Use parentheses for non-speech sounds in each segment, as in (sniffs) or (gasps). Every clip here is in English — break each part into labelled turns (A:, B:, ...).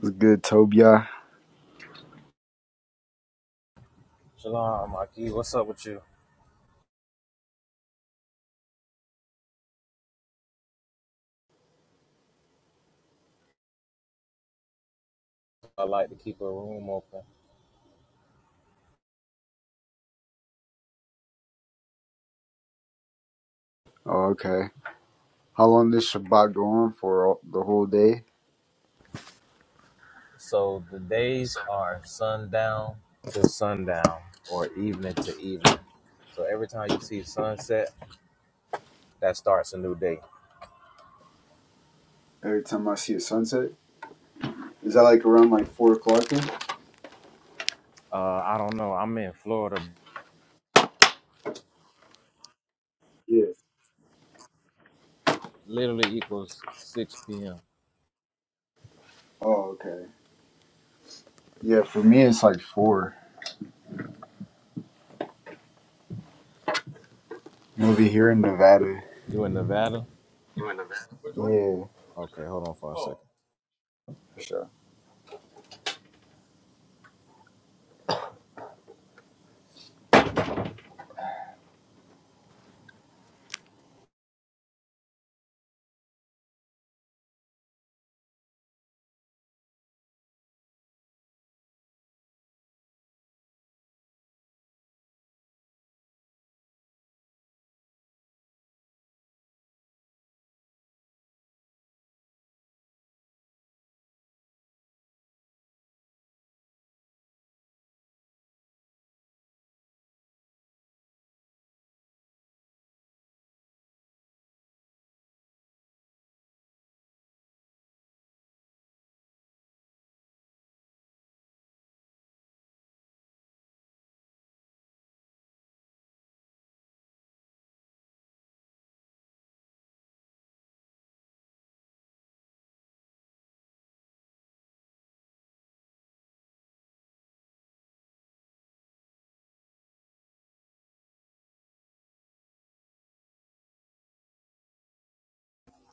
A: It's good, Tobiah.
B: Shalom, Aki. What's up with you? I like to keep a room open.
A: Oh, okay. How long does Shabbat go on for? All, the whole day?
B: So the days are sundown to sundown or evening to evening. So every time you see sunset, that starts a new day.
A: Every time I see a sunset? Is that like around like 4 o'clock then?
B: Uh, I don't know. I'm in Florida.
A: Yeah.
B: Literally equals 6 p.m.
A: Oh, okay. Yeah, for me it's like 4. I'm Over here in Nevada.
B: You in Nevada?
A: Yeah,
B: Okay, hold on for a second.
A: for sure.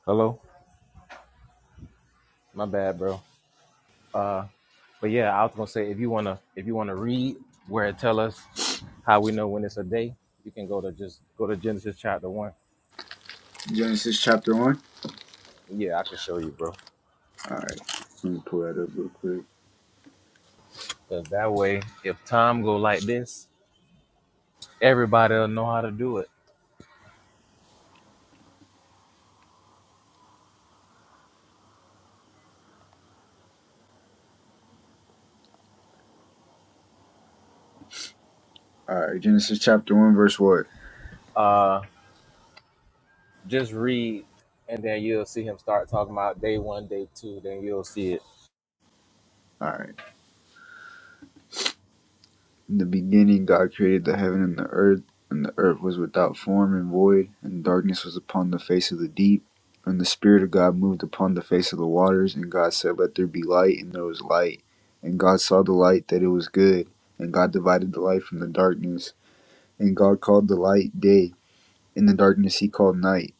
B: Hello? My bad, bro. But yeah, I was gonna say if you wanna if you wanna read where it tell us how we know when it's a day, you can go to just go to Genesis chapter one
A: Genesis chapter 1?
B: Yeah, I can show you, bro.
A: Alright. Let me pull that up real quick.
B: Cause that way, if time go like this, everybody'll know how to do it.
A: Alright, Genesis chapter 1 verse what?
B: Uh, just read, and then you'll see him start talking about day one, day two. Then you'll see it
A: Alright. In the beginning, God created the heaven and the earth, and the earth was without form and void, and darkness was upon the face of the deep. And the Spirit of God moved upon the face of the waters, and God said, Let there be light, and there was light. And God saw the light that it was good, and God divided the light from the darkness. And God called the light day, and the darkness he called night.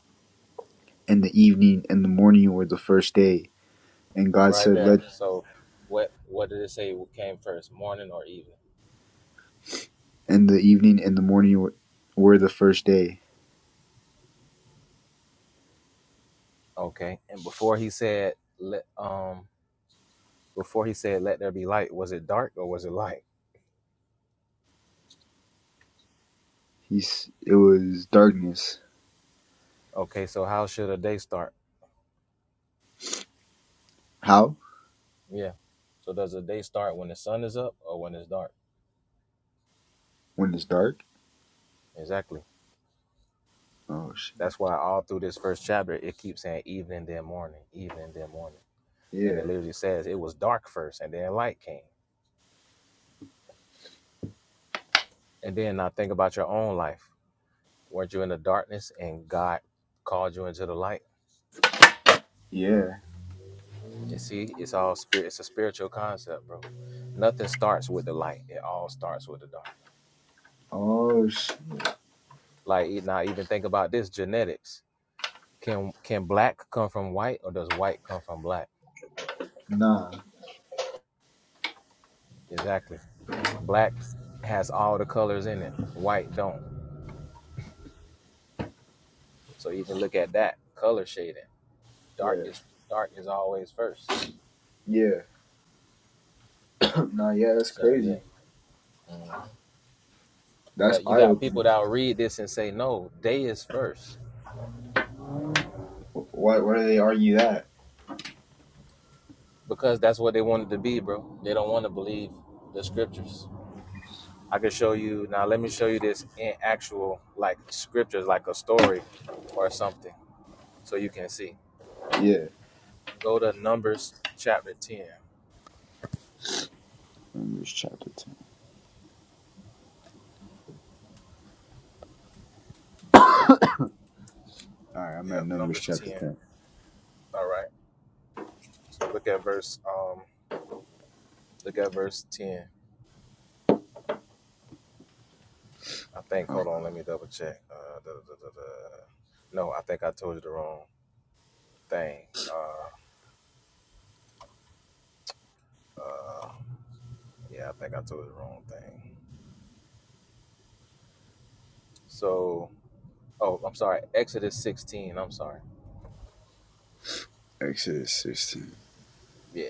A: And the evening and the morning were the first day. And God
B: right
A: said,
B: there.
A: Let
B: So, what what did it say What came first, morning or evening?
A: and the evening and the morning were the first day.
B: Okay. And before he said let um before he said let there be light, was it dark or was it light?
A: He's, it was darkness.
B: Okay. So how should a day start?
A: How?
B: Yeah. So does a day start when the sun is up or when it's dark?
A: When it's dark?
B: Exactly.
A: Oh shit.
B: That's why all through this first chapter, it keeps saying evening, then morning, evening, then morning. And it
A: Yeah.
B: literally says it was dark first and then light came. And then now think about your own life. Weren't you in the darkness and God called you into the light?
A: Yeah.
B: You see, it's all spirit. It's a spiritual concept, bro. Nothing starts with the light. It all starts with the dark.
A: Oh sh.
B: Like e- now, even think about this genetics. Can can black come from white or does white come from black?
A: Nah.
B: Exactly. Black has all the colors in it. White don't. So even look at that color shading. Dark
A: Yeah.
B: is dark is always first.
A: Yeah. (clears throat) (laughs) nah. Yeah. That's
B: So yeah.
A: crazy.
B: hmm
A: That's
B: But you
A: eye
B: got people
A: opening.
B: that will read this and say no, day is first
A: Why? Why do they argue that?
B: because that's what they wanted to be, bro. They don't want to believe the scriptures. I can show you now. Let me show you this in actual like scriptures, like a story or something, so you can see.
A: Yeah.
B: Go to Numbers chapter ten.
A: Numbers chapter ten. All right. I'm at
B: Yep,
A: Numbers
B: Numbers
A: chapter
B: ten.
A: ten.
B: All right. So look at verse. Um, look at verse ten. I think.
A: Uh,
B: Hold on, let me double check. Uh, da, da, da, da. da. No, I think I told you the wrong thing. Uh, uh, yeah, I think I told you the wrong thing. So, oh, I'm sorry. Exodus 16. I'm sorry.
A: Exodus sixteen.
B: Yeah.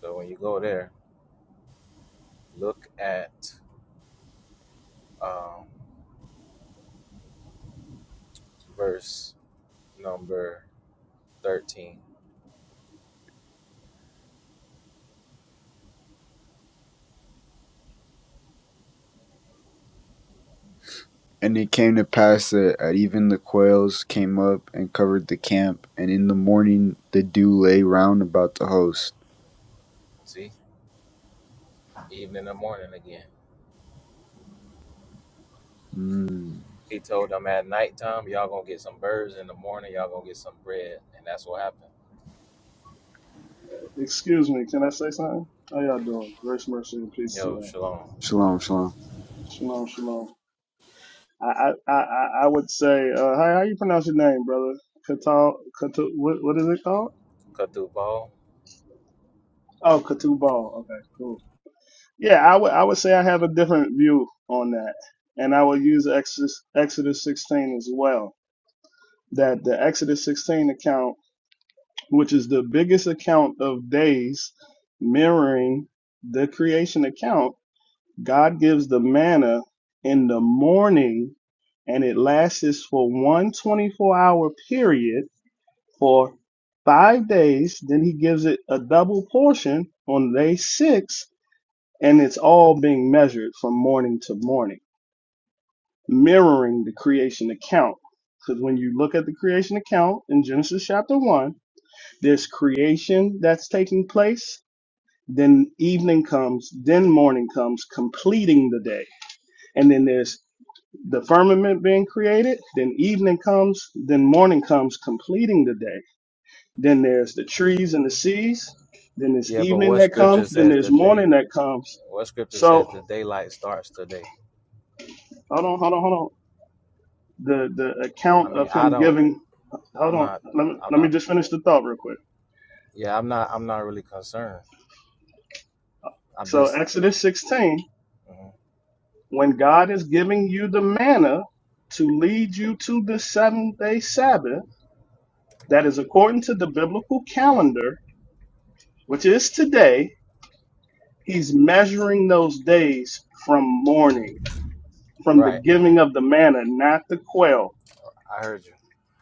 B: So when you go there, look at um, verse number 13.
A: And it came to pass that at even the quails came up and covered the camp, and in the morning the dew lay round about the host.
B: See, evening and the morning again.
A: Mm.
B: He told them at nighttime, y'all gonna get some birds. In the morning, y'all gonna get some bread, and that's what happened.
C: Excuse me, can I say something? How y'all doing? Grace, mercy, and peace to
B: Yo,
C: y'all.
B: shalom.
A: Shalom. Shalom.
C: Shalom, shalom. I I, I, I I would say, uh, how how you pronounce your name, brother? Katal, Katu, what what is it called?
B: Cut through Paul.
C: Oh, Katubal. Okay, cool. Yeah, I would I would say I have a different view on that, and I would use Exodus Exodus 16 as well. That the Exodus 16 account, which is the biggest account of days, mirroring the creation account, God gives the manna in the morning, and it lasts for one 24 hour period for five days. Then He gives it a double portion on day six and it's all being measured from morning to morning, mirroring the creation account. Because when you look at the creation account in Genesis chapter 1, there's creation that's taking place, then evening comes, then morning comes, completing the day. And then there's the firmament being created, then evening comes, then morning comes, completing the day. Then there's the trees and the seas, then there's
B: Yeah, but
C: evening
B: what
C: that
B: scripture
C: comes, then
B: says
C: there's
B: the day?
C: morning that comes.
B: What scripture
C: So
B: says the daylight starts today?
C: hold on, hold on, hold on. the the account
B: I mean,
C: of
B: I
C: him
B: don't.
C: giving hold
B: I'm
C: on
B: not.
C: let me,
B: I'm
C: let me
B: not.
C: just finish the thought real quick
B: Yeah, I'm not. I'm not really concerned. I'm
C: so
B: just.
C: exodus 16
B: mhm.
C: when god is giving you the manna to lead you to the seventh day sabbath that is according to the biblical calendar which is today he's measuring those days from morning from the
B: Right.
C: giving of the manna not the quail
B: I heard you.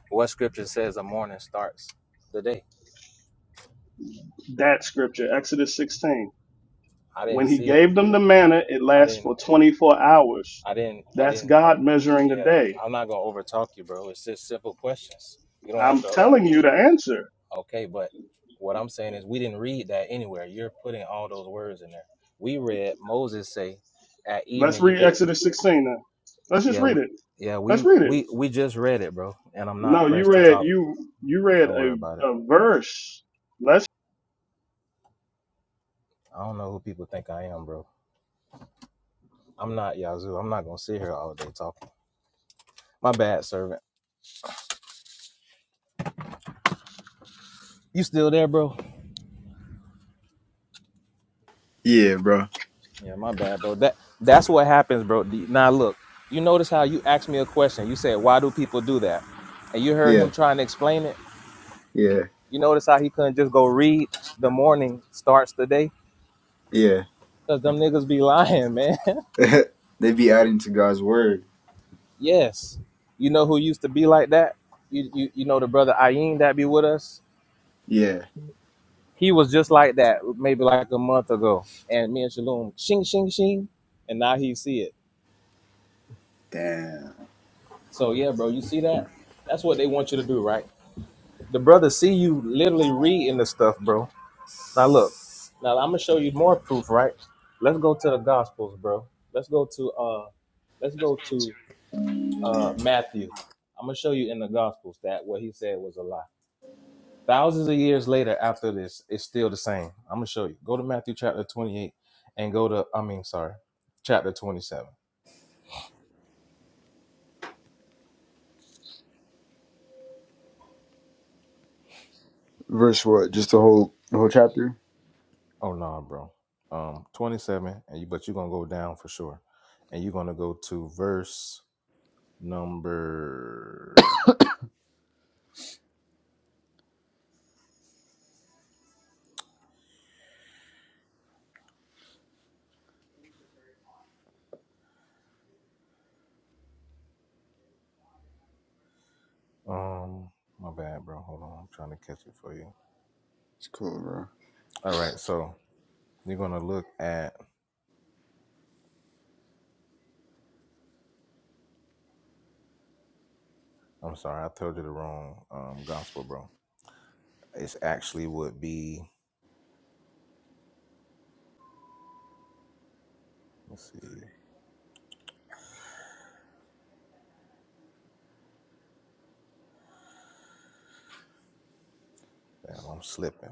B: What scripture says the morning starts the day?
C: that scripture exodus 16
B: I
C: when
B: didn't
C: he
B: see.
C: gave them the manna it
B: I
C: lasts
B: didn't.
C: for 24 hours
B: I didn't. I
C: that's
B: didn't.
C: god measuring the
B: Yeah.
C: day
B: I'm not gonna overtalk you, bro. It's just simple questions. You don't have
C: I'm
B: to. You,
C: telling you the answer.
B: okay, but what I'm saying is we didn't read that anywhere. You're putting all those words in there. We read Moses say, "At
C: Let's
B: evening you
C: read
B: get
C: Exodus 16 now. Let's just
B: Yeah,
C: read
B: we
C: it.
B: yeah,
C: Let's
B: we
C: read it.
B: we we just read it, bro. And I'm not
C: No, you
B: pressed to
C: read
B: talk.
C: you you read
B: Don't worry about
C: a,
B: it.
C: a verse. Let's.
B: I don't know who people think I am, bro. I'm not Yazoo. I'm not gonna sit here all day talking. My bad, servant. You still there, bro?
A: Yeah, bro.
B: Yeah, my bad, bro. That that's what happens, bro. D- Now look, you notice how you asked me a question. You said, "Why do people do that?" And you heard
A: Yeah.
B: him trying to explain it.
A: Yeah.
B: You notice how he couldn't just go read. The morning starts the day
A: Yeah.
B: because them niggas be (laughs) lying, man.
A: (laughs) they be adding to God's word.
B: Yes. You know who used to be like that? You you, you know the brother Ayin that be with us?
A: Yeah.
B: He was just like that maybe like a month ago. And me and Shalom, shing, shing, shing. And now he see it.
A: Damn.
B: So yeah, bro, you see that? That's what they want you to do, right? The brother see you literally reading the stuff, bro. Now look, now I'm gonna show you more proof, right? Let's go to the gospels, bro. Let's go to uh let's go to uh Matthew. I'm gonna show you in the gospels that what he said was a lie. Thousands of years later, after this, it's still the same. I'm gonna show you. Go to Matthew chapter 28 and go to I mean, sorry, chapter 27.
A: Verse what? Just the whole the whole chapter?
B: Oh no, bro. Um, 27, and you but you're gonna go down for sure, and you're gonna go to verse number. Um, my bad, bro. Hold on, I'm trying to catch it for you.
A: It's cool, bro.
B: All right, so you're gonna look at. I'm sorry, I told you the wrong um gospel, bro. It's actually would be. Let's see. Damn, I'm slipping.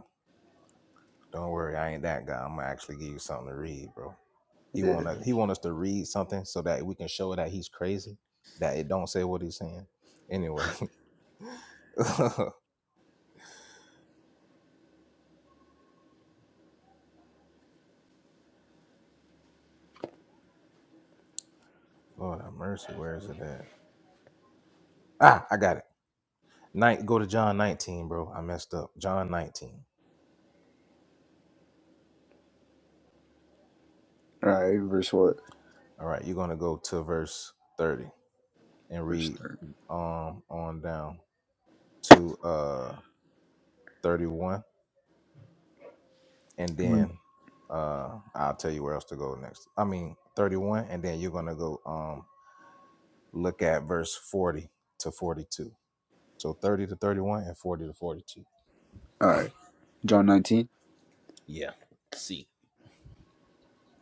B: Don't worry, I ain't that guy. I'm gonna actually give you something to read, bro. He
A: Yeah.
B: wanna he want us to read something so that we can show that he's crazy, that it don't say what he's saying. Anyway, (laughs) Lord have mercy, where is it at? Ah, I got it. Night go to John 19, bro. I messed up. John 19.
A: Alright, verse what?
B: All right, you're gonna go to verse 30 and
A: Verse
B: read
A: thirty.
B: um on down to uh 31 and
A: When
B: then uh I'll tell you where else to go next. I mean 31 and then you're gonna go um Look at verse 40 to 42. So 30 to 31 and 40 to 42.
A: alright. John nineteen.
B: Yeah. See.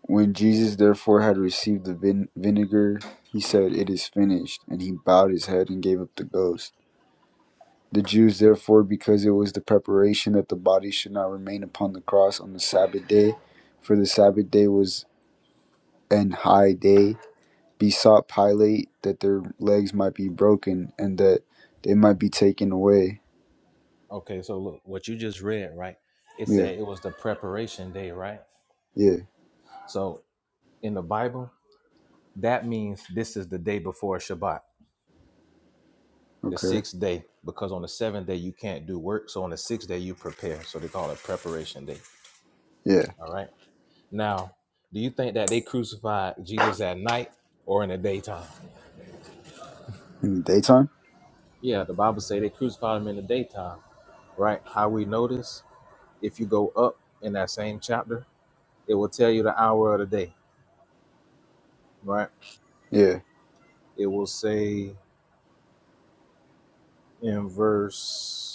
A: When Jesus therefore had received the vin- vinegar, he said, It is finished, and he bowed his head and gave up the ghost. The Jews therefore, because it was the preparation that the body should not remain upon the cross on the Sabbath day, for the Sabbath day was an high day, besought Pilate that their legs might be broken and that they might be taken away.
B: Okay, so look, what you just read, right? It
A: Yeah,
B: said it was the preparation day, right?
A: yeah,
B: So in the Bible, that means this is the day before Shabbat, the
A: okay,
B: sixth day, because on the seventh day you can't do work. So on the sixth day you prepare. So they call it preparation day.
A: yeah.
B: All right. Now, do you think that they crucified Jesus at night or in the daytime?
A: In the daytime?
B: Yeah, the Bible say they crucified him in the daytime. right? How we notice if you go up in that same chapter, it will tell you the hour of the day, right?
A: Yeah,
B: It will say in verse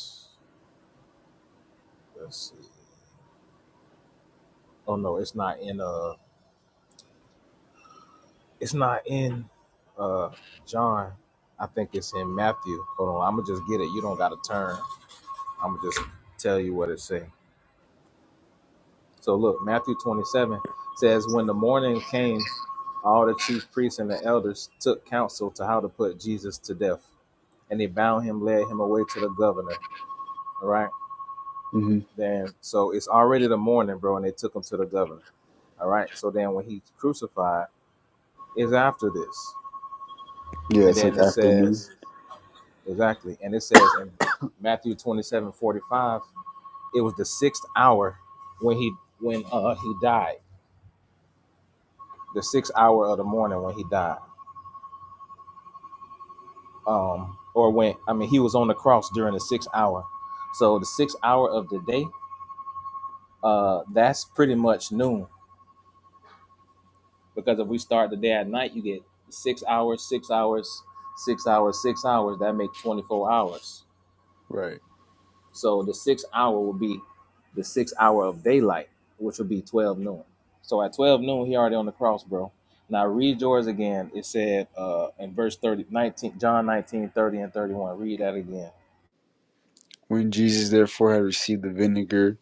B: let's see. Oh no, it's not in uh it's not in uh John. I think it's in Matthew. Hold on, I'ma just get it. You don't gotta turn. I'ma just tell you what it say. So look, Matthew twenty seven says when the morning came, all the chief priests and the elders took counsel to how to put Jesus to death and they bound him, led him away to the governor. All right.
A: hmm
B: Then so it's already the morning, bro, and they took him to the governor. All right. So then when he's crucified, is after this.
A: yeah,
B: And
A: it's
B: then
A: like
B: it
A: afternoon.
B: says, exactly. And it says in Matthew 27 45, it was the sixth hour when he when uh he died. The sixth hour of the morning when he died. Um, or when I mean he was on the cross during the sixth hour. So the sixth hour of the day, uh, that's pretty much noon Because if we start the day at night, you get six hours, six hours, six hours, six hours. That make twenty four hours.
A: Right.
B: So the six hour will be the six hour of daylight, which will be twelve noon. So at twelve noon, he already on the cross, bro. Now read yours again. It said uh, in verse 30, 19, John 19:30 and 31. Read that again.
A: When Jesus therefore had received the vinegar,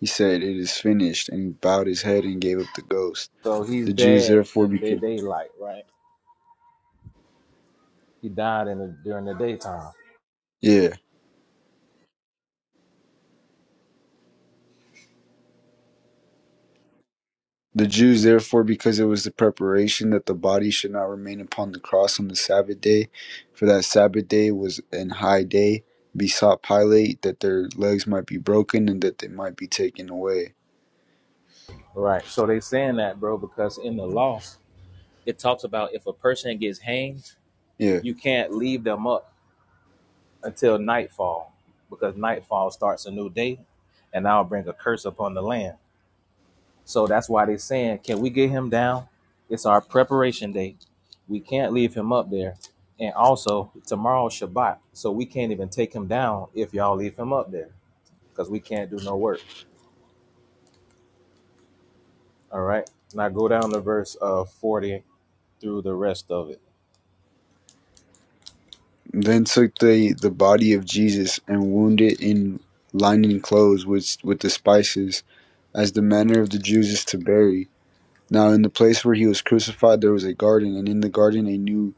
A: he said, It is finished, and he bowed his head and gave up the ghost.
B: So he's
A: The Jews
B: dead
A: therefore
B: in the
A: became.
B: daylight, right? He died in the, during the daytime.
A: Yeah. The Jews, therefore, because it was the preparation that the body should not remain upon the cross on the Sabbath day, for that Sabbath day was an high day, besought Pilate that their legs might be broken and that they might be taken away.
B: Right. So they saying that, bro, because in the law, it talks about if a person gets hanged,
A: Yeah.
B: you can't leave them up until nightfall because nightfall starts a new day and I'll bring a curse upon the land. So that's why they're saying, can we get him down? It's our preparation day. We can't leave him up there. And also, tomorrow's Shabbat. So we can't even take him down if y'all leave him up there because we can't do no work. All right. Now go down to verse uh, 40 through the rest of it.
A: Then took they the body of Jesus and wound it in linen clothes with, with the spices, as the manner of the Jews is to bury. Now, in the place where he was crucified, there was a garden, and in the garden a new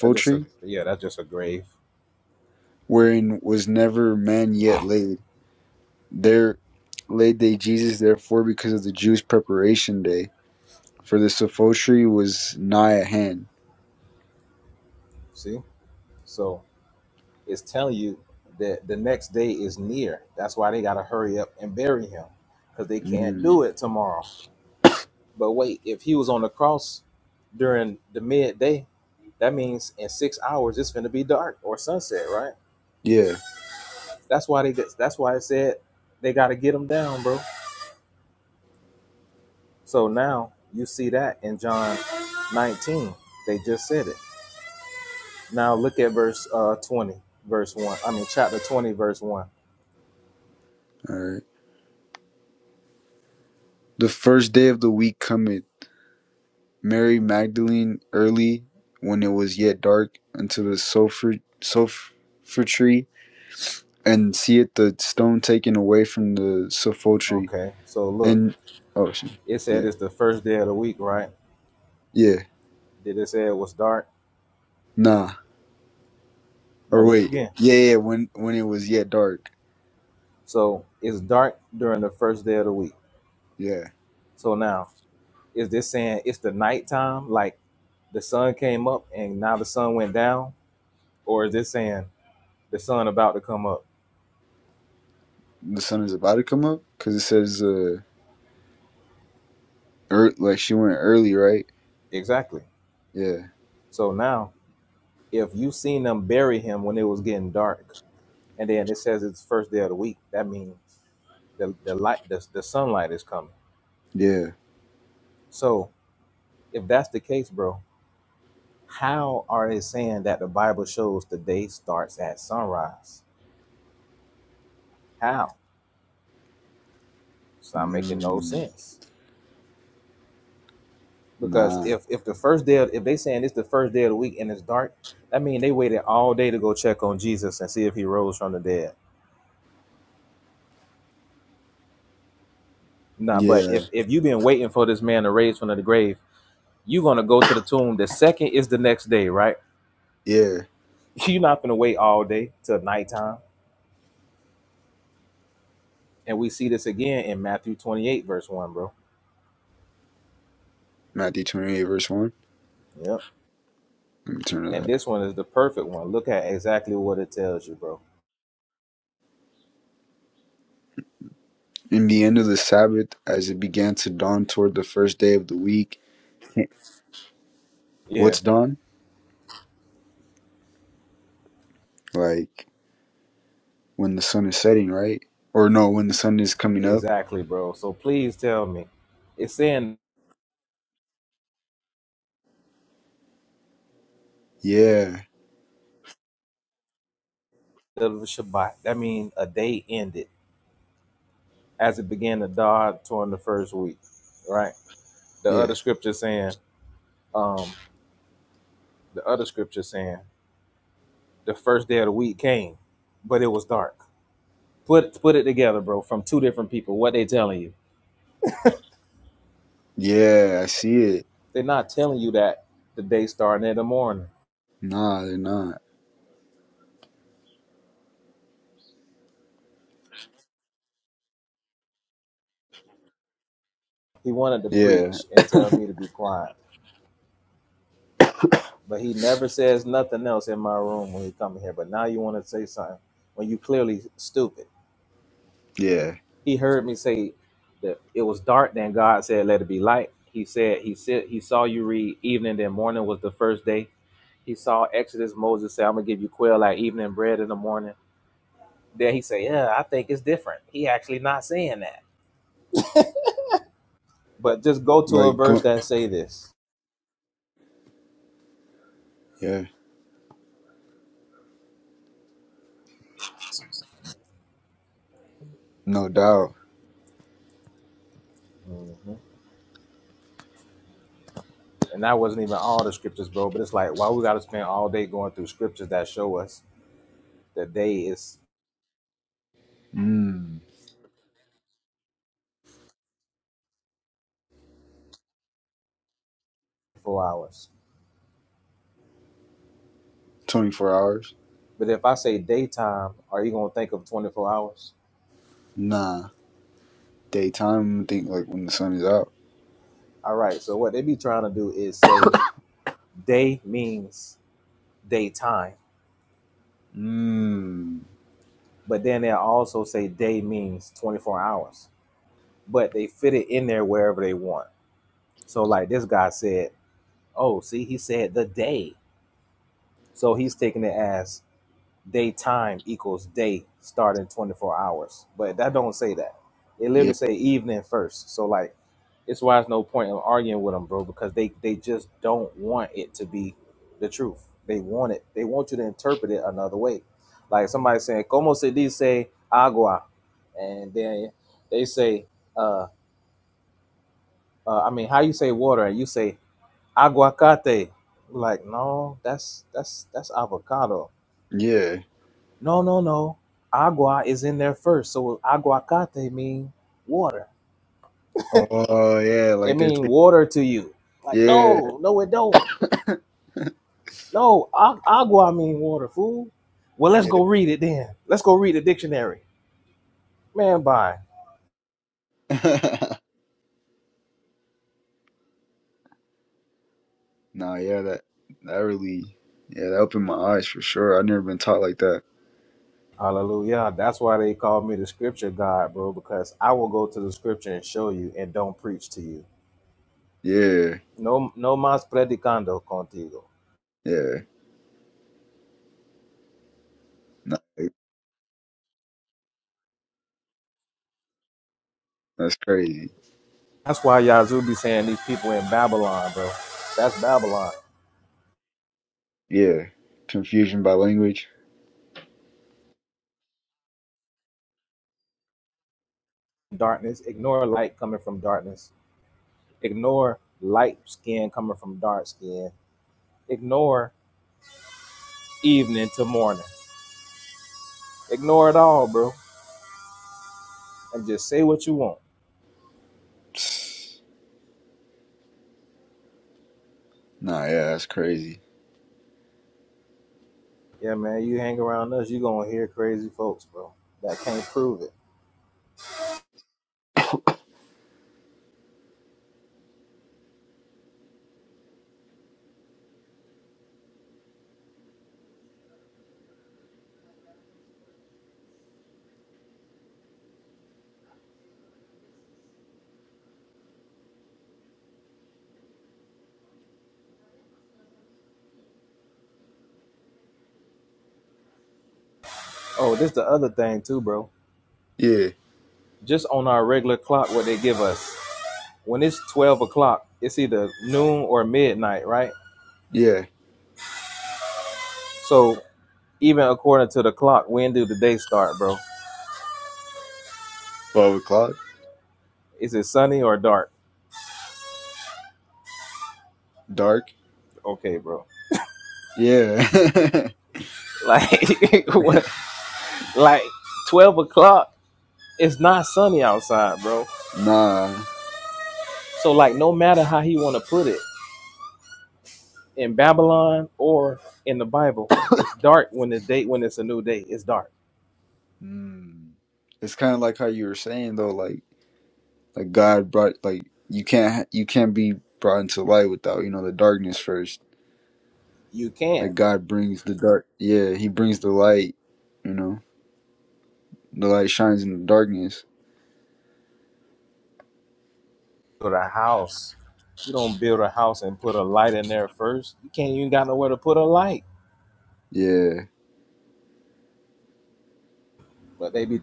B: That's just a, yeah, that's just a grave.
A: wherein was never man yet laid. There laid they Jesus therefore because of the Jews' preparation day, for the sepulchre was nigh at hand.
B: See? So is telling you that the next day is near. That's why they got to hurry up and bury him because they can't
A: Mm.
B: do it tomorrow. But wait, if he was on the cross during the midday, that means in six hours it's going to be dark or sunset, right?
A: Yeah.
B: That's why they. That's why it said they got to get him down, bro. So now you see that in John 19. They just said it. Now look at verse uh, 20, verse 1. I mean, chapter 20, verse 1.
A: All right. The first day of the week cometh. Mary Magdalene early, when it was yet dark, unto the sulfur sulfur tree, and seeth the stone taken away from the sepulchre.
B: Okay, so look.
A: Then, oh, shit.
B: It said
A: yeah,
B: it's the first day of the week, right?
A: yeah,
B: Did it say it was dark?
A: nah,
B: No,
A: or
B: look
A: wait,
B: again.
A: yeah, yeah. When when it was yet dark.
B: So it's dark during the first day of the week.
A: Yeah,
B: So now, is this saying it's the nighttime, like the sun came up and now the sun went down? Or is this saying the sun about to come up?
A: the sun is about to come up because it says uh, ear like she went early, right?
B: Exactly.
A: Yeah,
B: So now, if you seen them bury him when it was getting dark, and then it says it's first day of the week, that means the, the light, the, the sunlight is coming.
A: yeah.
B: So if that's the case, bro, How are they saying that the Bible shows the day starts at sunrise? How? It's not making no
A: Mm,
B: sense. Because
A: nah,
B: if if the first day, of, if they saying it's the first day of the week and it's dark, that means they waited all day to go check on Jesus and see if he rose from the dead. Nah, but
A: yeah,
B: if if you've been waiting for this man to raise from the grave, you're gonna go to the tomb. The second is the next day, right?
A: yeah.
B: (laughs) You're not gonna wait all day till nighttime. And we see this again in Matthew 28, verse one, bro.
A: Matthew twenty-eight verse one.
B: Yep.
A: Let me turn to
B: And
A: that.
B: this one is the perfect one. Look at exactly what it tells you, bro.
A: In the end of the Sabbath, as it began to dawn toward the first day of the week,
B: Yeah,
A: what's dawn? Like when the sun is setting, right? Or no, when the sun is coming up.
B: exactly, bro. So please tell me. It's saying
A: Yeah,
B: the Shabbat. That means a day ended as it began to dawn toward the first week, right? The
A: yeah,
B: other scripture saying, um, the other scripture saying the first day of the week came, but it was dark. Put put it together, bro, from two different people. What they telling you?
A: yeah. I see it.
B: They're not telling you that the day starting in the morning.
A: Nah, they're not.
B: He wanted to
A: Yeah,
B: preach and tell me to be quiet But he never says nothing else in my room when he come here. But now you want to say something when you clearly stupid.
A: yeah.
B: He heard me say that it was dark, then God said, "Let it be light." He said he said he saw you read evening, then morning was the first day. He saw Exodus. Moses said, "I'm gonna give you quail like evening bread in the morning." Then he say, "Yeah, I think it's different." He actually not saying that. But just go to a
A: Like
B: verse
A: go.
B: that say this.
A: Yeah, no doubt.
B: hmm And that wasn't even all the scriptures, bro. But it's like, why we got to spend all day going through scriptures that show us The day is
A: Mm.
B: four hours.
A: 24 hours?
B: But if I say daytime, are you gonna think of twenty four hours?
A: Nah. Daytime, I think like when the sun is out.
B: All right. So what they be trying to do is say day means daytime,
A: Mm.
B: but then they also say day means twenty four hours. But they fit it in there wherever they want. So like this guy said, oh, see, he said the day. So he's taking it as daytime equals day starting 24 hours. But that don't say that. It literally
A: Yeah.
B: say evening first. So like it's why it's no point in arguing with them, bro, because they they just don't want it to be the truth. They want it. They want you to interpret it another way. Like somebody saying, "Como se dice agua," and then they say, "Uh, uh I mean, how you say water?" and you say aguacate. Like, no, that's that's that's avocado.
A: Yeah.
B: No, no, no. Agua is in there first, so aguacate mean water.
A: Oh, yeah.
B: It
A: Like they're
B: mean
A: taking.
B: water to you. Like,
A: Yeah.
B: no, no, it don't No, a- agua mean water, fool. Well, let's go read it then. Let's go read the dictionary. Man, bye.
A: Yeah. (laughs) nah, yeah, that, that really, yeah, that opened my eyes for sure. I've never been taught like that.
B: Hallelujah. That's why they call me the scripture God, bro, because I will go to the scripture and show you and don't preach to you.
A: Yeah.
B: No no más predicando contigo.
A: Yeah. Nah, like, that's crazy.
B: That's why Yazoo be saying these people in Babylon, bro. That's Babylon.
A: Yeah. Confusion by language.
B: Darkness. Ignore light coming from darkness. Ignore light skin coming from dark skin. Ignore evening to morning. Ignore it all, bro. and just say what you want.
A: Psst. Nah, yeah, that's crazy.
B: Yeah, man, you hang around us, you gonna hear crazy folks, bro. That can't prove it. Oh, this the other thing too, bro.
A: Yeah.
B: Just on our regular clock, what they give us. When it's twelve o'clock, it's either noon or midnight, right?
A: Yeah.
B: So even according to the clock, when do the day start, bro?
A: 12 o'clock?
B: Is it sunny or dark?
A: Dark?
B: Okay, bro.
A: Yeah. (laughs)
B: Like (laughs) what like twelve o'clock, it's not sunny outside, bro.
A: Nah.
B: So like no matter how he wanna put it, in Babylon or in the Bible, it's dark when the day when it's a new day. It's dark.
A: Mm. It's kind of like how you were saying though, like like God brought like you can't you can't be brought into light without you know the darkness first.
B: You can't
A: Like God brings the dark, yeah, He brings the light. You know, the light shines in the darkness.
B: build a house. You don't build a house and put a light in there first. You can't even got nowhere to put a light.
A: Yeah,
B: But they be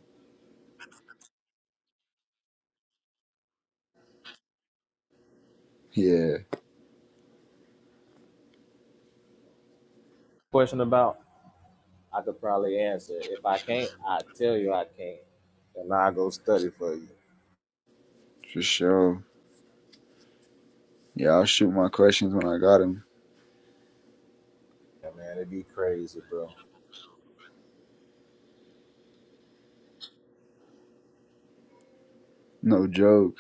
A: yeah,
B: question about. I could probably answer. If I can't, I tell you I can't, and I go study for you.
A: for sure. Yeah, I'll shoot my questions when I got them.
B: Yeah, man, it'd be crazy, bro.
A: No joke.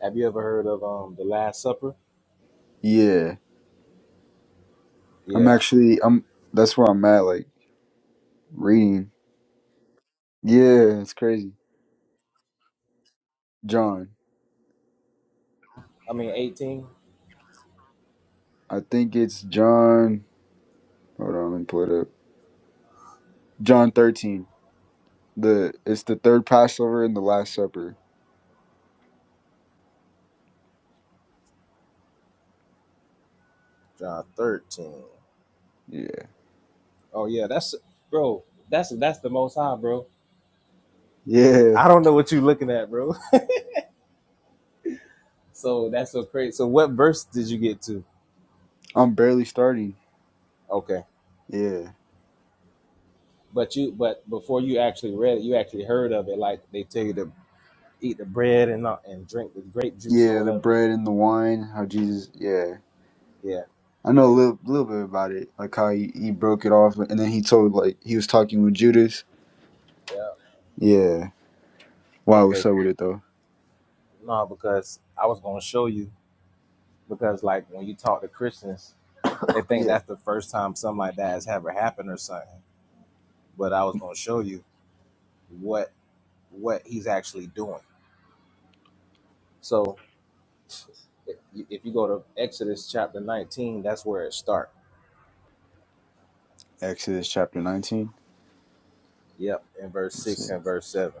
B: Have you ever heard of um the Last Supper?
A: Yeah, I'm
B: Yeah,
A: actually I'm. That's where I'm at. Like reading. Yeah, it's crazy. John,
B: I mean eighteen,
A: I think it's John. Hold on, let me pull it up. John 13. The it's the third Passover and the last supper.
B: John thirteen.
A: Yeah.
B: Oh yeah, that's bro. That's that's the Most High, bro
A: Yeah.
B: I don't know what you're looking at, bro. (laughs) So that's so crazy. So what verse did you get to?
A: I'm barely starting.
B: Okay,
A: Yeah.
B: but you but before you actually read it, you actually heard of it. Like they tell you to eat the bread and not and drink the grape juice or
A: Yeah, the
B: whatever.
A: bread and the wine, how Jesus yeah.
B: Yeah,
A: I know a little little bit about it. Like how he, he broke it off and then he told like he was talking with Judas.
B: yeah.
A: Yeah. Wow,
B: Okay,
A: what's up with it though?
B: no, because I was gonna show you because like when you talk to Christians, they think
A: Yeah.
B: that's the first time something like that has ever happened or something. But I was gonna show you what what he's actually doing. So if you if you go to Exodus chapter 19, that's where it starts
A: Exodus chapter nineteen.
B: Yep, in verse
A: Let's
B: six
A: see.
B: and verse seven.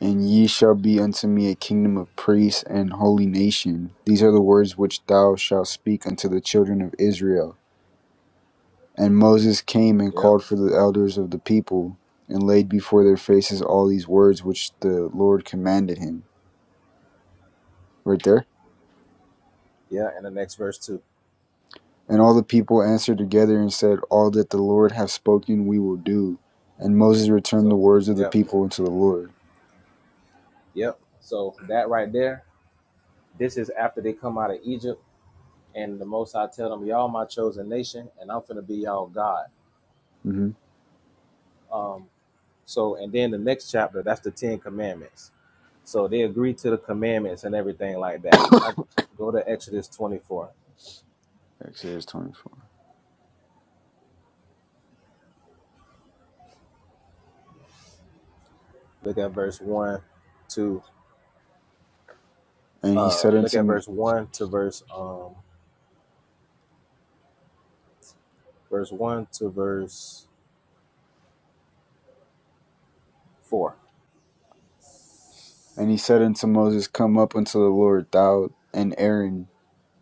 A: And ye shall be unto me a kingdom of priests and holy nation. These are the words which thou shalt speak unto the children of Israel. And Moses came and
B: Yep,
A: called for the elders of the people and laid before their faces all these words which the Lord commanded him. Right there.
B: yeah, and the next verse too.
A: And all the people answered together and said, All that the Lord hath spoken, we will do. And Moses returned the
B: So,
A: words of the
B: yep,
A: people unto the Lord.
B: yep. So that right there, this is after they come out of Egypt, and the Most High tell them, y'all my chosen nation, and I'm gonna be y'all God.
A: hmm
B: Um, so, and then the next chapter, that's the Ten Commandments. So they agree to the commandments and everything like that. Like, go to Exodus 24.
A: Exodus 24.
B: Look at verse one to
A: And he
B: uh,
A: said
B: look at
A: unto
B: verse one to verse um, verse one to verse four
A: and he said unto Moses, Come up unto the Lord, thou and Aaron,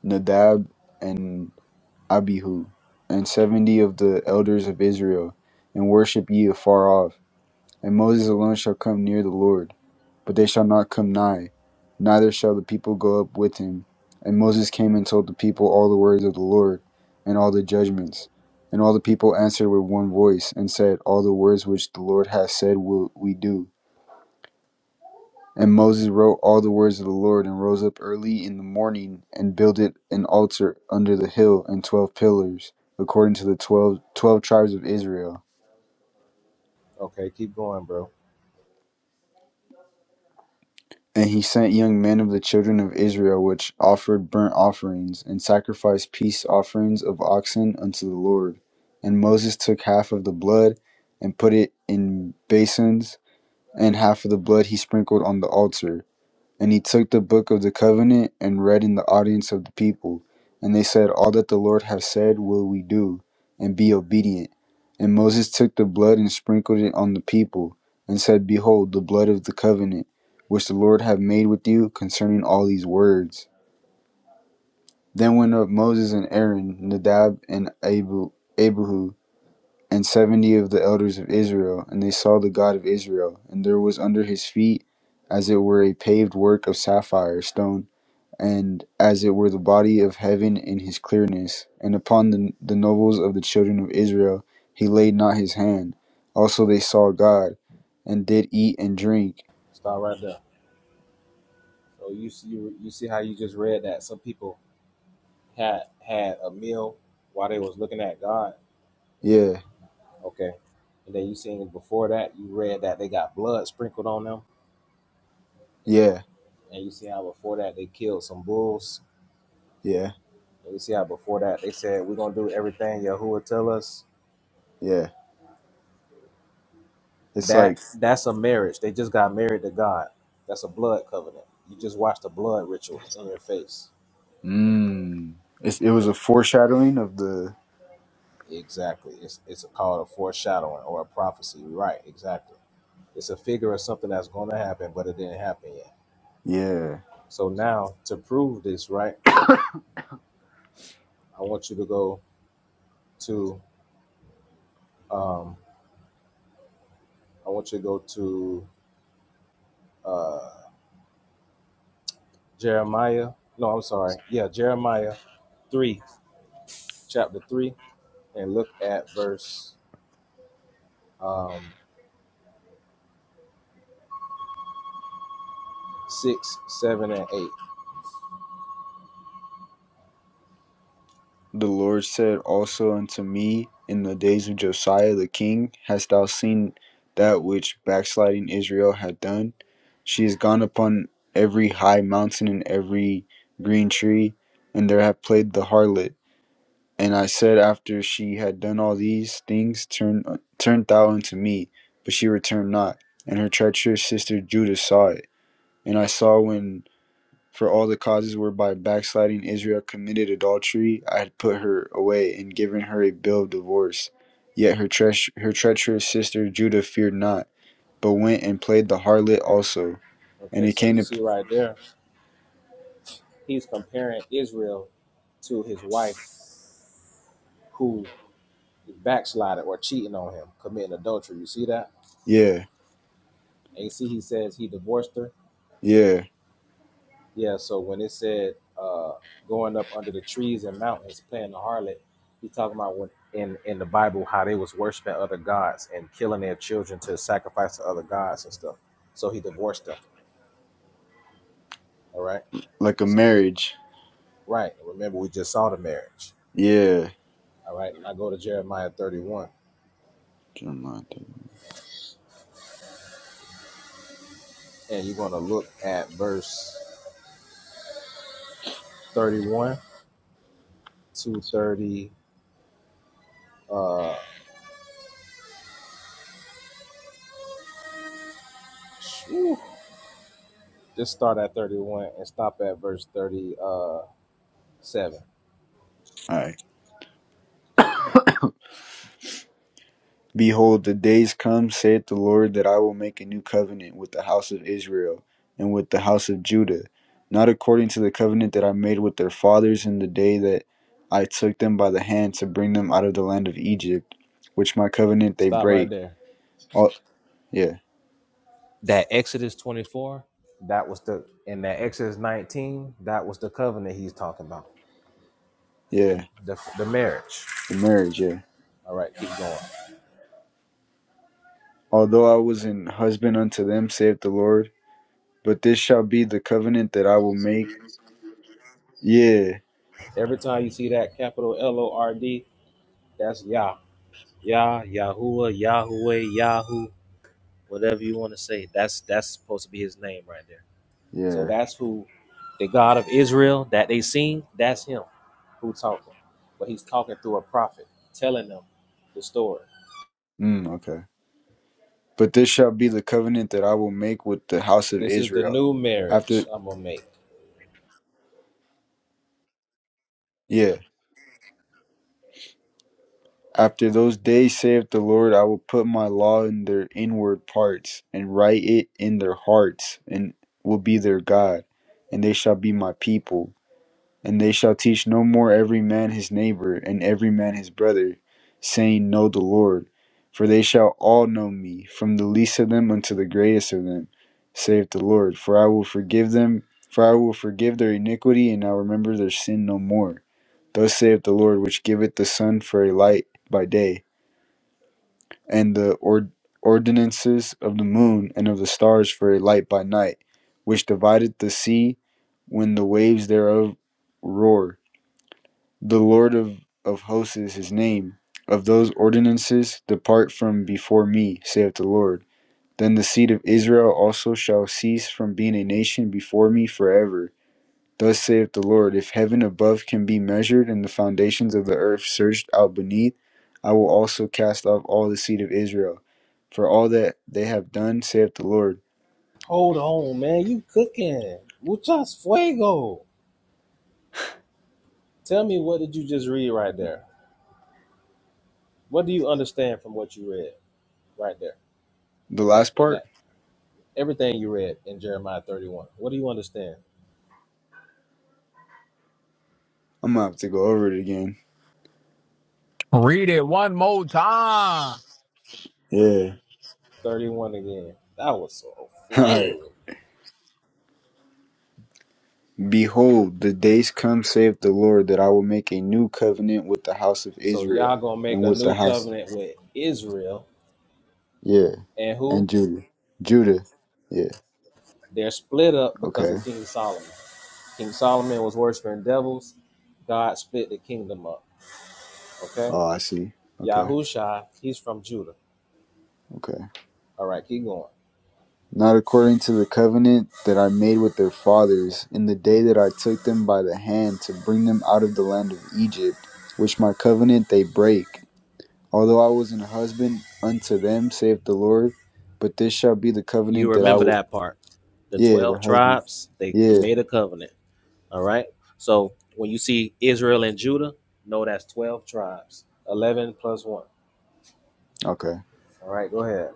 A: Nadab and Abihu, and seventy of the elders of Israel, and worship ye afar off And Moses alone shall come near the Lord, but they shall not come nigh, neither shall the people go up with him. And Moses came and told the people all the words of the Lord, and all the judgments. And all the people answered with one voice, and said, All the words which the Lord hath said will we do. And Moses wrote all the words of the Lord, and rose up early in the morning, and builded an altar under the hill, and twelve pillars, according to the twelve, twelve tribes of Israel.
B: Okay, keep going, bro.
A: And he sent young men of the children of Israel, which offered burnt offerings, and sacrificed peace offerings of oxen unto the Lord. And Moses took half of the blood, and put it in basins, and half of the blood he sprinkled on the altar. And he took the book of the covenant and read in the audience of the people. And they said, All that the Lord hath said will we do, and be obedient. And Moses took the blood and sprinkled it on the people, and said, Behold, the blood of the covenant, which the Lord hath made with you concerning all these words. Then went up Moses and Aaron, Nadab and Abu, Abihu, and seventy of the elders of Israel, and they saw the God of Israel, and there was under his feet as it were a paved work of sapphire stone and as it were the body of heaven in his clearness, and upon the, the nobles of the children of Israel he laid not his hand. Also they saw God, and did eat and drink.
B: Start right there. So you see, you, you see how you just read that. Some people had had a meal while they was looking at God.
A: Yeah,
B: Okay, and then you seen before that you read that they got blood sprinkled on them,
A: yeah,
B: and you see how before that they killed some bulls.
A: yeah,
B: And you see how before that they said we're gonna do everything Yahuwah tell us.
A: yeah. It's like,
B: That that's a marriage. They just got married to God. That's a blood covenant. You just watched the blood ritual in your face.
A: mmm. It was a foreshadowing of the,
B: Exactly. It's it's called a foreshadowing or a prophecy. Right. Exactly. It's a figure of something that's going to happen, but it didn't happen yet.
A: yeah.
B: So now to prove this, right? I want you to go to um, I want you to go to uh, Jeremiah. No, I'm sorry. Yeah, Jeremiah three, chapter three, and look at verse um, six, seven, and eight.
A: The Lord said also unto me in the days of Josiah the king, Hast thou seen that which backsliding Israel hath done? She is gone upon every high mountain and every green tree, and there hath played the harlot. And I said, After she had done all these things, turn, turn thou unto me. But she returned not. And her treacherous sister Judah saw it. And I saw when for all the causes whereby backsliding Israel committed adultery, I had put her away and given her a bill of divorce. Yet her, treach- her treacherous sister Judah feared not, but went and played the harlot also. And
B: Okay,
A: it
B: so
A: came
B: you
A: to, p-
B: see right there, he's comparing Israel to his wife, who backslided or cheating on him, committing adultery. You see that?
A: yeah,
B: And you see, he says he divorced her.
A: yeah,
B: Yeah. So when it said uh, going up under the trees and mountains, playing the harlot, he's talking about when in in the Bible how they was worshiping other gods and killing their children to sacrifice to other gods and stuff. So he divorced them. All right.
A: like a marriage.
B: Right. Remember, we just saw the marriage.
A: Yeah.
B: All right. And I go to Jeremiah 31, and you're going to look at verse 31 to 30. Uh, whew, Just start at 31 and stop at verse 37.
A: All right. Behold, the days come, saith the Lord, that I will make a new covenant with the house of Israel and with the house of Judah, not according to the covenant that I made with their fathers in the day that I took them by the hand to bring them out of the land of Egypt, which my covenant they
B: Stop right
A: break.
B: there.
A: All, yeah,
B: That Exodus 24, that was the, and that Exodus 19, that was the covenant he's talking about, the,
A: yeah,
B: the, the marriage.
A: the marriage, yeah.
B: All right, keep going.
A: Although I was an husband unto them, saith the Lord, but this shall be the covenant that I will make. Yeah,
B: Every time you see that capital L O R D, that's Yah, Yah, Yahuwah, Yahweh, Yahoo, whatever you want to say. That's that's supposed to be his name right there. So
A: yeah.
B: that's who the God of Israel that they seen, that's him who talking. But he's talking through a prophet, telling them the story.
A: Mm, okay. But this shall be the covenant that I will make with the house of
B: This is the
A: Israel.
B: new marriage
A: After
B: I'm gonna make.
A: yeah, after those days saith the Lord, I will put my law in their inward parts and write it in their hearts and will be their God, and they shall be my people. And they shall teach no more every man his neighbor, and every man his brother, saying, Know the Lord. For they shall all know me, from the least of them unto the greatest of them, saith the Lord. For I will forgive them, for I will forgive their iniquity, and I will remember their sin no more. Thus saith the Lord, which giveth the sun for a light by day, and the ord- ordinances of the moon and of the stars for a light by night, which divideth the sea when the waves thereof roar the Lord of, of hosts is his name. Of those ordinances depart from before me, saith the Lord. Then the seed of Israel also shall cease from being a nation before me forever. Thus saith the Lord, if heaven above can be measured and the foundations of the earth searched out beneath, I will also cast off all the seed of Israel for all that they have done, saith the Lord.
B: Hold on, man. You cooking. Muchas fuego. Tell me what did you just read right there? What do you understand from what you read right there?
A: The
B: In that
A: last
B: in
A: part,
B: that everything you read in Jeremiah 31. What do you understand?
A: I'm gonna have to go over it again.
D: Read it one more time.
A: Yeah.
B: 31 again. That was so
A: (laughs) All right.
B: flame.
A: Behold, the days come, saith the Lord, that I will make a new covenant with the house of
B: So y'all
A: Israel
B: gonna make
A: and
B: a
A: with the
B: new
A: house,
B: covenant with Israel
A: yeah,
B: and who?
A: and Judah, Judah, yeah.
B: They're split up because
A: Okay.
B: of King Solomon. King Solomon was worshiping devils. God split the kingdom up. Okay?
A: Oh, I see. Okay.
B: Yahushua, he's from Judah.
A: Okay.
B: All right, keep going.
A: Not according to the covenant that I made with their fathers in the day that I took them by the hand to bring them out of the land of Egypt, which my covenant they break. Although I was an husband unto them, saith the Lord, but this shall be the
B: You
A: covenant that I
B: remember
A: will.
B: that part. The
A: Yeah, the
B: 12
A: husband.
B: tribes, they
A: yeah.
B: made a covenant. All right? So when you see Israel and Judah, know that's 12 tribes. 11 plus 1.
A: Okay.
B: All right, go ahead.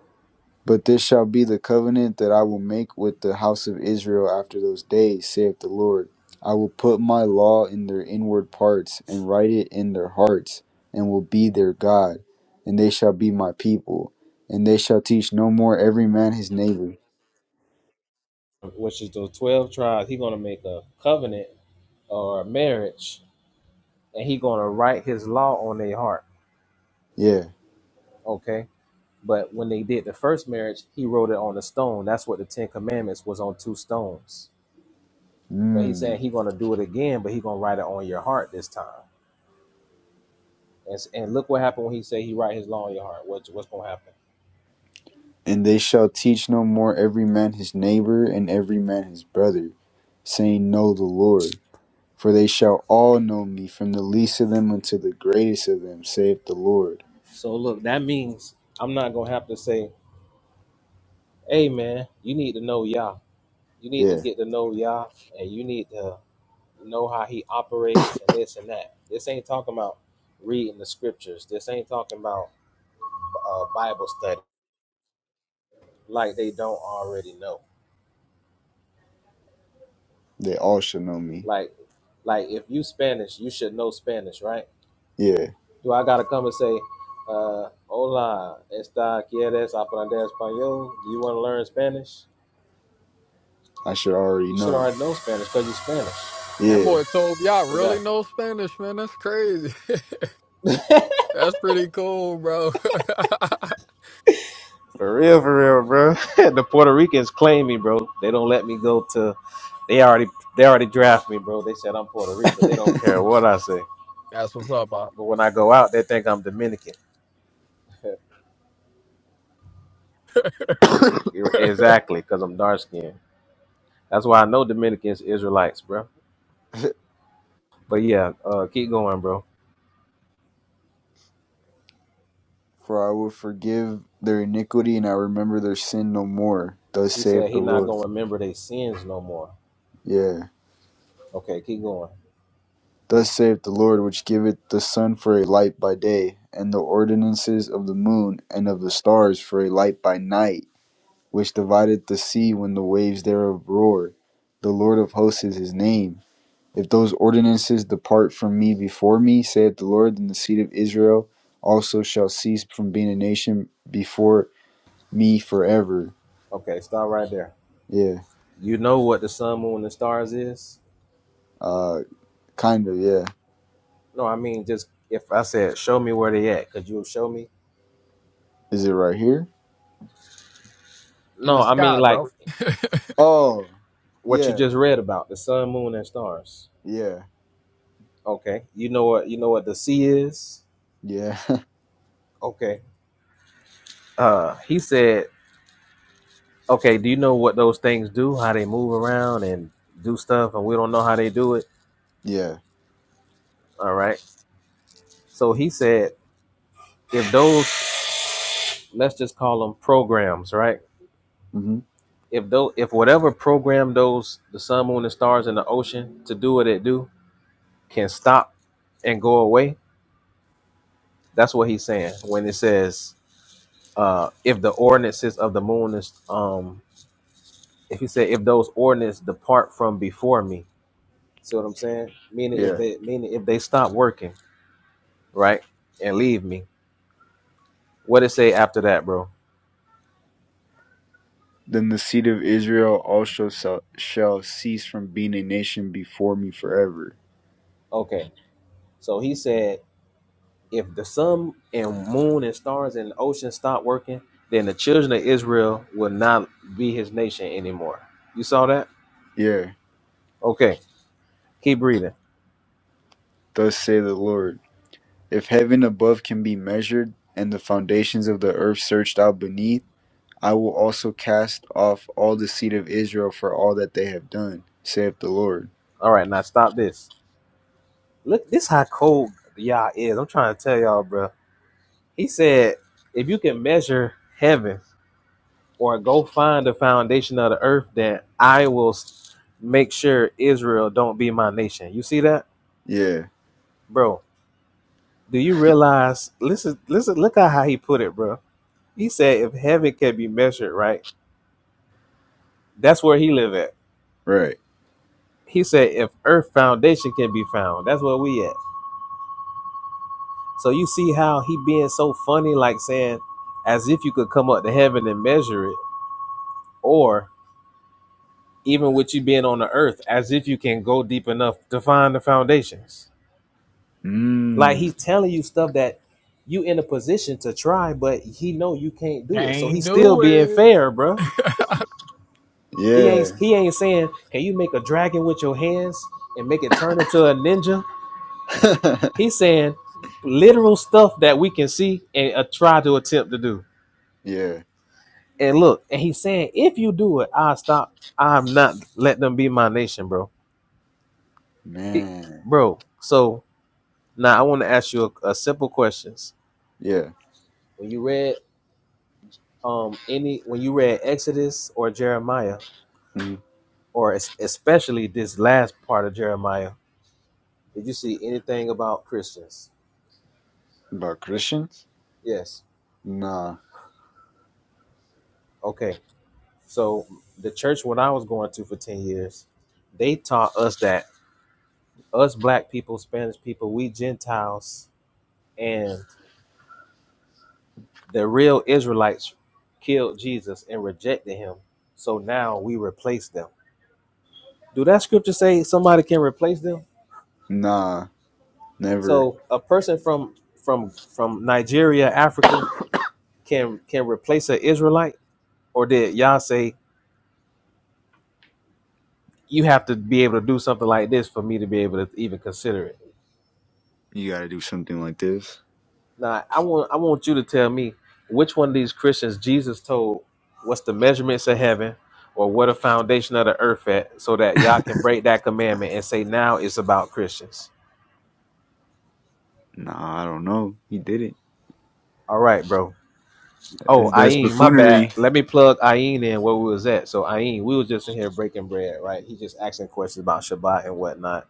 A: But this shall be the covenant that I will make with the house of Israel after those days, saith the Lord. I will put my law in their inward parts, and write it in their hearts, and will be their God, and they shall be my people, and they shall teach no more every man his neighbor.
B: Which is those 12 tribes. He's going to make a covenant or a marriage and he gonna write his law on their heart.
A: Yeah.
B: Okay. But when they did the first marriage, he wrote it on a stone. That's what the Ten Commandments was on two stones. But he's saying
A: Mm.
B: he gonna do it again, but he gonna write it on your heart this time. And, s- and look what happened when he said he write his law on your heart. What's what's gonna happen?
A: And they shall teach no more every man his neighbor and every man his brother, saying, Know the Lord. For they shall all know me, from the least of them unto the greatest of them, saith the Lord.
B: So look, that means I'm not gonna have to say, Hey man, you need to know Yah. You need to
A: Yeah,
B: get to know Yah and you need to know how he operates and this and that. This ain't talking about reading the scriptures. This ain't talking about uh, Bible study like they don't already know.
A: they all shall know me.
B: Like, like if you Spanish, you should know Spanish, right?
A: Yeah,
B: Do I gotta come and say, uh, "Hola, esta quieres aprender español"? Do you want to learn Spanish?
A: I should already
B: You should
A: know.
B: already know Spanish because you're Spanish.
D: That
A: Yeah.
D: boy told y'all really
B: Exactly.
D: know Spanish, man. That's crazy. (laughs) That's pretty cool, bro.
B: For real, for real, bro. (laughs) the Puerto Ricans claim me, bro. They don't let me go to. They already, they already draft me, bro. They said I'm Puerto
A: (laughs)
B: Rican. They don't care what I say.
D: (laughs) That's what's up, Bob.
B: But when I go out, they think I'm Dominican. (laughs) You're-
D: (laughs)
B: exactly, because I'm dark skinned That's why I know Dominicans Israelites, bro. But yeah, uh, keep going, bro.
A: For I will forgive their iniquity and I remember their sin no more. Thus
B: He
A: saith
B: said
A: the
B: he not
A: Lord.
B: gonna remember their sins no more.
A: Yeah.
B: Okay, keep going.
A: Thus saith the Lord, which giveth the sun for a light by day, and the ordinances of the moon and of the stars for a light by night, which divideth the sea when the waves thereof roar. The Lord of hosts is his name If those ordinances depart from me before me, saith the Lord, then the seed of Israel also shall cease from being a nation before me forever.
B: Okay, stop right there.
A: Yeah.
B: You know what the sun, moon, and stars is?
A: Uh kind of, yeah.
B: No, I mean just if I said show me where they at, could you show me?
A: Is it right here?
D: In
B: No,
D: the
B: I mean
D: sky,
B: like
D: bro.
A: Oh.
B: what you
A: Yeah.
B: just read about the sun, moon, and stars.
A: Yeah.
B: Okay, you know what you know what the sea is?
A: Yeah. (laughs)
B: Okay. Uh, he said, okay. Do you know what those things do? How they move around and do stuff, and we don't know how they do it.
A: yeah.
B: All right So he said, if those, let's just call them programs, right?
A: hmm
B: If though, if whatever program those the sun, moon, and stars in the ocean to do what it do can stop and go away, that's what he's saying when it says, uh, if the ordinances of the moon is, um, if he said, if those ordinances depart from before me, see what I'm saying? Meaning if
A: Yeah.
B: they, meaning if they stop working, right, and leave me, what it say after that, bro?
A: Then the seed of Israel also shall shall cease from being a nation before me forever.
B: Okay, so he said. if the sun and moon and stars and the ocean stop working, then the children of Israel will not be his nation anymore. You saw that?
A: Yeah.
B: Okay, keep reading.
A: Thus saith the Lord. If heaven above can be measured, and the foundations of the earth searched out beneath, I will also cast off all the seed of Israel for all that they have done, saith the Lord.
B: All right, now stop this. Look, this how cold Yah is. I'm trying to tell y'all, bro. He said, if you can measure heaven or go find the foundation of the earth, then I will s- make sure Israel don't be my nation. You see that,
A: Yeah,
B: bro? Do you realize? Listen, listen. Look at how he put it, bro He said, if heaven can be measured, right? That's where he live at.
A: right.
B: He said, if earth foundation can be found, that's where we at. So you see how he being so funny, like saying, as if you could come up to heaven and measure it, or even with you being on the earth, as if you can go deep enough to find the foundations. Like he's
A: Mmm.
B: telling you stuff that you in a position to try, but he know you can't
D: (laughs)
B: do it. So
D: Can't
B: he's still
D: do
B: being
D: it.
B: fair, bruh.
D: (laughs)
B: He ain't
A: Yeah.
B: he ain't saying, can you make a dragon with your hands and make it turn into a ninja?
A: (laughs)
B: He's saying literal stuff that we can see and uh, try to attempt to do.
A: yeah.
B: And look, and he's saying, if you do it, I stop. I'm not let them be my nation, bro. He,
A: Man.
B: bro. So now I want to ask you a, a simple questions.
A: Yeah.
B: When you read um any, when you read Exodus or Jeremiah,
A: Mhm.
B: or es- especially this last part of Jeremiah, did you see anything about Christians?
A: About Christians?
B: Yes.
A: Nah.
B: Okay. So the church when I was going to for ten years, they taught us that us black people, Spanish people, we Gentiles, and the real Israelites killed Jesus and rejected him. So now we replace them. Do that scripture say somebody can replace them?
A: Nah. Never.
B: So a person from from from Nigeria, Africa, can can replace an Israelite, or did y'all say you have to be able to do something like this for me to be able to even consider it?
A: You gotta do something like this.
B: Now I want I want you to tell me which one of these Christians Jesus told what's the measurements of heaven or what the foundation of the earth at so that y'all can break that commandment and say now it's about Christians.
A: Nah, I don't know. He did it.
B: All right, bro. Oh,
A: That's that's
B: Ayin, my bad.
A: buffoonery.
B: Let me plug Ayin in where we was at. So Ayin, we was just in here breaking bread, right? He just asking questions about Shabbat and whatnot.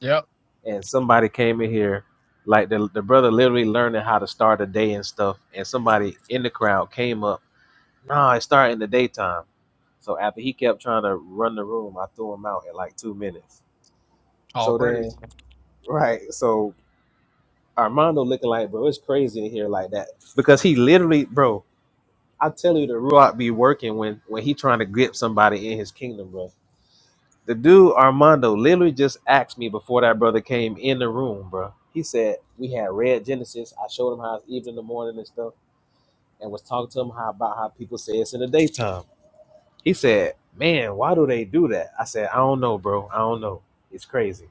D: yep.
B: And somebody came in here, like the, the brother literally learning how to start a day and stuff. And somebody in the crowd came up, No, it's starting in the daytime So after he kept trying to run the room, I threw him out in like two minutes.
D: All
B: So then,
D: praise.
B: right, so Armando looking like, bro, it's crazy in here like that because he literally, bro, I tell you, the Ruach be working when when he trying to grip somebody in his kingdom, bro. The dude Armando literally just asked me before that brother came in the room, bro. He said we had read Genesis. I showed him how it's even in the morning and stuff, and was talking to him how about how people say it's in the daytime. He said, Man, why do they do that? I said, I don't know, bro. I don't know. It's crazy.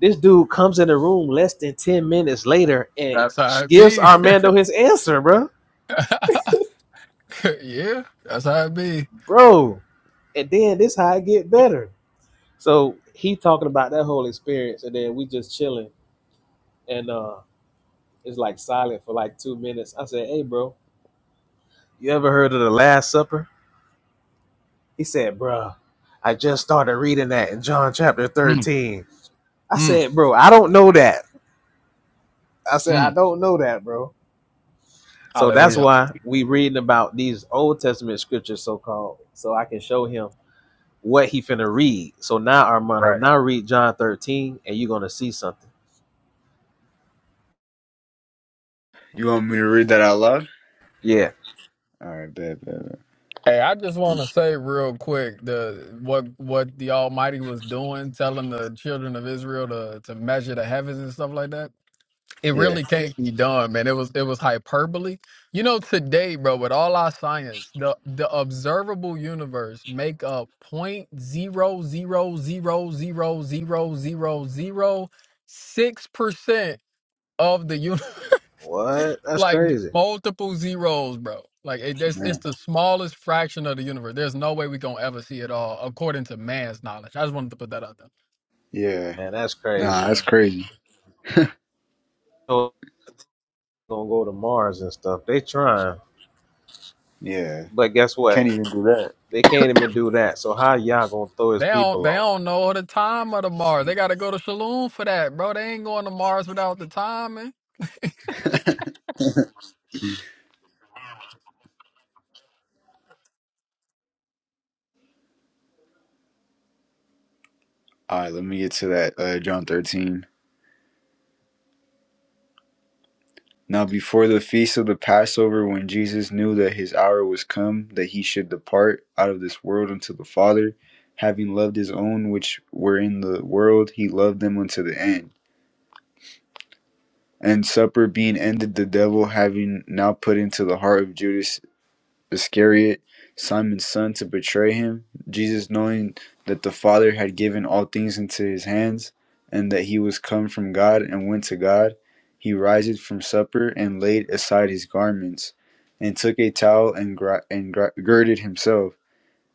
B: This dude comes in the room less than 10 minutes later and
D: That's how it
B: gives
D: be.
B: Armando his answer, bro.
D: (laughs) yeah, that's how it be.
B: Bro. And then this how it get better. So he talking about that whole experience, and then we just chilling, and uh it's like silent for like two minutes. I said, Hey bro, you ever heard of the Last Supper? He said, "Bro, I just started reading that in John chapter
D: Mm,
B: 13. I
D: mm,
B: said, Bro, I don't know that. I said, I
D: mm.
B: don't know that, bro. So that's
D: Hallelujah.
B: why we reading about these Old Testament scriptures, so called, so I can show him what he finna read. So now,
D: Right.
B: Armando, now read John 13, and you're gonna see something.
A: You want me to read that out loud?
B: Yeah.
A: Alright, bad, bad, bad.
D: Hey, I just want to say real quick the what what the Almighty was doing, telling the children of Israel to to measure the heavens and stuff like that. It
A: Yeah.
D: really can't be done, man. It was it was hyperbole. You know, today, bro, with all our science, the the observable universe make up point zero zero zero zero zero zero zero six percent of the universe
B: What? That's
D: like
B: crazy.
D: multiple zeros, bro. Like it, it's, it's
A: Man.
D: the smallest fraction of the universe. There's no way we gonna ever see it all, according to man's knowledge. I just wanted to put that out there.
A: Yeah.
B: Man, that's
A: Nah,
B: crazy.
A: that's crazy.
B: So gonna go to Mars and stuff. They trying,
A: Yeah.
B: but guess what?
A: Can't even do that.
B: They can't even do that. So how y'all gonna throw his
D: They don't
B: people
D: they
B: off?
D: don't know the time of the Mars. They gotta go to Shalom for that, bro. They ain't going to Mars without the timing.
A: All right, let me get to that. Uh, John 13. Now, before the feast of the Passover, when Jesus knew that his hour was come, that he should depart out of this world unto the Father, having loved his own which were in the world, he loved them unto the end. And supper being ended, the devil having now put into the heart of Judas Iscariot, Simon's son, to betray him, Jesus, knowing that the Father had given all things into his hands, and that he was come from God and went to God, he riseth from supper and laid aside his garments, and took a towel and, gr- and gr- girded himself.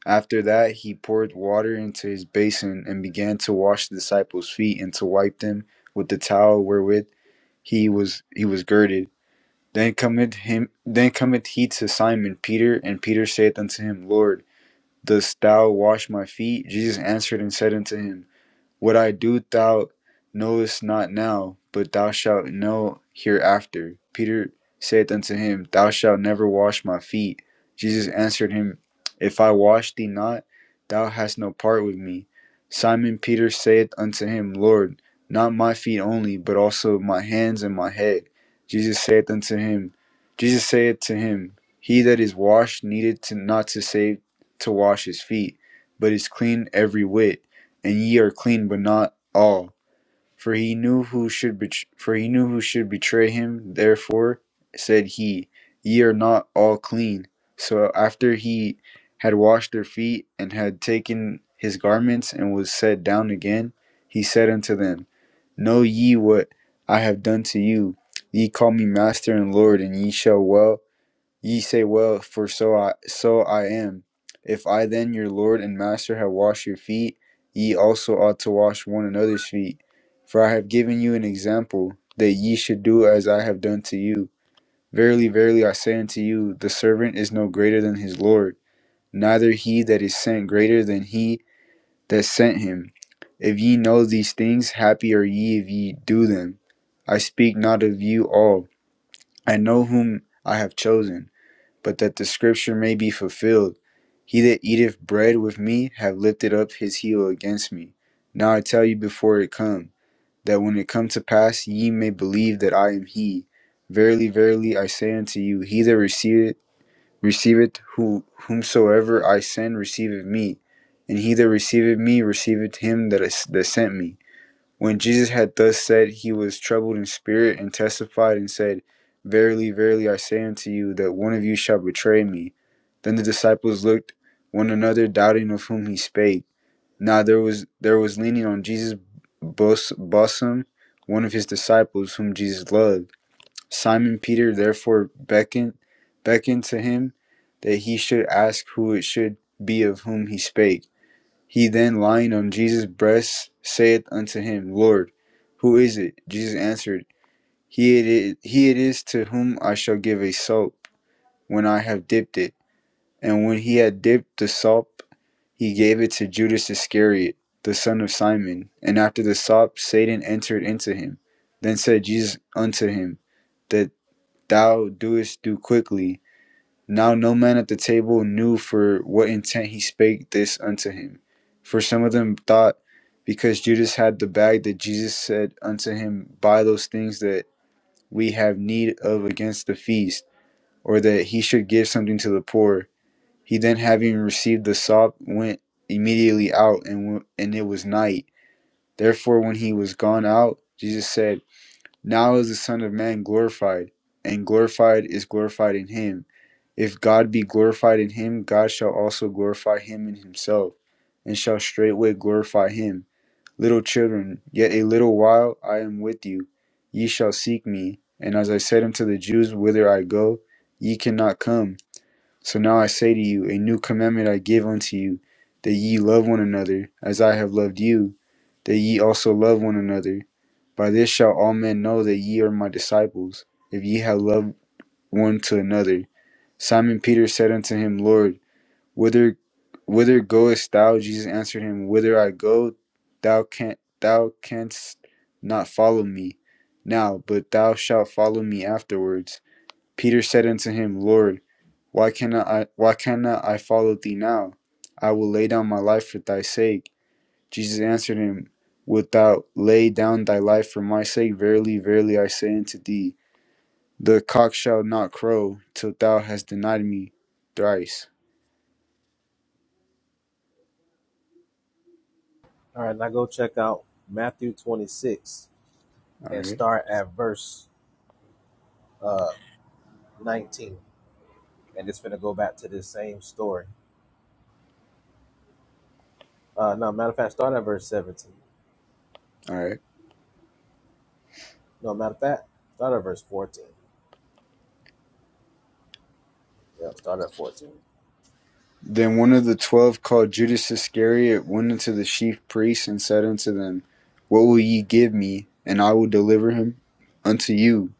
A: After that, he poured water into his basin and began to wash the disciples' feet and to wipe them with the towel wherewith he was he was girded then cometh him then cometh he to Simon Peter, and Peter saith unto him, Lord, dost thou wash my feet? Jesus answered and said unto him, what I do thou knowest not now, but thou shalt know hereafter. Peter saith unto him, Thou shalt never wash my feet. Jesus answered him, If I wash thee not, thou hast no part with me. Simon Peter saith unto him, Lord, not my feet only, but also my hands and my head. Jesus saith unto him, Jesus saith to him, He that is washed needed to not to save to wash his feet, but is clean every whit and ye are clean, but not all. For he knew who should bet- for he knew who should betray him. Therefore said he, Ye are not all clean. So after he had washed their feet and had taken his garments and was set down again, he said unto them, Know ye what I have done to you? Ye call me master and lord, and ye shall well. Ye say well, for so I so I am. If I then your Lord and Master have washed your feet, ye also ought to wash one another's feet. For I have given you an example, that ye should do as I have done to you. Verily, verily I say unto you, the servant is no greater than his Lord, neither he that is sent greater than he that sent him. If ye know these things, happy are ye if ye do them. I speak not of you all. I know whom I have chosen but that the scripture may be fulfilled. He that eateth bread with me have lifted up his heel against me. Now I tell you before it come, that when it come to pass ye may believe that I am he. Verily, verily, I say unto you, he that receiveth receiveth who whomsoever I send receiveth me, and he that receiveth me receiveth him that is, that sent me. When Jesus had thus said, he was troubled in spirit and testified and said, Verily, verily, I say unto you, that one of you shall betray me. Then the disciples looked one another, doubting of whom he spake. Now there was there was leaning on Jesus' bosom one of his disciples whom Jesus loved. Simon Peter therefore beckoned beckoned to him that he should ask who it should be of whom he spake. He then lying on Jesus' breast saith unto him, Lord, who is it? Jesus answered, He it is, he it is to whom I shall give a sop when I have dipped it. And when he had dipped the sop, he gave it to Judas Iscariot, the son of Simon. And after the sop, Satan entered into him. Then said Jesus unto him, That thou doest do quickly. Now no man at the table knew for what intent he spake this unto him. For some of them thought, because Judas had the bag, that Jesus said unto him, Buy those things that we have need of against the feast, or that he should give something to the poor. He then, having received the sop, went immediately out, and, w- and it was night. Therefore, when he was gone out, Jesus said, now is the Son of Man glorified, and glorified is glorified in him. If God be glorified in him, God shall also glorify him in himself, and shall straightway glorify him. Little children, yet a little while I am with you. Ye shall seek me. And as I said unto the Jews, Whither I go, ye cannot come. So now I say to you, a new commandment I give unto you, that ye love one another, as I have loved you, that ye also love one another. By this shall all men know that ye are my disciples, if ye have loved one to another. Simon Peter said unto him, Lord, whither whither goest thou? Jesus answered him, Whither I go, thou canst thou canst not follow me now, but thou shalt follow me afterwards. Peter said unto him, Lord, why cannot I why cannot I follow thee now? I will lay down my life for thy sake. Jesus answered him, Wilt thou lay down thy life for my sake? Verily, verily I say unto thee, the cock shall not crow till thou hast denied me thrice.
B: All right, now go check out Matthew 26
A: All
B: and
A: right.
B: start at verse uh 19. and it's gonna go back to this same story. Uh, no, matter of fact, start at verse 17.
A: All right.
B: No, matter of fact, start at verse 14. Yeah, start at 14.
A: Then one of the twelve, called Judas Iscariot, went unto the chief priests, and said unto them, What will ye give me, and I will deliver him unto you?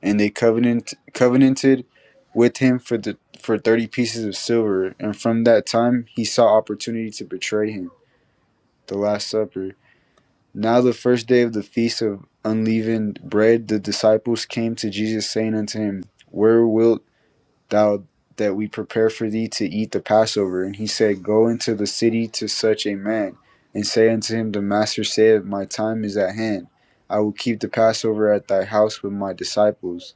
A: And they covenant, covenanted with him for the for thirty pieces of silver. And from that time he saw opportunity to betray him. The Last Supper. Now the first day of the feast of unleavened bread, the disciples came to Jesus, saying unto him, Where wilt thou that we prepare for thee to eat the Passover. And he said, Go into the city to such a man, and say unto him, The master saith, My time is at hand. I will keep the Passover at thy house with my disciples.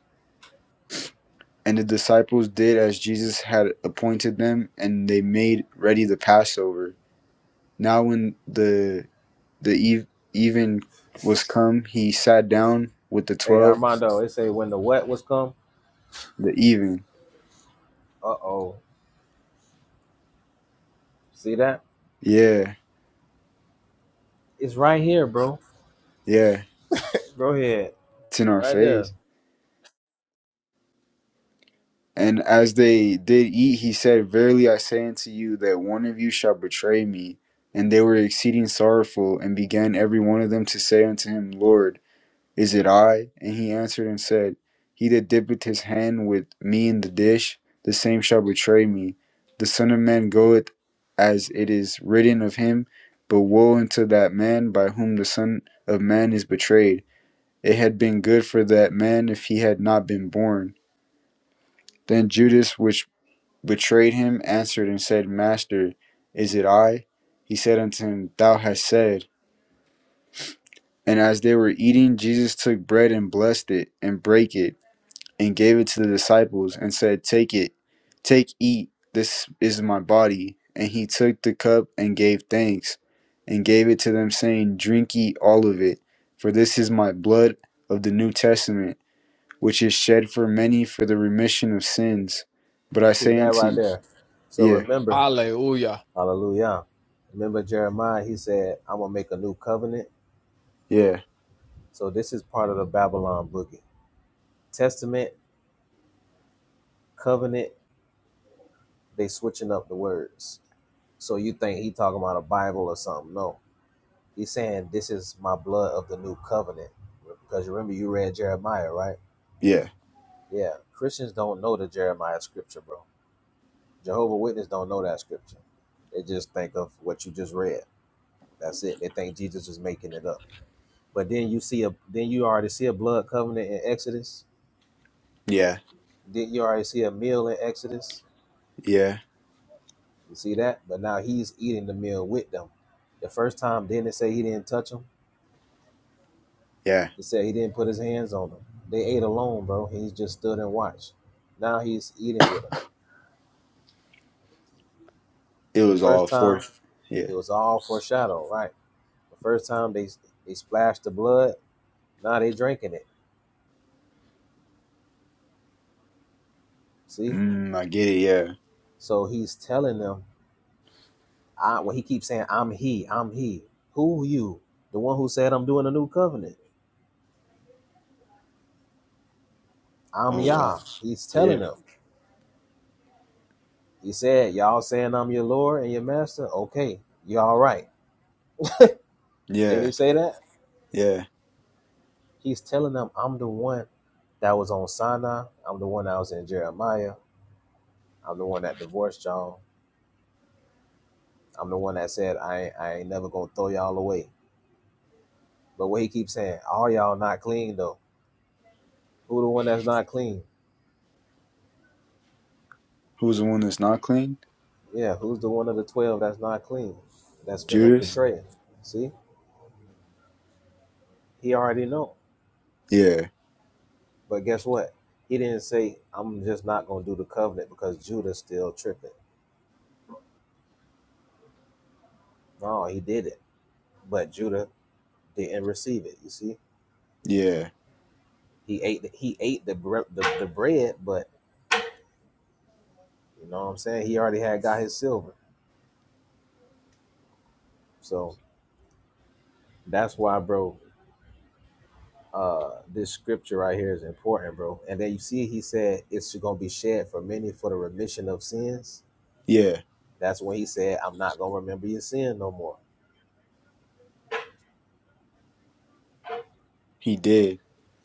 A: And the disciples did as Jesus had appointed them, and they made ready the Passover. Now when the the eve, even was come, he sat down with the
B: Hey,
A: twelve.
B: Armando, it say when the wet was come.
A: The even,
B: Uh oh, see that?
A: yeah,
B: It's right here, bro.
A: yeah,
B: Go ahead,
A: it's in our
B: right
A: face.
B: there.
A: And as they did eat, he said, Verily I say unto you that one of you shall betray me. And they were exceeding sorrowful, and began every one of them to say unto him, Lord, is it I? And he answered and said, He that dippeth his hand with me in the dish, the same shall betray me. The Son of Man goeth as it is written of him, but woe unto that man by whom the Son of Man is betrayed. It had been good for that man if he had not been born. Then Judas, which betrayed him answered and said, Master, is it I? He said unto him, Thou hast said. And as they were eating, Jesus took bread and blessed it, and brake it, and gave it to the disciples, and said, Take it, take, eat, this is my body. And he took the cup and gave thanks, and gave it to them, saying, Drink ye all of it, for this is my blood of the New Testament, which is shed for many for the remission of sins. But I
B: See
A: say
B: that
A: unto
B: right
A: you,
B: there. So
A: yeah,
B: remember,
D: Hallelujah.
B: Hallelujah. Remember Jeremiah? He said, "I'm gonna make a new covenant."
A: yeah,
B: So this is part of the Babylon boogie. Testament, covenant. They switching up the words. So you think he talking about a Bible or something? No, He's saying, This is my blood of the new covenant. Because remember you read Jeremiah, right?
A: yeah.
B: Yeah. Christians don't know the Jeremiah scripture, bro. Jehovah Witness don't know that scripture. They just think of what you just read. That's it. They think Jesus is making it up. But then you see a then you already see a blood covenant in Exodus.
A: Yeah,
B: Then you already see a meal in Exodus?
A: yeah,
B: You see that? But now he's eating the meal with them. The first time didn't it say he didn't touch them?
A: yeah.
B: He said he didn't put his hands on them. They ate alone, bro. He just stood and watched. Now he's eating with them.
A: It
B: The
A: was
B: first
A: all
B: time,
A: fourth. Yeah.
B: it was all foreshadow, right? The first time they they splashed the blood. Now they drinking it. See,
A: Mm, I get it. Yeah.
B: so he's telling them. I well, he keeps saying, "I'm he, I'm he." Who you? The one who said, "I'm doing a new covenant." I'm
A: Oh wow.
B: Yah. He's telling
A: Yeah.
B: them. He said, "Y'all saying I'm your Lord and your Master." Okay, you all right? Didn't
A: Yeah.
B: he say that?
A: Yeah.
B: He's telling them, I'm the one that was on Sinai. I'm the one that was in Jeremiah. I'm the one that divorced y'all. I'm the one that said, I ain't, I ain't never going to throw y'all away. But what he keeps saying, all y'all not clean, though. Who the one that's not clean?
A: Who's the one that's not clean?
B: Yeah, who's the one of the 12 that's not clean? That's finna
A: Judas.
B: betray him. See? He already know.
A: Yeah.
B: But guess what? He didn't say, I'm just not going to do the covenant because Judah's still tripping. No, he did it. But Judah didn't receive it, you see?
A: Yeah.
B: He ate the, he ate the, bre- the the bread, but you know what I'm saying. He already had got his silver, so that's why, bro. Uh, this scripture right here is important, bro. And then you see, he said it's gonna be shed for many for the remission of sins.
A: Yeah.
B: That's when he said, "I'm not gonna remember your sin no more."
A: He did.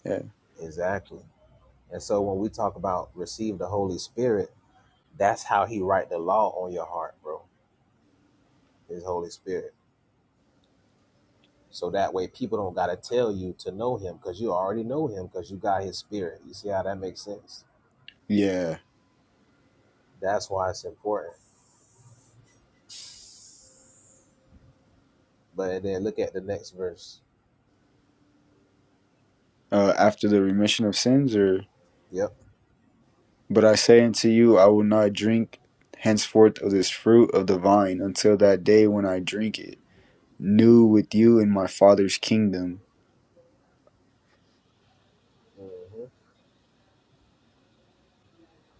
A: Yeah.
B: Exactly. And so when we talk about receive the Holy Spirit, that's how he write the law on your heart, bro. His Holy Spirit. So that way people don't gotta tell you to know him because you already know him because you got his spirit. You see how that makes sense?
A: Yeah.
B: That's why it's important. But then look at the next verse.
A: Uh, after the remission of sins, or
B: Yep.
A: but I say unto you, I will not drink henceforth of this fruit of the vine until that day when I drink it new with you in my Father's kingdom,
B: hmm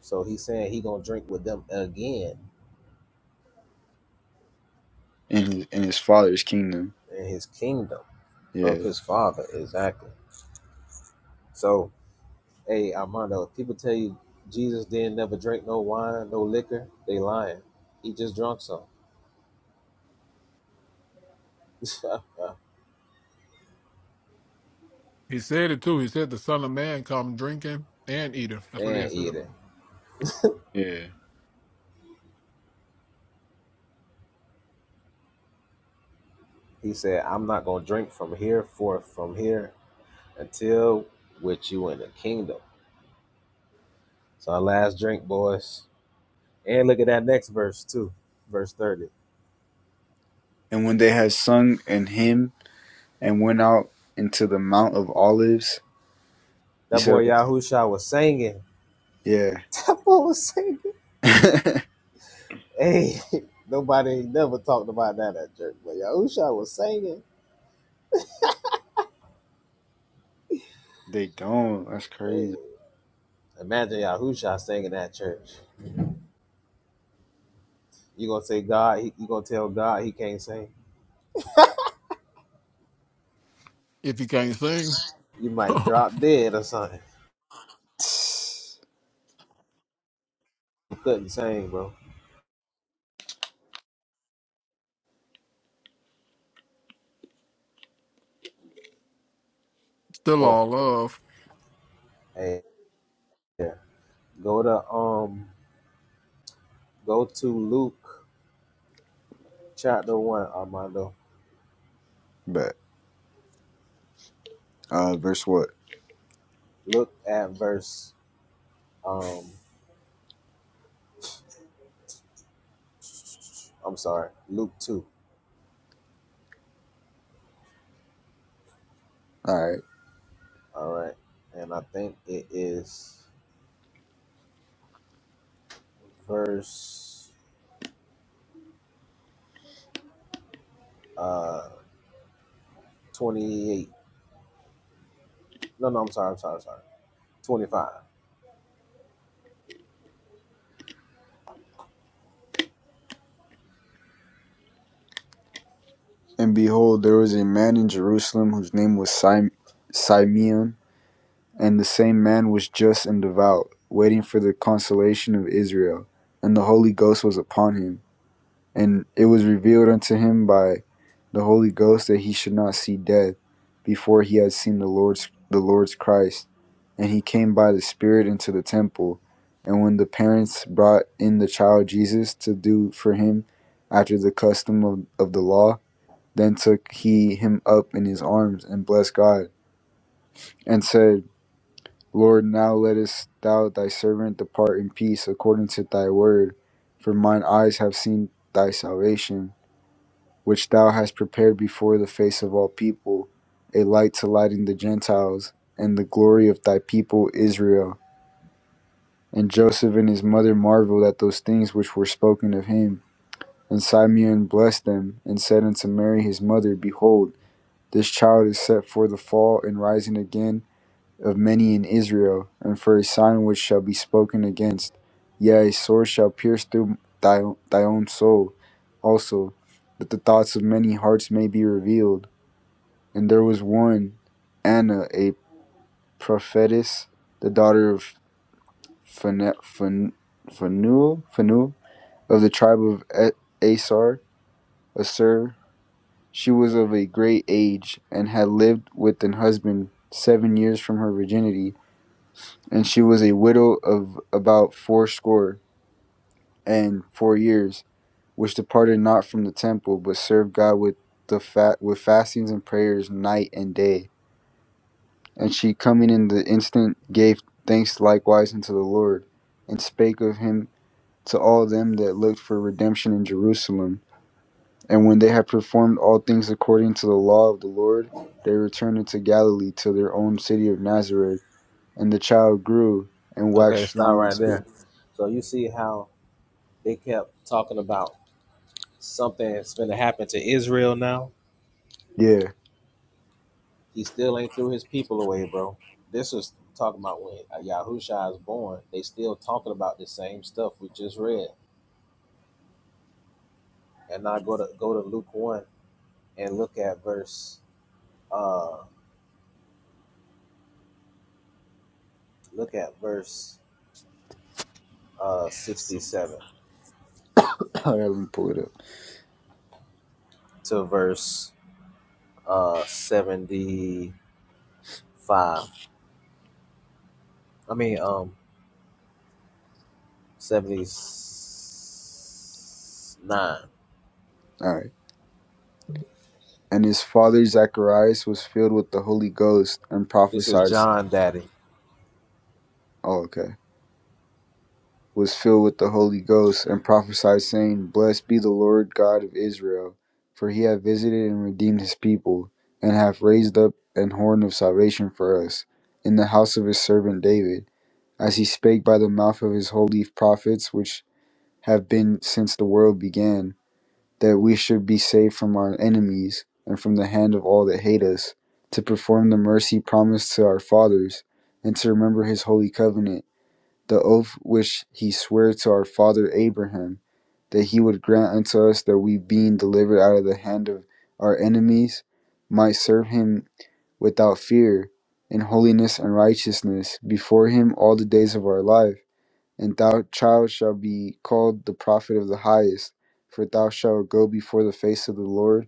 B: So he's saying he gonna drink with them again
A: in his, in His Father's kingdom.
B: in his kingdom of
A: Yeah.
B: his father. Exactly. So Hey, Armando, if people tell you Jesus didn't never drink no wine, no liquor, they lying. He just drunk some. (laughs)
D: He said it too. He said the Son of Man come drinking and eating. That's what he
B: and
D: said.
B: eating.
A: Yeah.
B: He said, I'm not gonna drink from here forth from here until with you in the kingdom. So our last drink, boys. And look at that next verse too, verse 30.
A: And when they had sung an hymn and went out into the Mount of Olives, you
B: That
A: said,
B: boy Yahusha was singing.
A: yeah.
B: (laughs) That boy was singing.
A: (laughs)
B: Hey, (laughs) nobody ain't never talked about that at church, but Yahusha was singing.
A: they don't. That's
B: Hey,
A: crazy.
B: imagine Yahusha singing at church. You're gonna say God, he, you gonna tell God he can't sing.
D: If he can't sing,
B: You
D: (laughs)
B: might drop dead or something. You couldn't sing, bro.
D: still
B: Oh,
D: all love.
B: hey, yeah. Go to um go to Luke chapter one, Armando.
A: But, uh, verse what?
B: Look at verse um I'm sorry, Luke two.
A: Alright.
B: All right. And I think it is verse uh twenty eight. No, no, I'm sorry, I'm sorry, I'm sorry. Twenty five.
A: And behold, there was a man in Jerusalem whose name was Sim- Simeon, and the same man was just and devout, waiting for the consolation of Israel, and the Holy Ghost was upon him And it was revealed unto him by the Holy Ghost that he should not see death before he had seen the Lord's the Lord's Christ. And he came by the Spirit into the temple. And when the parents brought in the child Jesus to do for him after the custom of, of the law, then took he him up in his arms and blessed God, and said, Lord, now lettest thou thy servant depart in peace according to thy word, for mine eyes have seen thy salvation which thou hast prepared before the face of all people, a light to lighten the Gentiles, and the glory of thy people Israel. And Joseph and his mother marveled at those things which were spoken of him. And Simeon blessed them, and said unto Mary his mother, Behold, this child is set for the fall and rising again of many in Israel, and for a sign which shall be spoken against. Yea, a sword shall pierce through thy, thy own soul also, that the thoughts of many hearts may be revealed. And there was one, Anna, a prophetess, the daughter of Phane- Phan- Phanuel, Phanuel of the tribe of A- Asar, Asur. She was of a great age and had lived with an husband seven years from her virginity, and she was a widow of about fourscore and four years, which departed not from the temple, but served God with the fat with fastings and prayers night and day. And she coming in the instant gave thanks likewise unto the Lord, and spake of him to all them that looked for redemption in Jerusalem. And when they had performed all things according to the law of the Lord, they returned into Galilee to their own city of Nazareth. And the child grew and
B: Okay,
A: waxed
B: stop
A: strong in
B: right there.
A: spirit.
B: So you see how they kept talking about Something's gonna happen to Israel now.
A: Yeah,
B: He still ain't threw his people away, bro. This was talking about when Yahushua is born. They still talking about the same stuff we just read. And now go to go to Luke one and look at verse uh look at verse uh sixty seven
A: (coughs) (clears throat) I let me pull it up.
B: to verse uh seventy five. I mean um seventy nine.
A: All right. And his father Zacharias was filled with the Holy Ghost and
B: This is
A: prophesied.
B: John Daddy.
A: Oh, okay. was filled with the Holy Ghost and prophesied, saying, Blessed be the Lord God of Israel, for he hath visited and redeemed his people, and hath raised up an horn of salvation for us in the house of his servant David, as he spake by the mouth of his holy prophets, which have been since the world began, that we should be saved from our enemies and from the hand of all that hate us, to perform the mercy promised to our fathers, and to remember his holy covenant the oath which he sware to our father Abraham, that he would grant unto us that we, being delivered out of the hand of our enemies, might serve him without fear, in holiness and righteousness, before him all the days of our life. And thou, child, shalt be called the prophet of the highest, for thou shalt go before the face of the Lord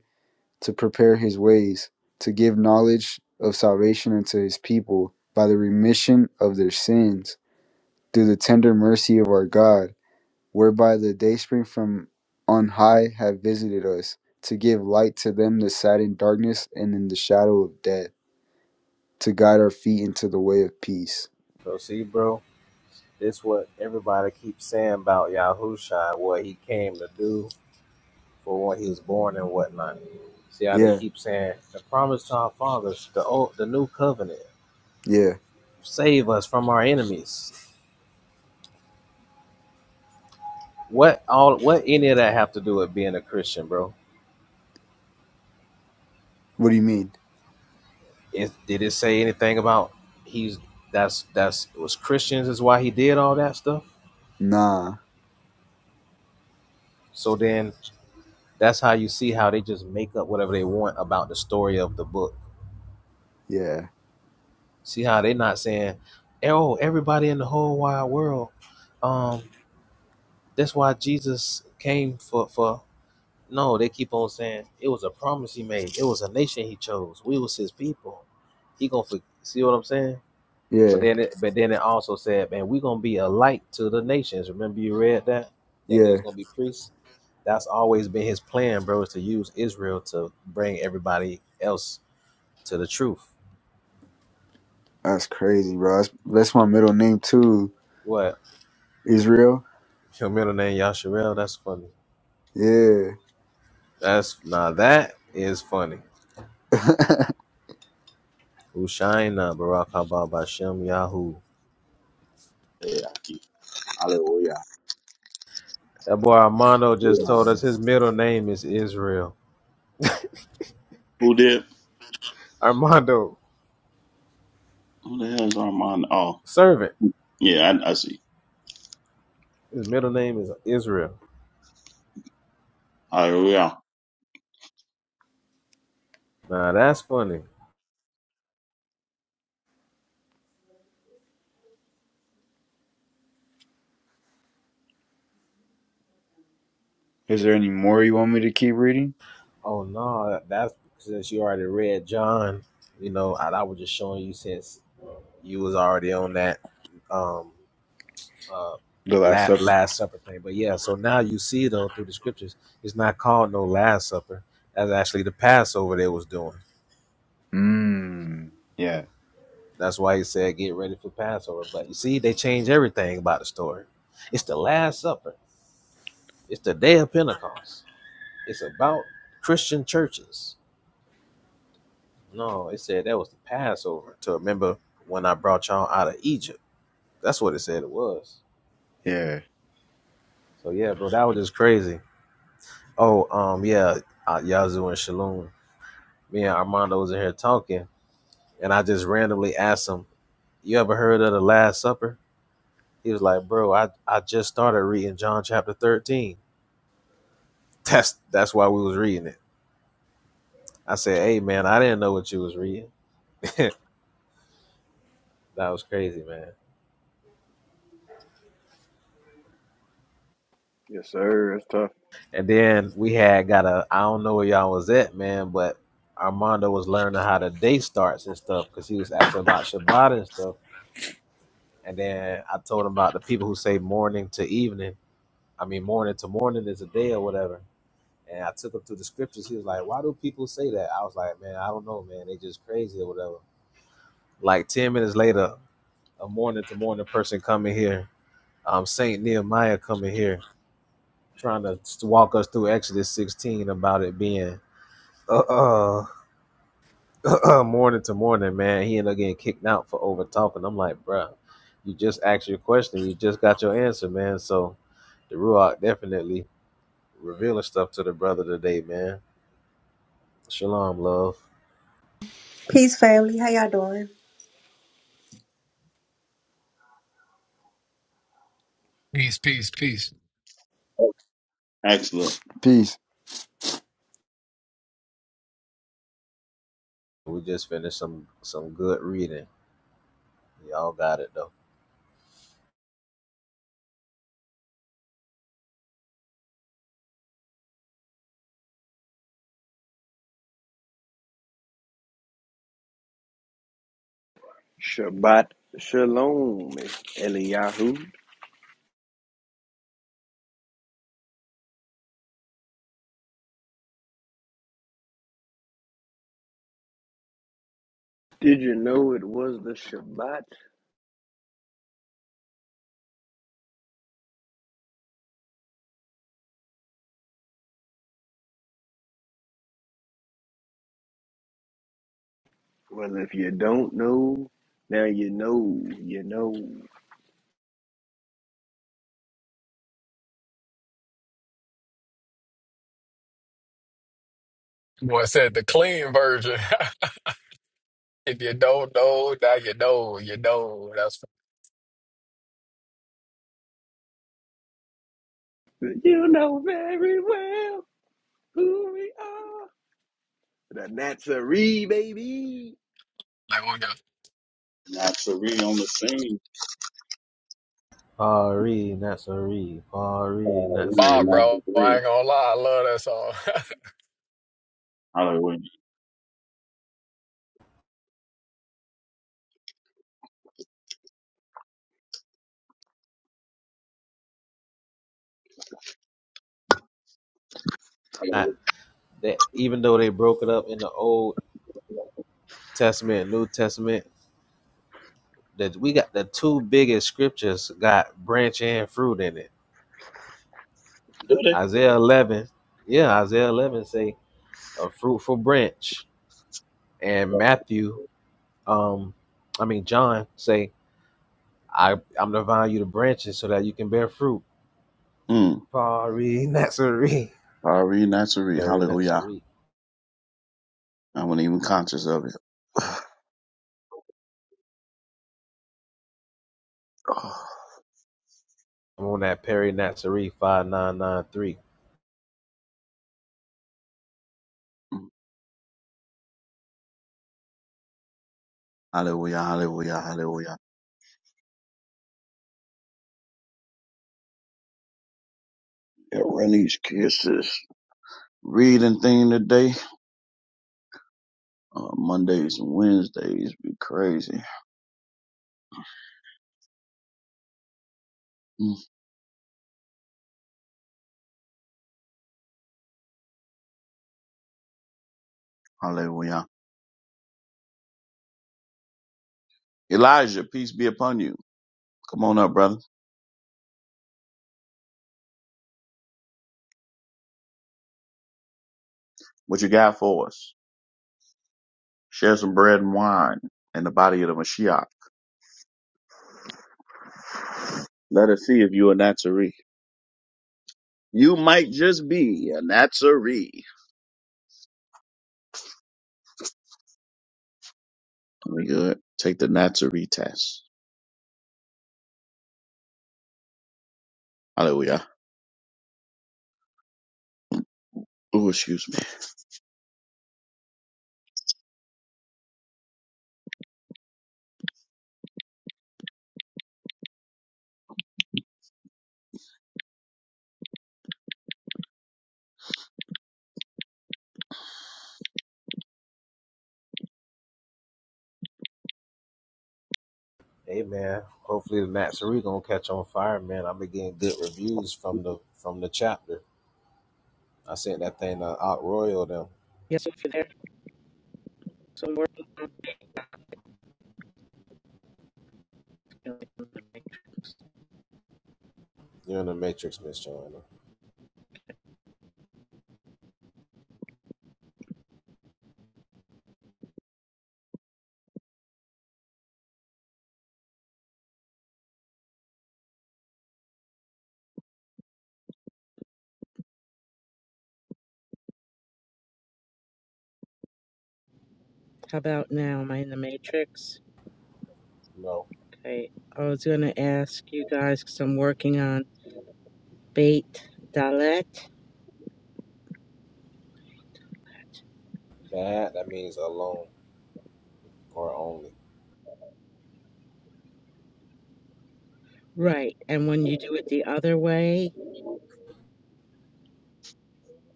A: to prepare his ways, to give knowledge of salvation unto his people by the remission of their sins through the tender mercy of our God, whereby the dayspring from on high have visited us, to give light to them that sat in darkness and in the shadow of death, to guide our feet into the way of peace.
B: So see, bro It's what everybody keeps saying about Yahusha, what he came to do for when he was born and whatnot. See how they
A: Yeah,
B: keep saying the promise to our fathers, the old, the new covenant,
A: yeah.
B: save us from our enemies. What all? What any of that have to do with being a Christian, bro?
A: What do you mean?
B: Is, did it say anything about he's that's that's it was Christians is why he did all that stuff?
A: Nah,
B: So then that's how you see how they just make up whatever they want about the story of the book
A: yeah,
B: See how they not saying, oh, everybody in the whole wide world. Um, that's why Jesus came for for. No, they keep on saying it was a promise he made. It was a nation he chose. We was his people. He gonna for, see what I'm saying. But
A: yeah,
B: then, it, but then it also said, man, we gonna be a light to the nations. Remember you read that that
A: yeah.
B: there's gonna be priests. That's always been his plan, bro, is to use Israel to bring everybody else to the truth.
A: That's crazy, bro. That's, that's my middle name too.
B: What
A: Israel.
B: your middle name Yasharel? That's funny.
A: Yeah.
B: That's now that is funny. Hushaina Barak Haba Bashem Yahoo.
E: Yeah, hallelujah.
B: That boy Armando just
A: Nah.
B: told us his middle name is Israel.
E: Who did?
B: Armando,
E: Who the hell is Armand? Oh,
B: servant.
E: yeah, I, I see.
B: His middle name is Israel.
E: Hallelujah.
B: Now that's funny.
A: Is there any more you want me to keep reading?
B: Oh no, that's since you already read John. You know, I, I was just showing you since you was already on that um uh
A: The Last
B: la-
A: Supper.
B: last supper thing. But yeah, so now you see though through the scriptures, it's not called no last supper. That's actually the Passover they was doing.
A: Mmm. Yeah.
B: That's why he said, "Get ready for Passover." But you see, they change everything about the story. It's the Last Supper. It's the Day of Pentecost. It's about Christian churches. No, it said that was the Passover to remember when I brought y'all out of Egypt. That's what it said it was.
A: Yeah.
B: So yeah, bro, that was just crazy. Oh, um, yeah, uh, Yazoo and Shalom. Me and Armando was in here talking, and I just randomly asked him, "You ever heard of the Last Supper?" He was like, "Bro, I I just started reading John chapter 13. That's that's why we was reading it. I said, "Hey man, I didn't know what you was reading. (laughs) that was crazy, man."
F: Yes, sir. It's tough.
B: And then we had got a I don't know where y'all was at, man, but Armando was learning how the day starts and stuff because he was asking about Shabbat and stuff. And then I told him about the people who say morning to evening. I mean, morning to morning is a day or whatever. And I took him to the scriptures. He was like, "Why do people say that?" I was like, "Man, I don't know, man. They just crazy or whatever." Like ten minutes later, a morning to morning person coming here um, Saint Nehemiah coming here trying to walk us through Exodus 16 about it being uh, uh, (clears throat) morning to morning, man. He ended up getting kicked out for over talking. I'm like, bruh, you just asked your question. You just got your answer, man. So the Ruach definitely revealing stuff to the brother today, man. Shalom, love.
G: Peace, family. How y'all doing?
D: Peace, peace, peace.
E: Excellent.
A: Peace.
B: We just finished some some good reading. Y'all got it though.
F: Shabbat Shalom, it's Eliyahu. Did you know it was the Shabbat? Well, if you don't know, now you know, you know.
D: Boy, I said the clean version. (laughs) If you don't know, now you know, you know. That's
F: You know very well who we are. The Nazarene, baby.
D: like one goes,
E: Natsuri on the scene.
B: Pari Nasari,
E: Uh,
B: Pari
E: really,
D: Bob,
B: Nasari.
D: bro. I
E: Natsuri.
D: ain't gonna lie, I love that song.
E: Hallelujah. Hallelujah.
B: that even though they broke it up in the old Testament, and New Testament. That we got the two biggest scriptures got branch and fruit in it.
E: Do they?
B: Isaiah eleven, yeah, Isaiah eleven say a fruitful branch, and Matthew, um, I mean John say I I'm the vine, you the branches, so that you can bear fruit.
E: Mm.
B: Pari Natsari,
E: Ari Natsuri.
B: Peri
E: Hallelujah.
B: Natsari.
E: I wasn't even conscious of it. (sighs)
B: (laughs) I'm on that Peri Natsari five nine nine three.
E: hallelujah. Hallelujah. Hallelujah. Yeah, run these kisses. Reading thing today. Uh, Mondays and Wednesdays be crazy. Mm. Hallelujah. Elijah, peace be upon you. Come on up, brother. What you got for us? Share some bread and wine and the body of the Mashiach. Let us see if you a Nazarene. You might just be a Nazarene. We good. Take the Nazarene test. Hallelujah. Oh, excuse me.
B: Hey man, hopefully the Natsari gonna catch on fire, man. I've been getting good reviews from the from the chapter. I sent that thing to Out Royal them.
H: Yes, if you're there. So we're
B: You're in the Matrix, Miss Joanna.
H: How about now? Am I in the matrix?
B: No.
H: Okay. I was going to ask you guys because I'm working on bait dalet.
B: Bad, that means alone or only.
H: Right. And when you do it the other way,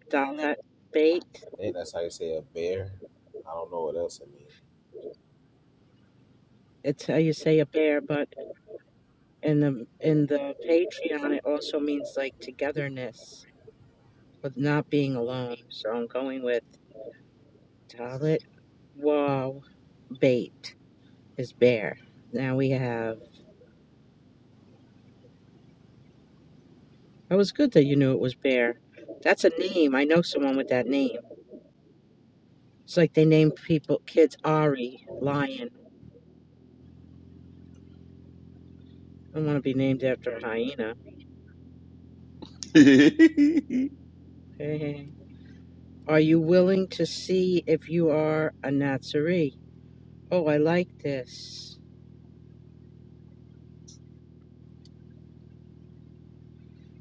H: dalet bait,
B: I think that's how you say a bear. I don't know what else it means.
H: it's how you say a bear, but in the in the Patreon, it also means like togetherness, but not being alone. So I'm going with dalet. Wow. Bait is bear. Now we have. That was good that you knew it was Bear. That's a name. I know someone with that name. It's like they named people kids Ari, lion. I don't want to be named after a hyena.
E: (laughs)
H: Hey, hey. hey. Are you willing to see if you are a Natsuri? Oh, I like this.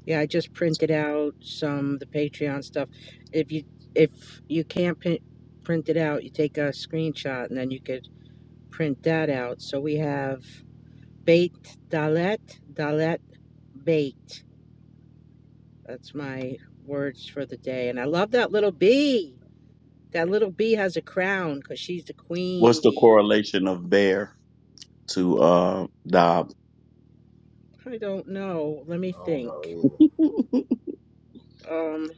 H: Yeah, I just printed out some the Patreon stuff. If you if you can't pin, print it out, you take a screenshot and then you could print that out. So we have Bait Dalet, Dalet Bait. That's my words for the day. And I love that little bee. That little bee has a crown because she's the
E: What's
H: queen
E: the
H: bee.
E: correlation of bear to uh Dob?
H: I don't know. Let me
B: I don't know
H: think.
B: either.
H: Um,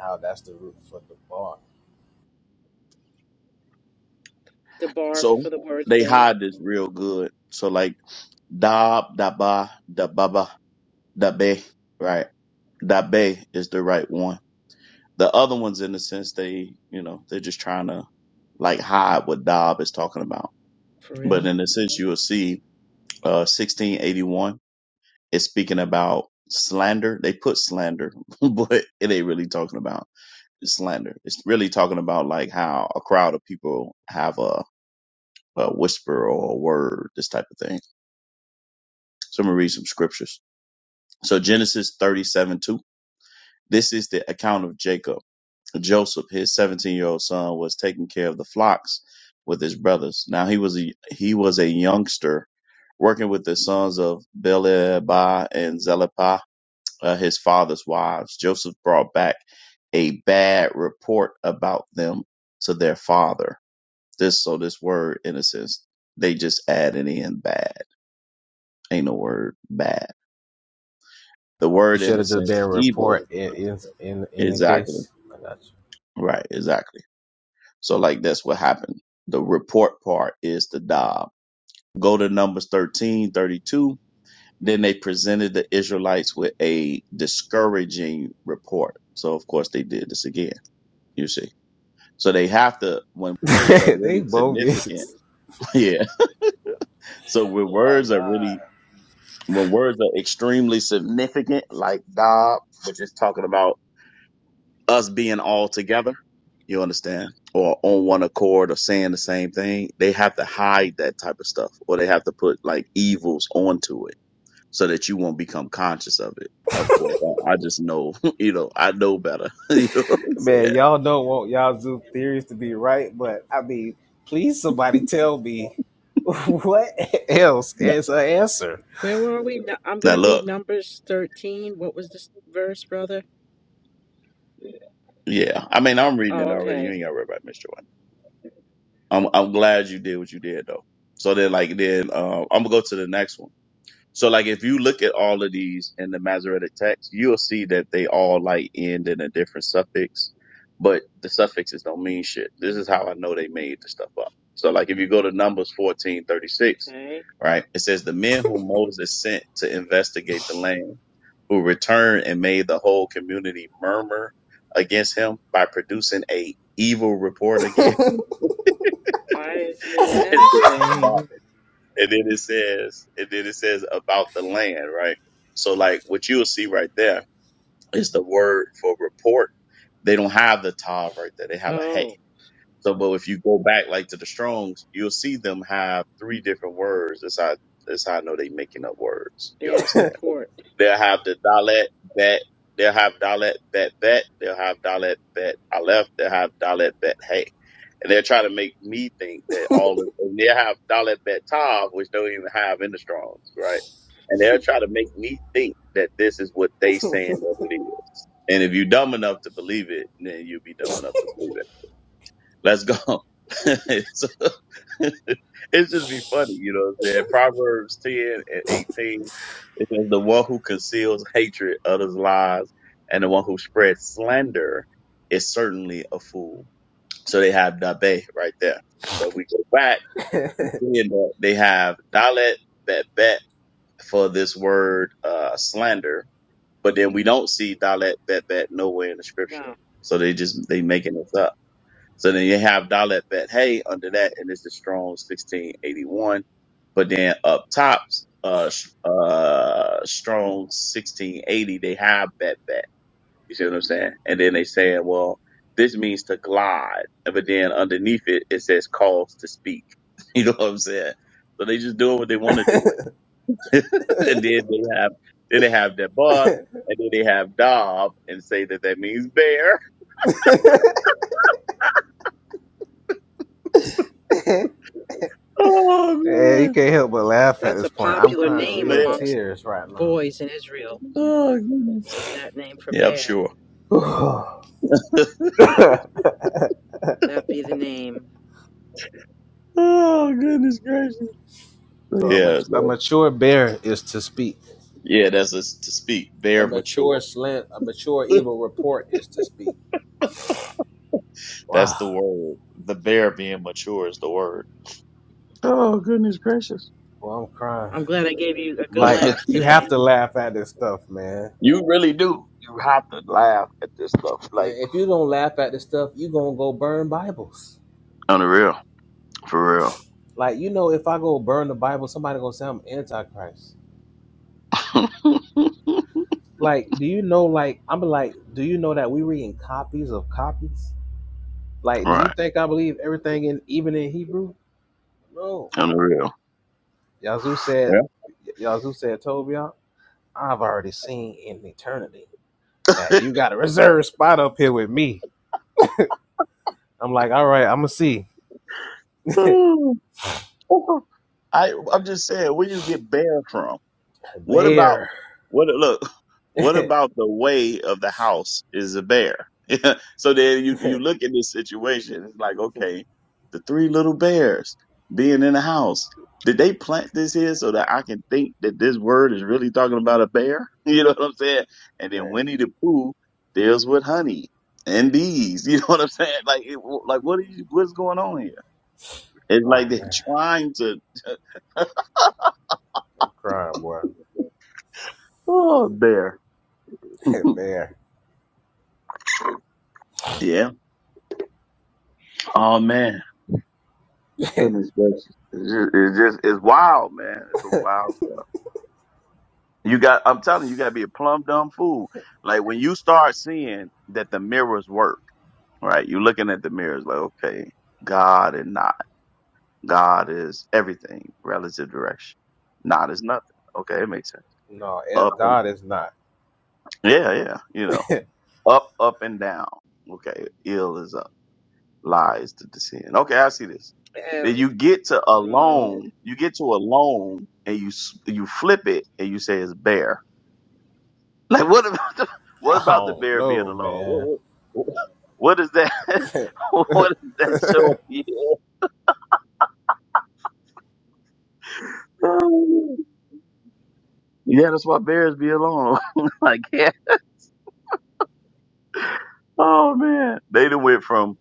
B: How that's the root for the bar.
H: the bar
E: So
H: for the word
E: they
H: thing.
E: hide this real good. So like Dob, Daba, Dababa, Dabe, right? Dabe is the right one. The other ones, in a sense, they, you know, they're just trying to like hide what Dob is talking about.
H: For
E: But
H: real.
E: in a sense, you will see, uh, 1681 is speaking about slander. They put slander, (laughs) but it ain't really talking about slander. It's really talking about like how a crowd of people have a, a whisper or a word, this type of thing. So I'm gonna read some scriptures. So Genesis 37 2. This is the account of Jacob. Joseph, his 17 year old son, was taking care of the flocks with his brothers. Now he was a, he was a youngster working with the sons of Belebah and Zelepah, uh, his father's wives. Joseph brought back a bad report about them to their father. This so this word innocence, they just add it in bad. Ain't no word bad. The
B: It
E: word
B: should have just been
E: innocence,
B: a
E: evil.
B: report in in in, in the
E: Exactly.
B: case. I
E: Right, exactly. So like that's what happened. The report part is the Dob. Go to Numbers 13 32. Then they presented the Israelites with a discouraging report. So of course they did this again, you see. So they have to when words
B: got
E: are
B: you. (laughs) they
E: really significant.
B: bogus.
E: (laughs) yeah. So when
B: Oh my
E: words are
B: god.
E: really when words are extremely significant, like Dob, which is talking about us being all together, you understand, or on one accord or saying the same thing, they have to hide that type of stuff or they have to put like evils onto it so that you won't become conscious of it. Of course, I I just know, (laughs) you know, I know better. (laughs) you know what I'm
B: Man,
E: saying?
B: y'all don't want y'all zoo theories to be right, but I mean, please somebody tell me (laughs) what else
E: No.
B: is an answer.
H: Where were we? No- I'm going
E: Now
H: to read
E: look,
H: Numbers 13. What was this verse, brother?
E: yeah, I mean, I'm reading it
H: Oh,
E: already. You
H: okay.
E: ain't got to read about Mr. One. I'm I'm glad you did what you did though. So then, like, then uh, I'm gonna go to the next one. So like if you look at all of these in the Masoretic text, you'll see that they all like end in a different suffix, but the suffixes don't mean shit. This is how I know they made the stuff up. So like if you go to Numbers fourteen thirty six,
H: Okay.
E: right, it says the men whom Moses sent to investigate the land, who returned and made the whole community murmur against him by producing a evil report again. (laughs)
H: Why is he
E: And it says, about
H: laughing?
E: and then it says, and then it says about the land, right? So like what you'll see right there is the word for report. They don't have the tav right there. They have a hey.
H: Oh,
E: So, but if you go back like to the Strongs, you'll see them have three different words. That's how that's how I know they making up words. You
H: bad
E: understand?
H: report.
E: They'll have the dalet bet. They'll have dalet bet bet. They'll have dalet bet aleph. They'll have dalet bet hey. And they're trying to make me think that all of, and they have dalet bet tav, which don't even have in the Strongs, right? And they're trying to make me think that this is what they saying that it is. And if you're dumb enough to believe it, then you'll be dumb enough to believe it. Let's go. (laughs) so, (laughs) it's just be funny, you know. what I'm saying? Proverbs ten and eighteen. It says the one who conceals hatred utters lies, and the one who spreads slander is certainly a fool. So they have dabe right there. So if we go back,
B: (laughs)
E: seeing that they have dalet bet bet for this word uh, slander, but then we don't see dalet bet bet nowhere in the scripture.
H: No.
E: So they just they making it up. So then you have Dalet Bet Hey under that, and it's the strong 1681. But then up tops, uh, sh- uh, strong 1680, they have Bet Bet. You see what I'm saying? And then they saying, well, this means to glide. And But then underneath it, it says calls to speak. (laughs) You know what I'm saying? So they just doing what they want to do with. it. (laughs) and then they have, then they have that bar, and then they have Dob and say that that means bear. (laughs)
B: (laughs)
E: Oh
B: yeah, you
E: man.
B: can't help but laugh at
H: That's
B: this
H: a
B: point. I'm
H: popular
B: crying
H: name
B: real
E: Man.
H: amongst
B: tears right now.
H: boys in Israel,
E: Oh, goodness.
H: is that name for
E: Yeah, I'm
H: bear.
E: sure.
B: (laughs) (sighs)
H: That be the name.
E: Oh goodness gracious.
B: so a,
E: Yeah,
B: mat- a
E: so,
B: mature bear is to speak.
E: yeah, that's a, to speak.
B: A
E: Bear mature.
B: mature slant, a mature
E: (laughs)
B: evil report is to speak.
E: That's
B: Wow.
E: the word. The bear being mature is the word. Oh goodness gracious.
B: Well, I'm crying.
H: I'm glad I gave you a good
B: Like
H: laugh
B: you have
H: today.
B: to laugh at this stuff, man.
E: (laughs) you really do. You have to laugh at this stuff.
B: Man,
E: Like
B: if you don't laugh at this stuff, you gonna go burn Bibles.
E: unreal, for real.
B: Like you know, if I go burn the Bible, somebody gonna say I'm antichrist.
E: (laughs)
B: Like, do you know? Like, I'm like, do you know that we reading copies of copies? Like, do you
E: right,
B: think I believe everything in even in Hebrew? No.
E: unreal.
B: Yazoo said,
E: Yeah.
B: Yazoo said, told me, I've already seen in eternity that you got a reserved spot up here with me. I'm like, all right, I'm gonna see. (laughs)
E: (laughs) I I'm just saying, where you get bear from? What about
B: Bear.
E: what? Look,
B: (laughs)
E: what
B: man.
E: about the way of the house is a bear? (laughs) so then you you look at this situation. It's like okay, the three little bears being in the house. Did they plant this here so that I can think that this word is really talking about a bear? (laughs) You know what I'm saying? And then Winnie the Pooh deals with honey and bees. (laughs) You know what I'm saying? Like, it, like what are you? What's going on here? It's like
B: Oh
E: they're
B: man.
E: trying to. (laughs)
B: I'm crying, boy.
E: Oh, bear.
B: (laughs)
E: (laughs)
B: Bear.
E: yeah. Oh man.
B: (laughs)
E: Goodness gracious. It's just, it's just, it's wild, man. It's a wild stuff. You got, I'm telling you, you gotta be a plumb dumb fool. Like when you start seeing that the mirrors work, right? You're looking at the mirrors like, okay, God and not. God is everything, relative direction. Not is nothing. Okay, it makes sense.
B: no, eh,
E: Up and,
B: God is not.
E: yeah, yeah, you
B: (laughs)
E: know,
B: I
E: up, up and down. Okay, ill is up. lies to descend. Okay, I see this.
H: And
E: Then you get to a
H: Mo.
E: loan, you get to a loan, and you s- you flip it and you say it's bear. (laughs) Like what about the, what about the
B: don't
E: bear being
B: know,
E: a loan?
B: man.
E: What, what, what is that? (laughs)
B: (laughs)
E: what is that showing? Yeah, (laughs) yeah, that's why bears be alone. (laughs) like yeah. Oh man, they done went from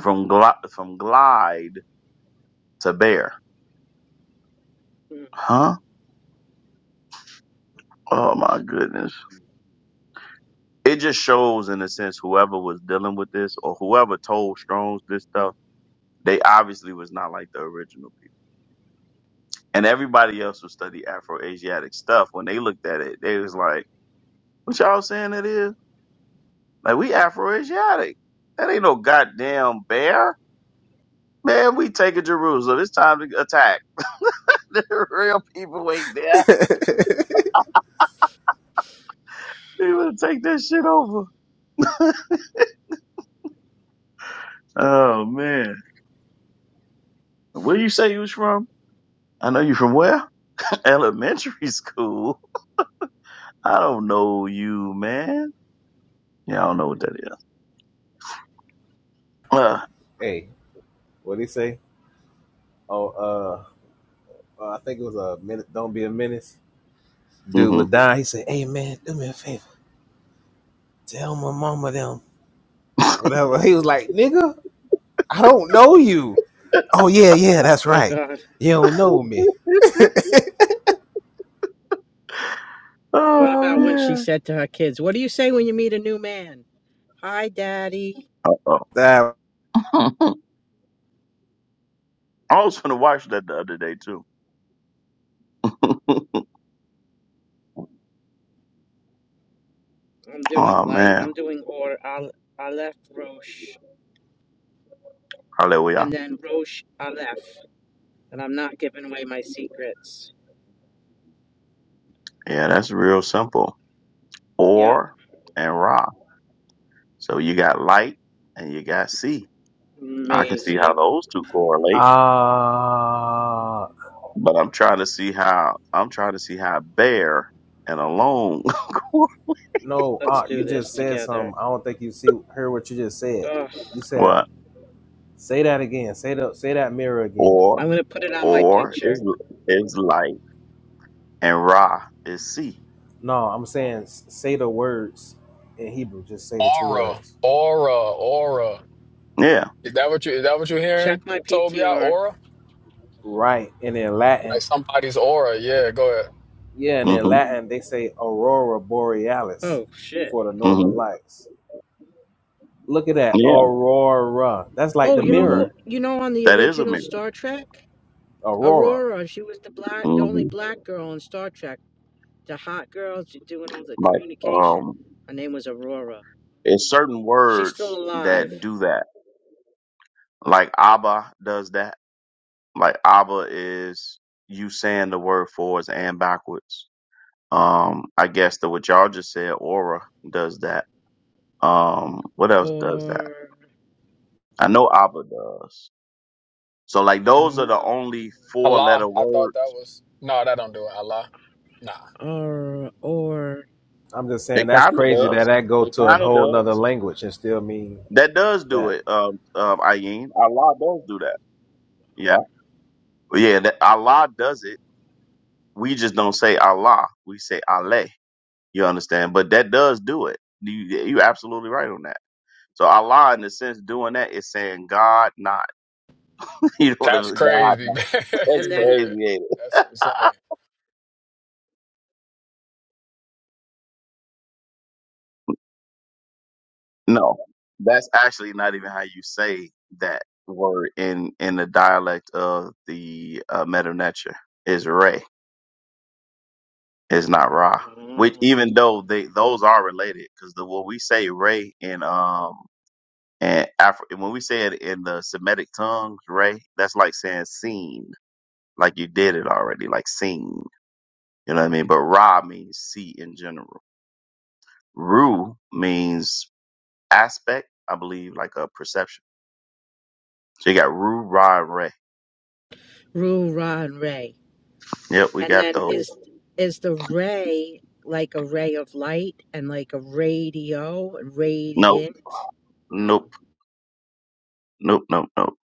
E: from gli- from glide to bear.
H: Mm.
E: Huh? Oh my goodness it just shows in a sense whoever was dealing with this or whoever told Strong's this stuff, they obviously was not like the original people. And everybody else who studied Afro Asiatic stuff, when they looked at it, they was like, What y'all saying it is? Like we Afro Asiatic. That ain't no goddamn bear. Man, we taking Jerusalem. It's time to attack. (laughs) the real people ain't there. They gonna take that shit over. (laughs) Oh man. Where you say you was from? I know you from where? (laughs) Elementary school. I don't know you, man. Yeah, I don't know what that is. Uh,
B: hey, what'd he say? Oh, uh. uh, I think it was a minute. Don't be a menace. Dude
E: hmm
B: was dying. He said, "Hey man, do me a favor. Tell my mama them
E: (laughs)
B: whatever." He was like, "Nigga, I don't know you." Oh yeah, yeah, that's
H: Oh,
B: right.
H: God.
B: You don't know me.
H: What
E: Oh
H: about when she
E: man.
H: said to her kids, What do you say when you meet a new man? Hi, Daddy.
E: Uh oh.
B: That
E: (laughs) I was gonna watch that the other day too.
H: I'm
E: (laughs) oh
H: doing light.
E: man.
H: I'm doing or Al- Aleph Roche.
E: Hallelujah.
H: And then Roche Aleph. And I'm not giving away my secrets.
E: Yeah, that's real simple.
H: Yep.
E: Or and Ra. So you got light and you got sea. I can see how
H: Amazing.
E: those two correlate,
B: ah uh,
E: but I'm trying to see how I'm trying to see how bear and alone (laughs)
B: no,
H: Let's
B: uh,
H: do
B: you
H: this
B: just said
H: together.
B: something. I don't think you see heard what you just said.
H: Ugh.
B: You said,
E: what
B: "Say that again. Say the say that mirror again."
E: or
H: I'm going to put it on my
E: or
H: picture.
E: is is light and Ra is sea.
B: No, I'm saying say the words in Hebrew. Just
D: (laughs)
B: say the two
D: aura,
B: words.
D: aura, aura.
E: Yeah.
D: Is that what you? Is that what you're
H: Check
D: hearing,
H: my
D: Tobia?
H: PTR.
D: Aura,
B: Right, and in Latin.
D: like somebody's aura. Yeah, go ahead.
B: Yeah, and in
E: hmm
B: Latin they say aurora borealis
H: Oh, shit.
B: for the
E: hmm
B: northern lights. Look at that
E: Yeah.
B: aurora. That's like
H: Oh,
B: the
H: you know
E: hmm
H: who?
B: mirror
H: You know on the
E: That is a
H: original
E: mirror.
H: Star Trek?
B: aurora.
H: Aurora, she was the black, the only
E: hmm
H: black girl in Star Trek. The hot girl, doing all the
E: Like,
H: communication.
E: um,
H: Her name was Aurora.
E: it's certain
H: She's still
E: words
H: alive,
E: that do that. Like Abba does that. Like Abba is you saying the word forwards and backwards. Um, I guess the what y'all just said, aura does that. Um, what else does that?
H: or
E: I know Abba does. So like
H: I
E: those are
H: don't
E: the
H: know,
E: only four letter
D: Allah. I thought
E: words.
D: that was no, that don't do it. Allah. Nah,
H: or or
B: I'm just saying
E: It
B: that's
E: kind of
B: crazy that
E: does.
B: that go
E: It
B: to a
E: kind of
B: whole
E: does.
B: nother language and still mean
E: That does do
B: that.
E: it, um, um, Ayin. Allah does do that. Yeah. Well, Yeah, that Allah does it. We just don't say Allah. We say Allah. You understand? But that does do it. You, you absolutely right on that. So Allah, in the sense, doing that is saying God not. (laughs) You know what I'm
D: that's
E: saying? God
D: crazy, (laughs)
E: not.
D: man.
E: (laughs) That's
H: and then
D: yeah,
E: crazy, ain't it?
D: that's insane.
E: (laughs) No, that's actually not even how you say that word in in the dialect of the uh, Meta Nature. Is Ray. It's not Ra.
H: uh,
E: Which even though they those are related, because the when we say Ray in um and Afri- when we say it in the Semitic tongues, Ray, that's like saying seen, like you did it already, like seen. You know what I mean? But Ra means see in general. Ru means aspect, I believe, like a perception. So you got Ru, Ra, and Ray.
H: Rue, Ra, and Ray,
E: Yep, we
H: and
E: got
H: then
E: those.
H: is is the ray like a ray of light and like a radio
E: Nope,
H: radiant? No,
E: nope, nope, nope, nope.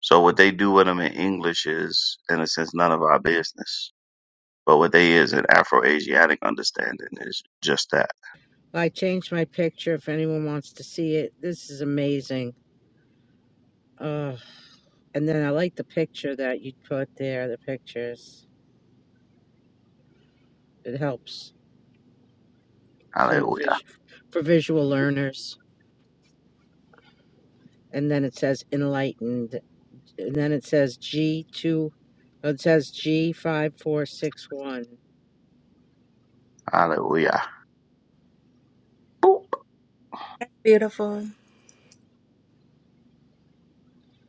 E: So what they do with them in English is, in a sense, none of our business But what they is an Afro-Asiatic understanding is just that.
H: I changed my picture if anyone wants to see it. This is amazing. Uh, And then I like the picture that you put there, the pictures. It helps to
E: Hallelujah.
H: vis- for visual learners. And then it says enlightened. And then it says G2, oh, it says G5461.
E: Hallelujah. Boop.
G: That's beautiful.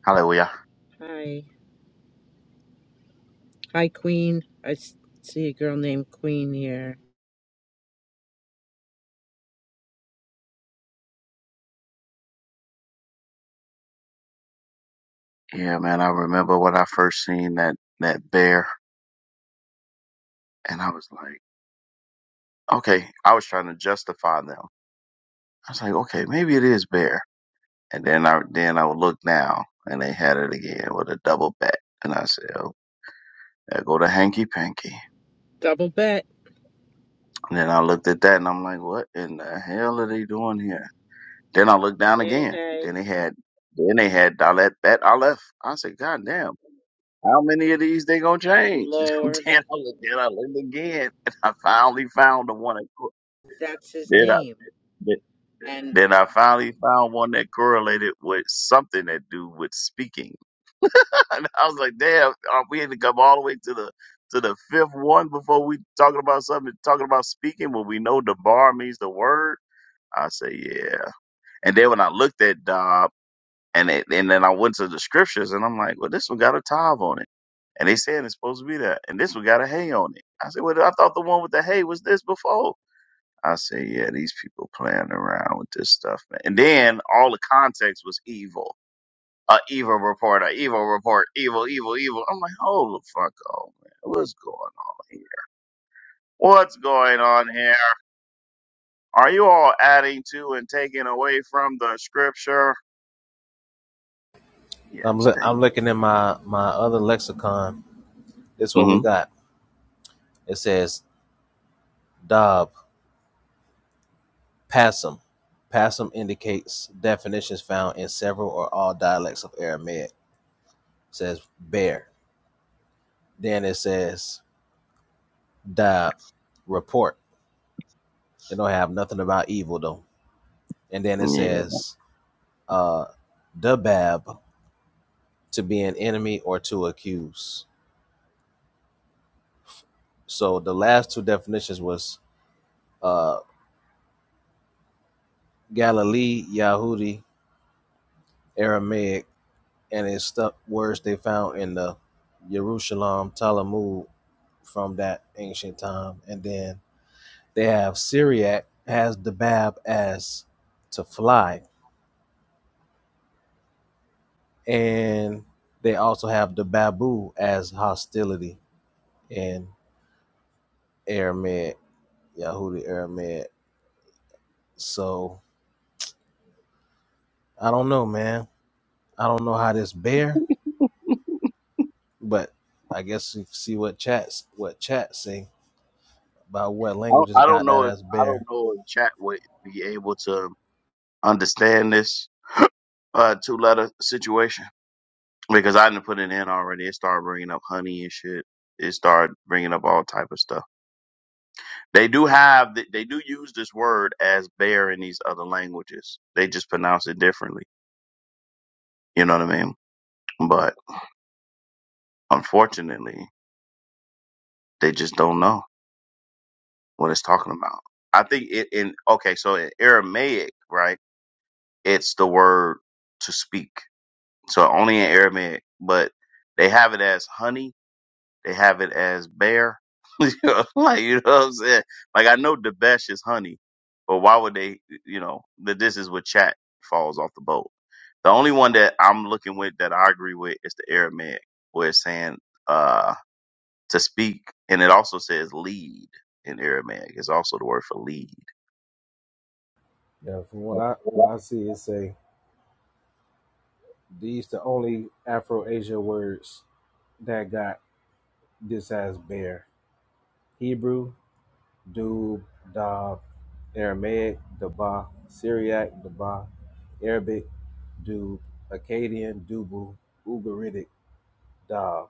E: Hallelujah.
H: Hi. Hi, Queen. I s- see a girl named Queen here.
E: Yeah, man, I remember when I first seen that, that bear and I was like, okay, I was trying to justify them. I was like, okay, maybe it is bear. And then I, then I would look now and they had it again with a double back. And I said, oh, there go to hanky panky.
H: Double bet.
E: And then I looked at that and I'm like, what in the hell are they doing here? Then I looked down
H: Hey,
E: again.
H: hey.
E: Then they had then they had Dalet Bet Aleph. I said, God damn, how many of these they gonna
H: Good
E: change? (laughs)
H: Lord.
E: then I looked then I looked again and I finally found the one that co-
H: That's his
E: then I
H: name.
E: then
H: And
E: then I finally found one that correlated with something that do with speaking. (laughs) And I was like, damn, uh, we had to come all the way to the to the fifth one before we talking about something talking about speaking when we know the bar means the word. I say, yeah. And then when I looked at da. And it, and then I went to the scriptures and I'm like, well, this one got a tithe on it. And they said it's supposed to be that. And this one got a hay on it. I said, well, I thought the one with the hay was this before. I said, yeah, these people playing around with this stuff, man. And then all the context was evil. A evil report, a evil report, evil, evil, evil. I'm like, hold the fuck on, man. What's going on here? What's going on here? Are you all adding to and taking away from the scripture?
B: I'm
E: Yes,
B: look
E: Dave.
B: I'm looking in my my other lexicon. This is what we got. It says dab passum. Passum indicates definitions found in several or all dialects of Aramaic. It says bear. Then it says dab report It don't have nothing about evil though. And then it
E: Mm-hmm.
B: says, uh, "Dabab to be an enemy or to accuse." So the last two definitions was uh, Galilee, Yahudi, Aramaic, and it's stuff words they found in the Jerusalem Talmud from that ancient time. And then they have Syriac has Dabab as to fly, and they also have the babu as hostility. and. Airmed, Yahudi Airmed. So I don't know, man. I don't know how this bear, but I guess we see what chats what chats say about what
E: I don't,
B: languages
E: I don't
B: got
E: know
B: that
E: if
B: as
E: I don't
B: bear.
E: know if chat would be able to understand this uh two letter situation because I didn't put it in already. It started bringing up honey and shit. It started bringing up all type of stuff. They do have th- they do use this word as bear in these other languages. They just pronounce it differently. You know what I mean? But unfortunately, they just don't know what it's talking about. I think it in okay, so in Aramaic, right? It's the word to speak So only in Aramaic, but they have it as honey. They have it as bear. (laughs) You know, like you know what I'm saying? Like I know Debesh is honey, but why would they? You know that this is what chat falls off the boat. The only one that I'm looking with that I agree with is the Aramaic, where it's saying uh to speak, and it also says lead in Aramaic. It's also the word for lead.
B: Yeah, from what I what I see it say these the only Afro Asia words that got this as bear. Hebrew, Dub, Dab, Aramaic, Daba, Syriac, Daba, Arabic, Dub, Akkadian, Dubu, Ugaritic, Dog.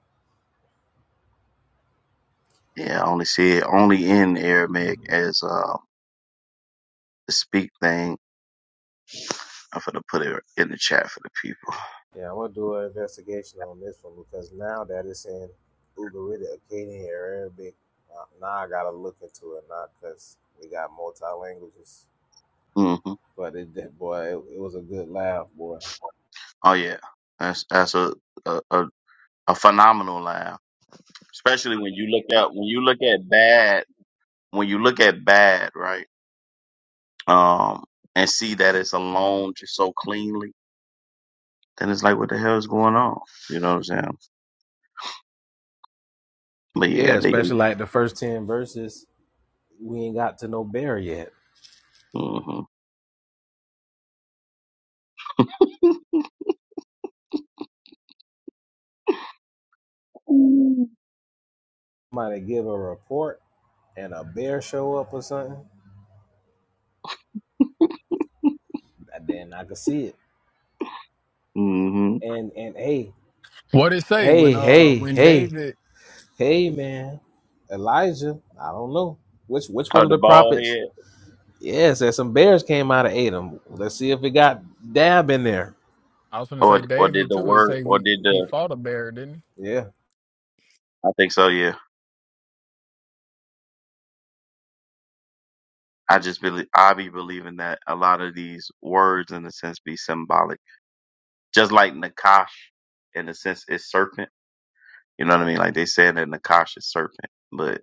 E: Yeah, I only see it only in Aramaic as uh the speak thing I'm gonna put it in the chat for the people.
B: Yeah, I'm gonna do an investigation on this one because now that it's in Ugaritic, Akkadian, Arabic, uh, now I gotta look into it now because we got multi languages.
E: hmm
B: But it did, boy, it, it was a good laugh, boy.
E: Oh yeah, that's that's a, a a a phenomenal laugh, especially when you look at when you look at bad when you look at bad right, um, and see that it's alone just so cleanly. Then it's like, what the hell is going on? You know what I'm saying? But yeah,
B: Yeah,
E: they.
B: especially like the first 10 verses, we ain't got to no bear yet.
E: hmm
B: Somebody give a report and a bear show up or something, and then I could see it.
E: hmm
B: And, and hey,
D: What it say
B: hey,
D: when uh
B: hey,
D: when
B: hey,
D: David?
B: Hey man, Elijah. I don't know which which one
E: Or
B: of
E: the
B: the
E: bald
B: prophets.
E: head,
B: Yeah, said some bears came out of Adam. Let's see if it got dab in there.
D: I was gonna
E: or
D: say
E: or did
D: David
E: the
D: too. It
E: word,
D: say
E: or
D: he
E: did
D: he
E: the?
D: fought a bear, didn't he?
B: Yeah.
E: I think so. yeah. I just believe I be believing that a lot of these words in a sense be symbolic. Just like Nakash in a sense is serpent. You know what I mean? Like they said that Nakash is serpent, but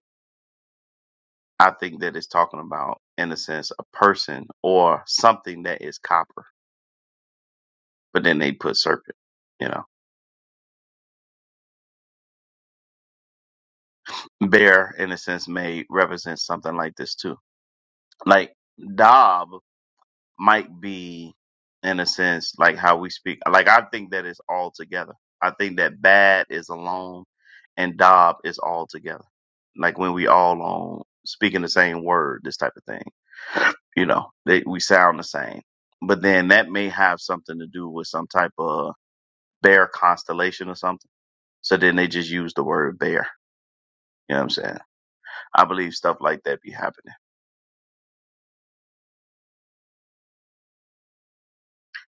E: I think that it's talking about in a sense a person or something that is copper, but then they put serpent, you know. Bear in a sense may represent something like this too. Like Dab. might be in a sense like how we speak like i think that it's all together i think that bad is alone and dob is all together like when we all on speaking the same word this type of thing you know they, we sound the same but then that may have something to do with some type of bear constellation or something so then they just use the word bear you know what i'm saying i believe stuff like that be happening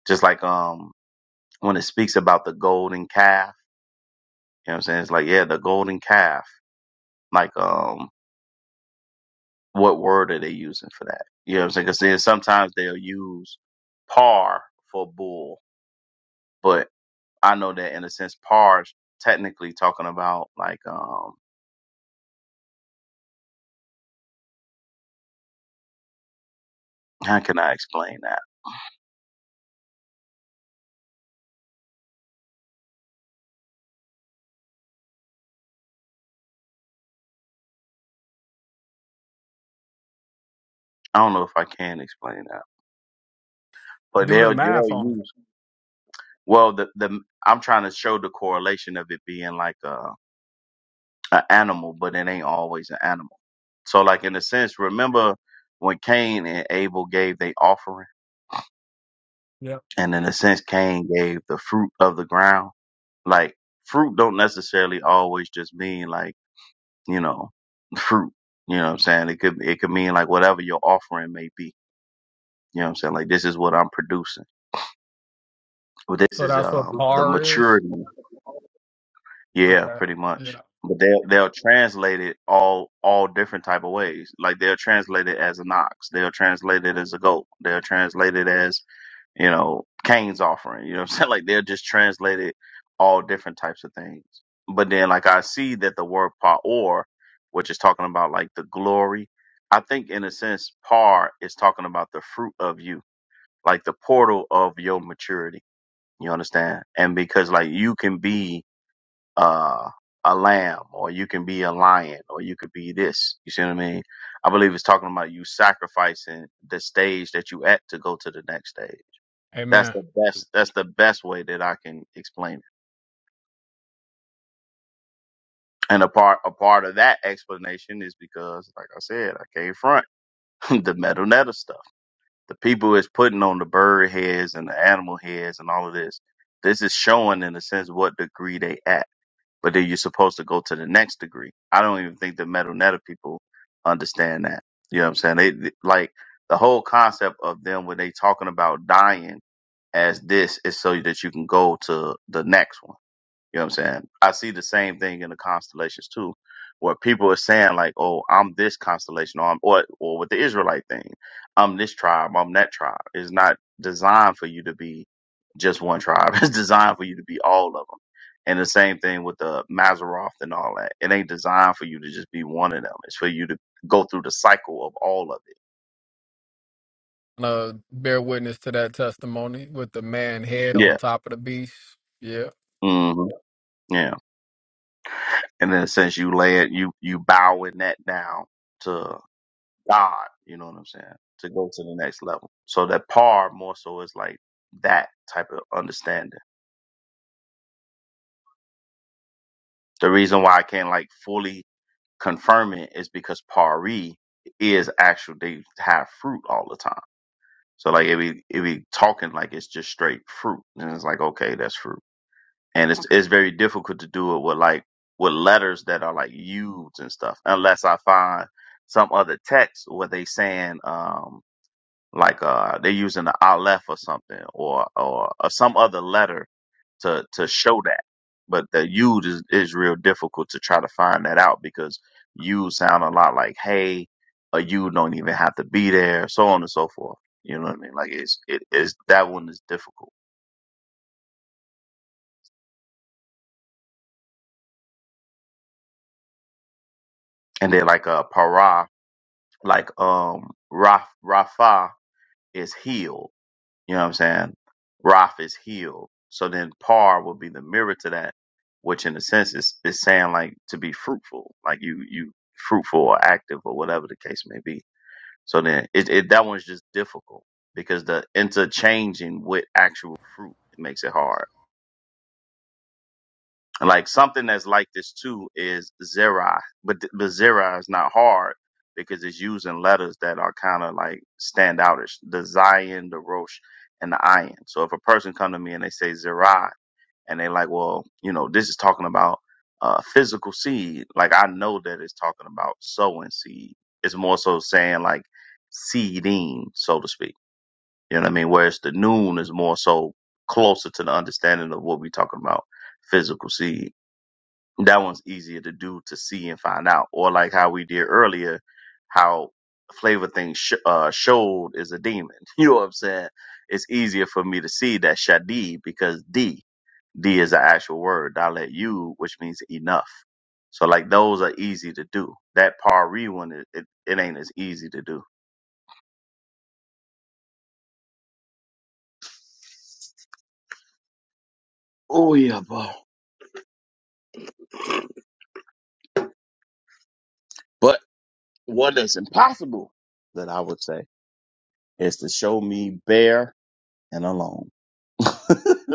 E: just like um when it speaks about the golden calf You know what I'm saying? It's like, yeah, the golden calf. Like, um, what word are they using for that? You know what I'm saying? Because then sometimes they'll use par for bull, but I know that in a sense, par is technically talking about like, um, how can I explain that? I don't know if I can explain that, but
D: Do the
E: they'll they'll
D: math on
E: use well the the I'm trying to show the correlation of it being like a an animal, but it ain't always an animal. So like in a sense, remember when Cain and Abel gave their offering?
D: it.
E: And in a sense, Cain gave the fruit of the ground. Like fruit don't necessarily always just mean like, you know, fruit. You know what I'm saying? It could it could mean like whatever your offering may be. You know what I'm saying? Like this is what I'm producing. But this
D: So
E: is
D: that's what
E: um the
D: bar is?
E: maturity. Yeah,
D: Okay.
E: pretty much.
D: Yeah.
E: But they'll they'll translate it all all different type of ways. Like they'll translate it as an ox. They'll translate it as a goat. They'll translate it as you know, Cain's offering. You know what I'm saying? (laughs) Like they'll just translate it all different types of things. But then like I see that the word pa'or, which is talking about like the glory, I think in a sense par is talking about the fruit of you, like the portal of your maturity. You understand? And because like you can be uh a lamb or you can be a lion or you could be this. You see what I mean? I believe it's talking about you sacrificing the stage that you at to go to the next stage. That's
D: Amen.
E: the best. That's the best way that I can explain it. And a part, a part of that explanation is because, like I said, I came front (laughs) the metal netta stuff. The people is putting on the bird heads and the animal heads and all of this. This is showing, in a sense, what degree they at. But then you're supposed to go to the next degree. I don't even think the metal netta people understand that. You know what I'm saying? They they- like the whole concept of them when they talking about dying as this is so that you can go to the next one You know what I'm saying? I see the same thing in the constellations too, where people are saying like, "Oh, I'm this constellation," or I'm, or, or with the Israelite thing, "I'm this tribe," "I'm that tribe." It's not designed for you to be just one tribe. (laughs) It's designed for you to be all of them. And the same thing with the Maseroth and all that. It ain't designed for you to just be one of them. It's for you to go through the cycle of all of it.
D: Uh, bear witness to that testimony with the man head on
E: Yeah.
D: top of the beast. Yeah.
E: hmm Yeah. And then since you lay it, you you bowing that down God, you know what I'm saying, to go to the next level. So that par more so is like that type of understanding. The reason why I can't like fully confirm it is because pari is actual they have fruit all the time. So like if we if we talking like it's just straight fruit, and it's like okay, that's fruit, and it's it's very difficult to do it with like with letters that are like used and stuff, unless I find some other text where they saying um like uh they're using the aleph or something or or, or some other letter to to show that but the yud is, is real difficult to try to find that out because you sound a lot like hey or you don't even have to be there so on and so forth you know what i mean like it's it is that one is difficult and then like uh para like um raf rafa is healed You know what I'm saying? Raph is healed. So then par will be the mirror to that, which in a sense is, is saying like to be fruitful, like you, you fruitful or active or whatever the case may be. So then it, it that one's just difficult because the interchanging with actual fruit it makes it hard. Like something that's like this too is Zera, but th- but Zera is not hard because it's using letters that are kind of like stand outish. The Zion, the Rosh, and the ayin. So if a person come to me and they say Zera, and they like, well, you know, this is talking about uh, physical seed. Like I know that it's talking about sowing seed. It's more so saying like seeding, so to speak. You know what I mean? Whereas the noon is more so closer to the understanding of what we're talking about, physical seed that one's easier to do to see and find out. Or like how we did earlier, how Flavor Thing sh- uh, showed is a demon. (laughs) You know what I'm saying? It's easier for me to see that Shadi because D D is the actual word. I let you, which means enough. So like those are easy to do. That Pari one, it, it, it ain't as easy to do. Oh yeah, bro. But what is impossible that I would say is to show me bare and alone. (laughs)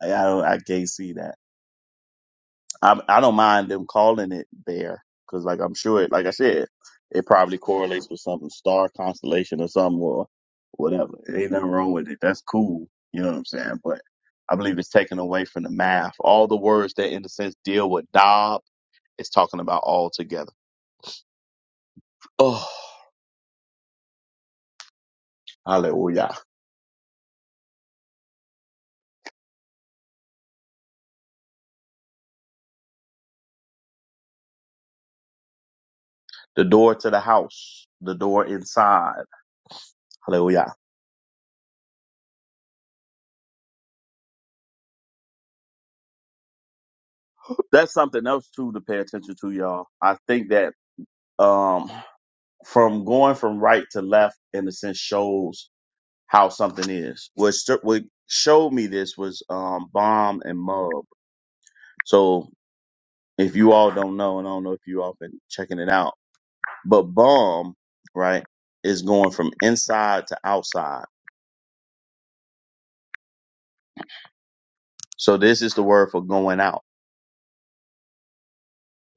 E: Like, I don't, I can't see that. I I don't mind them calling it bear because like I'm sure it like I said it probably correlates with something star constellation or something or whatever. Ain't nothing wrong with it. That's cool. You know what I'm saying? But I believe it's taken away from the math. All the words that in a sense deal with Dob it's talking about all together. Oh, hallelujah. The door to the house, the door inside. Hallelujah. That's something else too to pay attention to, y'all. I think that um from going from right to left in a sense shows how something is. What st- what showed me this was um bomb and mub. So if you all don't know, and I don't know if you all been checking it out, but bomb right is going from inside to outside. So this is the word for going out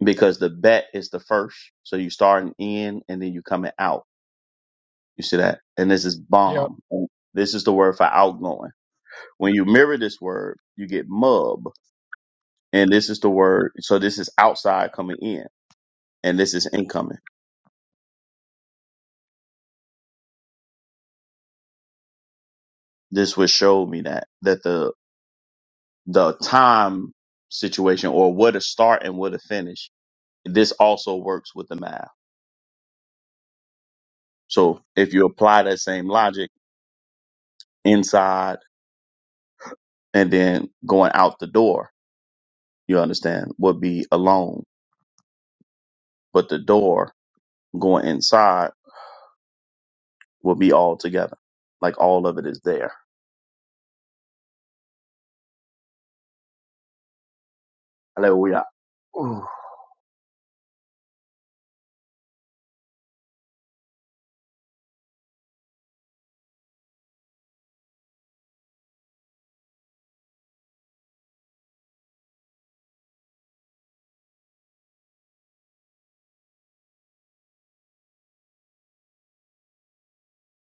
E: because the bet is the first. So you starting in and then you coming out. You see that? And this is
D: Yep.
E: bomb. This is the word for outgoing. When you mirror this word, you get mub And this is the word. So this is outside coming in and this is incoming. This would show me that, that the, the time situation or where to start and where to finish, this also works with the math. So if you apply that same logic inside and then going out the door, you understand would be alone, but the door going inside will be all together. Like all of it is there. Hallelujah. Ooh.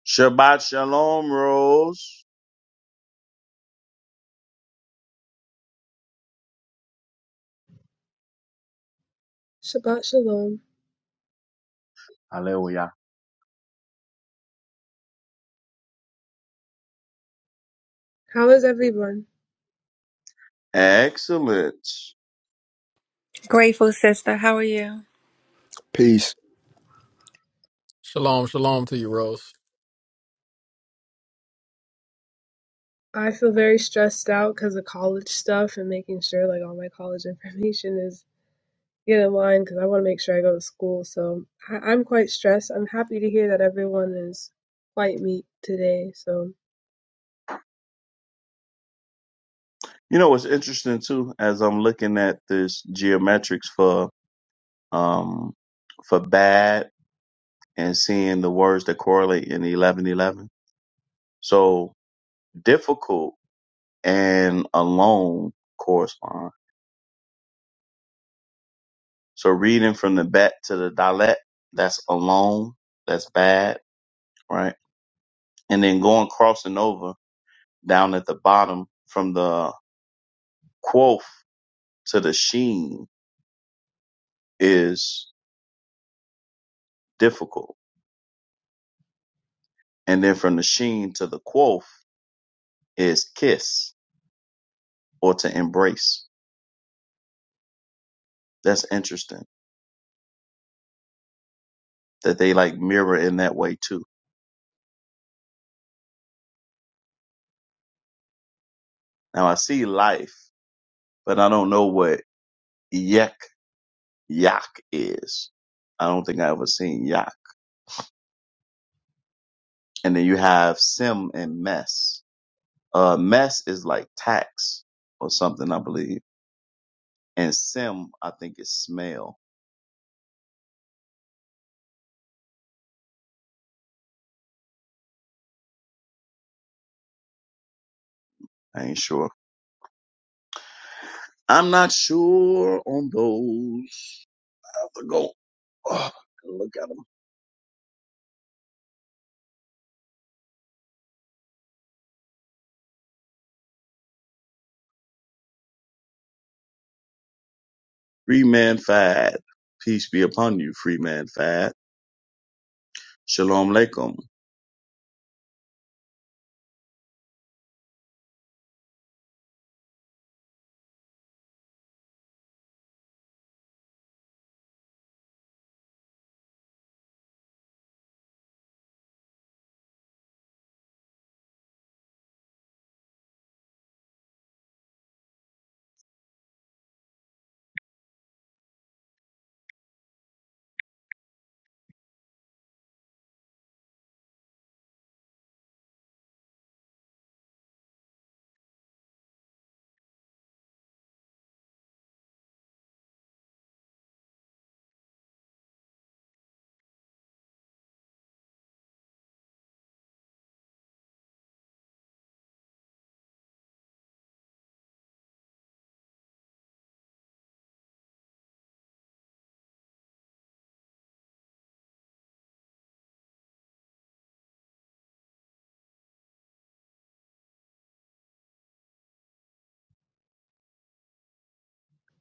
E: Shabbat Shalom, Rose.
I: Shabbat shalom. How is everyone?
E: Excellent.
G: Grateful, sister. How are you?
A: Peace.
D: Shalom, shalom to you, Rose.
I: I feel very stressed out because of college stuff and making sure like all my college (laughs) information is get in line because I want to make sure I go to school. So I- I'm quite stressed. I'm happy to hear that everyone is quite meat today. So
E: You know what's interesting too, as I'm looking at this geometrics for um for bad and seeing the words that correlate in eleven eleven. So difficult and alone correspond. So reading from the bat to the dialect, that's alone, that's bad, right? And then going crossing over down at the bottom from the quoth to the sheen is difficult And then from the sheen to the quoth is kiss or to embrace. That's interesting that they like mirror in that way too. Now I see life, but I don't know what yek yak is. I don't think I ever seen yak. And then you have sim and mess. Uh, mess is like tax or something, I believe. And sim, I think is smell. I ain't sure. I'm not sure on those. I have to go. Oh, look at 'em Freeman Fad. Peace be upon you, Freeman Fad. Shalom Aleichem.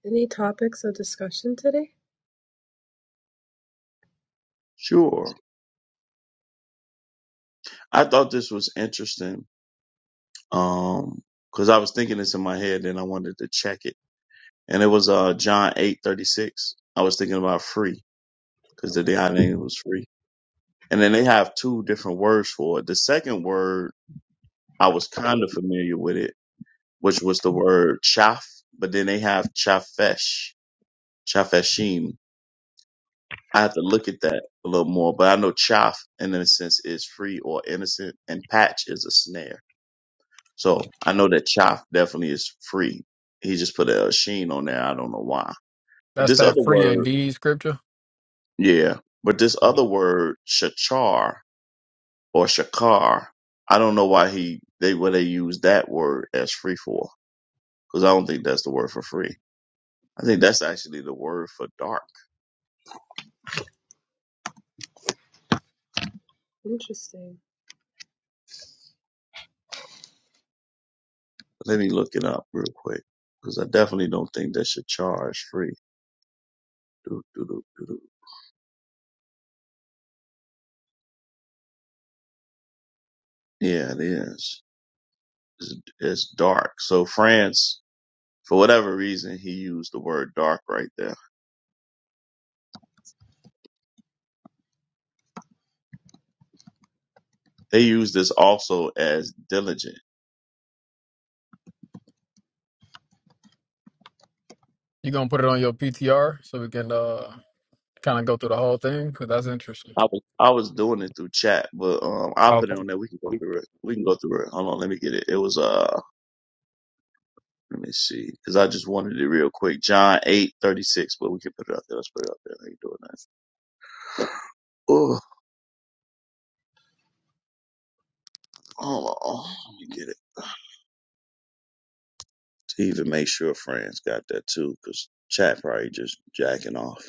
I: any topics of discussion today?
E: Sure. I thought this was interesting. Um, cause I was thinking this in my head and I wanted to check it. And it was, uh, John eight thirty six. I was thinking about free cause the Dead name was free. And then they have two different words for it. The second word, I was kind of familiar with it, which was the word chaff, but then they have chafesh, chafeshim. I have to look at that a little more, but I know chaff in a sense is free or innocent, and patch is a snare. So I know that chaff definitely is free. He just put a sheen on there. I don't know why. But
D: That's
E: this other
D: that free
E: word,
D: indeed scripture.
E: yeah. But this other word, shachar or shakar, I don't know why he they where they use that word as free for because I don't think that's the word for free. I think that's actually the word for dark.
I: Interesting.
E: Let me look it up real quick because I definitely don't think that shachar is free. Do, do, do, do, do. Yeah, it is. It's, it's dark. So France, for whatever reason, he used the word dark right there. They use this also as diligent.
D: You gonna put it on your PTR so we can uh kind of go through the whole thing because that's interesting.
E: I was I was doing it through chat, but um, I put it on there. We can go through it. We can go through it. Hold on, let me get it. It was uh, let me see, because I just wanted it real quick. John eight thirty six, but we can put it up there. Let's put it up there. I ain't doing that. Oh, oh, oh, let me get it. To even make sure friends got that too, because chat probably just jacking off.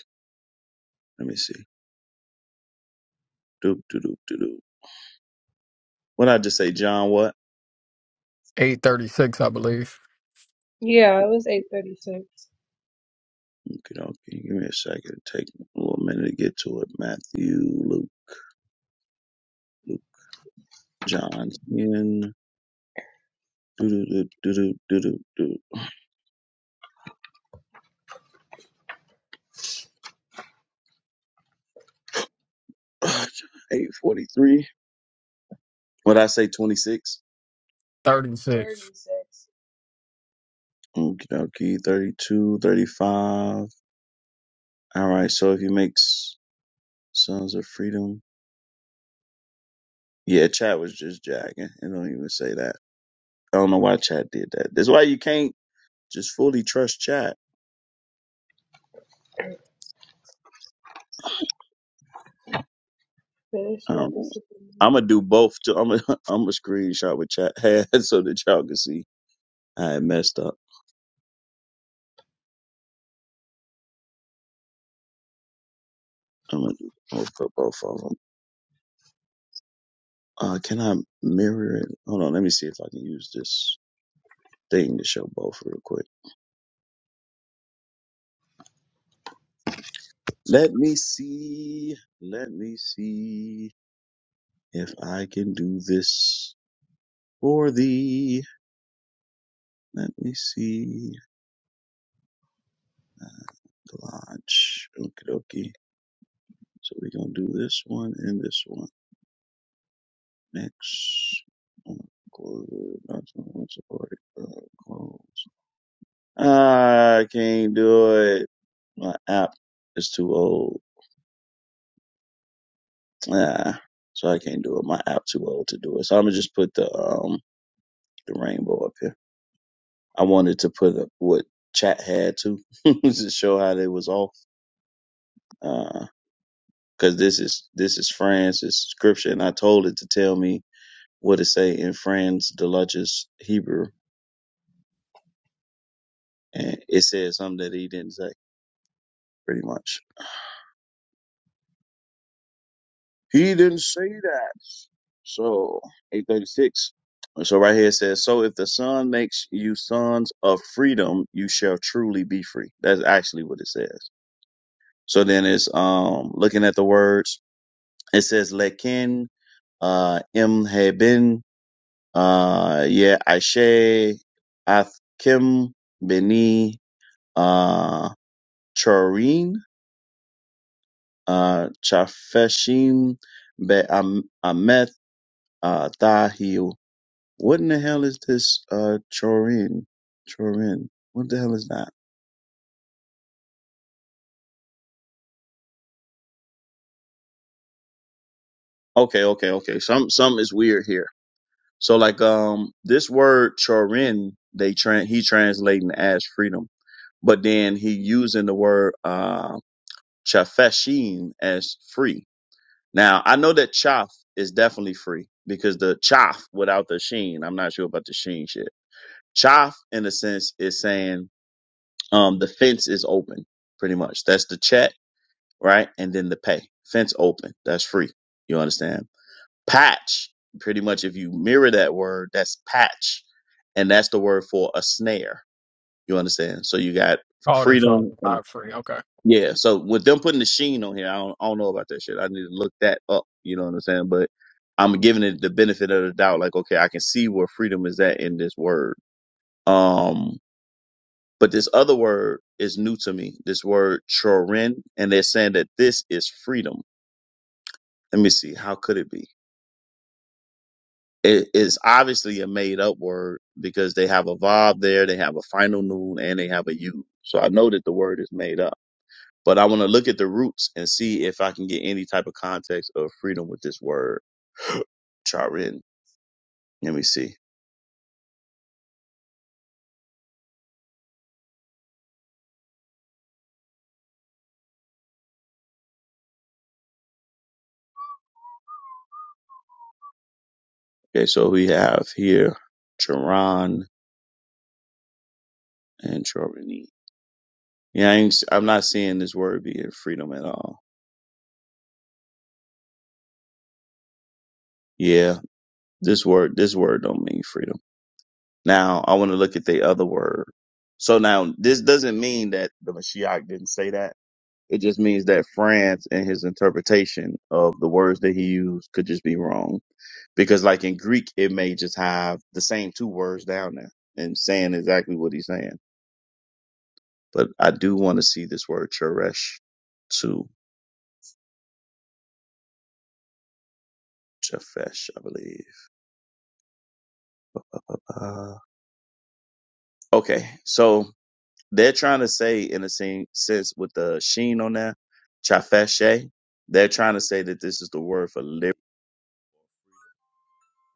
E: Let me see. Doop, doop, doop, doop, doop. What I just say, John? What?
D: Eight thirty six, I believe.
I: Yeah, it was 8:36. 36.
E: Okay, okay. Give me a second. Take a little minute to get to it. Matthew, Luke, Luke, John, ten. Do do do do do do do do. (sighs) Eight forty three. (laughs) What I say? Twenty six.
D: Thirty six.
I: thirty-six.
E: Okay, okay. Thirty two, thirty five. All right. So if you make s- Sons of Freedom, yeah, chat was just jagging. It don't even say that. I don't know why chat did that. That's why you can't just fully trust chat
I: Finish my
E: Um,
I: discipline.
E: I'm gonna do both. Too. I'm gonna (laughs) I'm gonna screenshot what chat had (laughs) so that y'all can see I had messed up. I'm gonna, do, I'm both of them. Uh, can I mirror it? Hold on, let me see if I can use this thing to show both real quick. Let me see. Let me see if I can do this for thee. Let me see. Lodge. Okie dokie. So we're gonna do this one and this one. Next. Oh, uh, Ah, I can't do it. My app is too old. Ah, so I can't do it. My app too old to do it. So I'm gonna just put the um the rainbow up here. I wanted to put up what chat had to (laughs) to show how they was off. Uh, cause this is this is France. It's scripture, and I told it to tell me what it say in Fran's the Hebrew, and it said something that he didn't say. pretty much. He didn't say that. So, 836. So right here it says, so if the son makes you sons of freedom, you shall truly be free. That's actually what it says. So then it's, um, looking at the words, it says, lekin, uh, imhebin, uh, yeah, aishe, athkim, beni, uh, chorin, uh, chafeshim, be am, amet, uh, Thahil. What in the hell is this? Uh, Chorin, Chorin. What the hell is that? Okay, okay, okay. Some some is weird here. So like um, this word Chorin, they tran he translating as freedom, but then he using the word uh chafeshin as free. Now I know that chaf is definitely free because the chaf without the sheen. I'm not sure about the sheen shit. Chaf in a sense is saying um the fence is open pretty much. That's the chat right? And then the pay. Fence open. That's free. You understand? Patch. Pretty much if you mirror that word, that's patch. And that's the word for a snare. You understand? So you got
D: Called and
E: freedom.
D: something.
E: And,
D: Not free. Okay.
E: yeah. So with them putting the sheen on here, I don't, I don't know about that shit. I need to look that up. You know what I'm saying? But I'm giving it the benefit of the doubt. Like, okay, I can see where freedom is at in this word. Um, but this other word is new to me. This word chorin, and they're saying that this is freedom let me see how could it be it is obviously a made up word because they have a vav there they have a final noon and they have a u so i know that the word is made up but i want to look at the roots and see if i can get any type of context of freedom with this word (gasps) charin let me see okay so we have here charan and charini yeah I ain't, s- i'm not seeing this word being freedom at all yeah this word this word don't mean freedom Now I want to look at the other word. So now this doesn't mean that the Mashiach didn't say that. It just means that France and his interpretation of the words that he used could just be wrong. Because like in Greek, it may just have the same two words down there and saying exactly what he's saying. But I do want to see this word cheresh to Japheth, I believe. Uh, okay. So They're trying to say, in a sen- sense, with the sheen on there, chafeshe, they're trying to say that this is the word for liberty.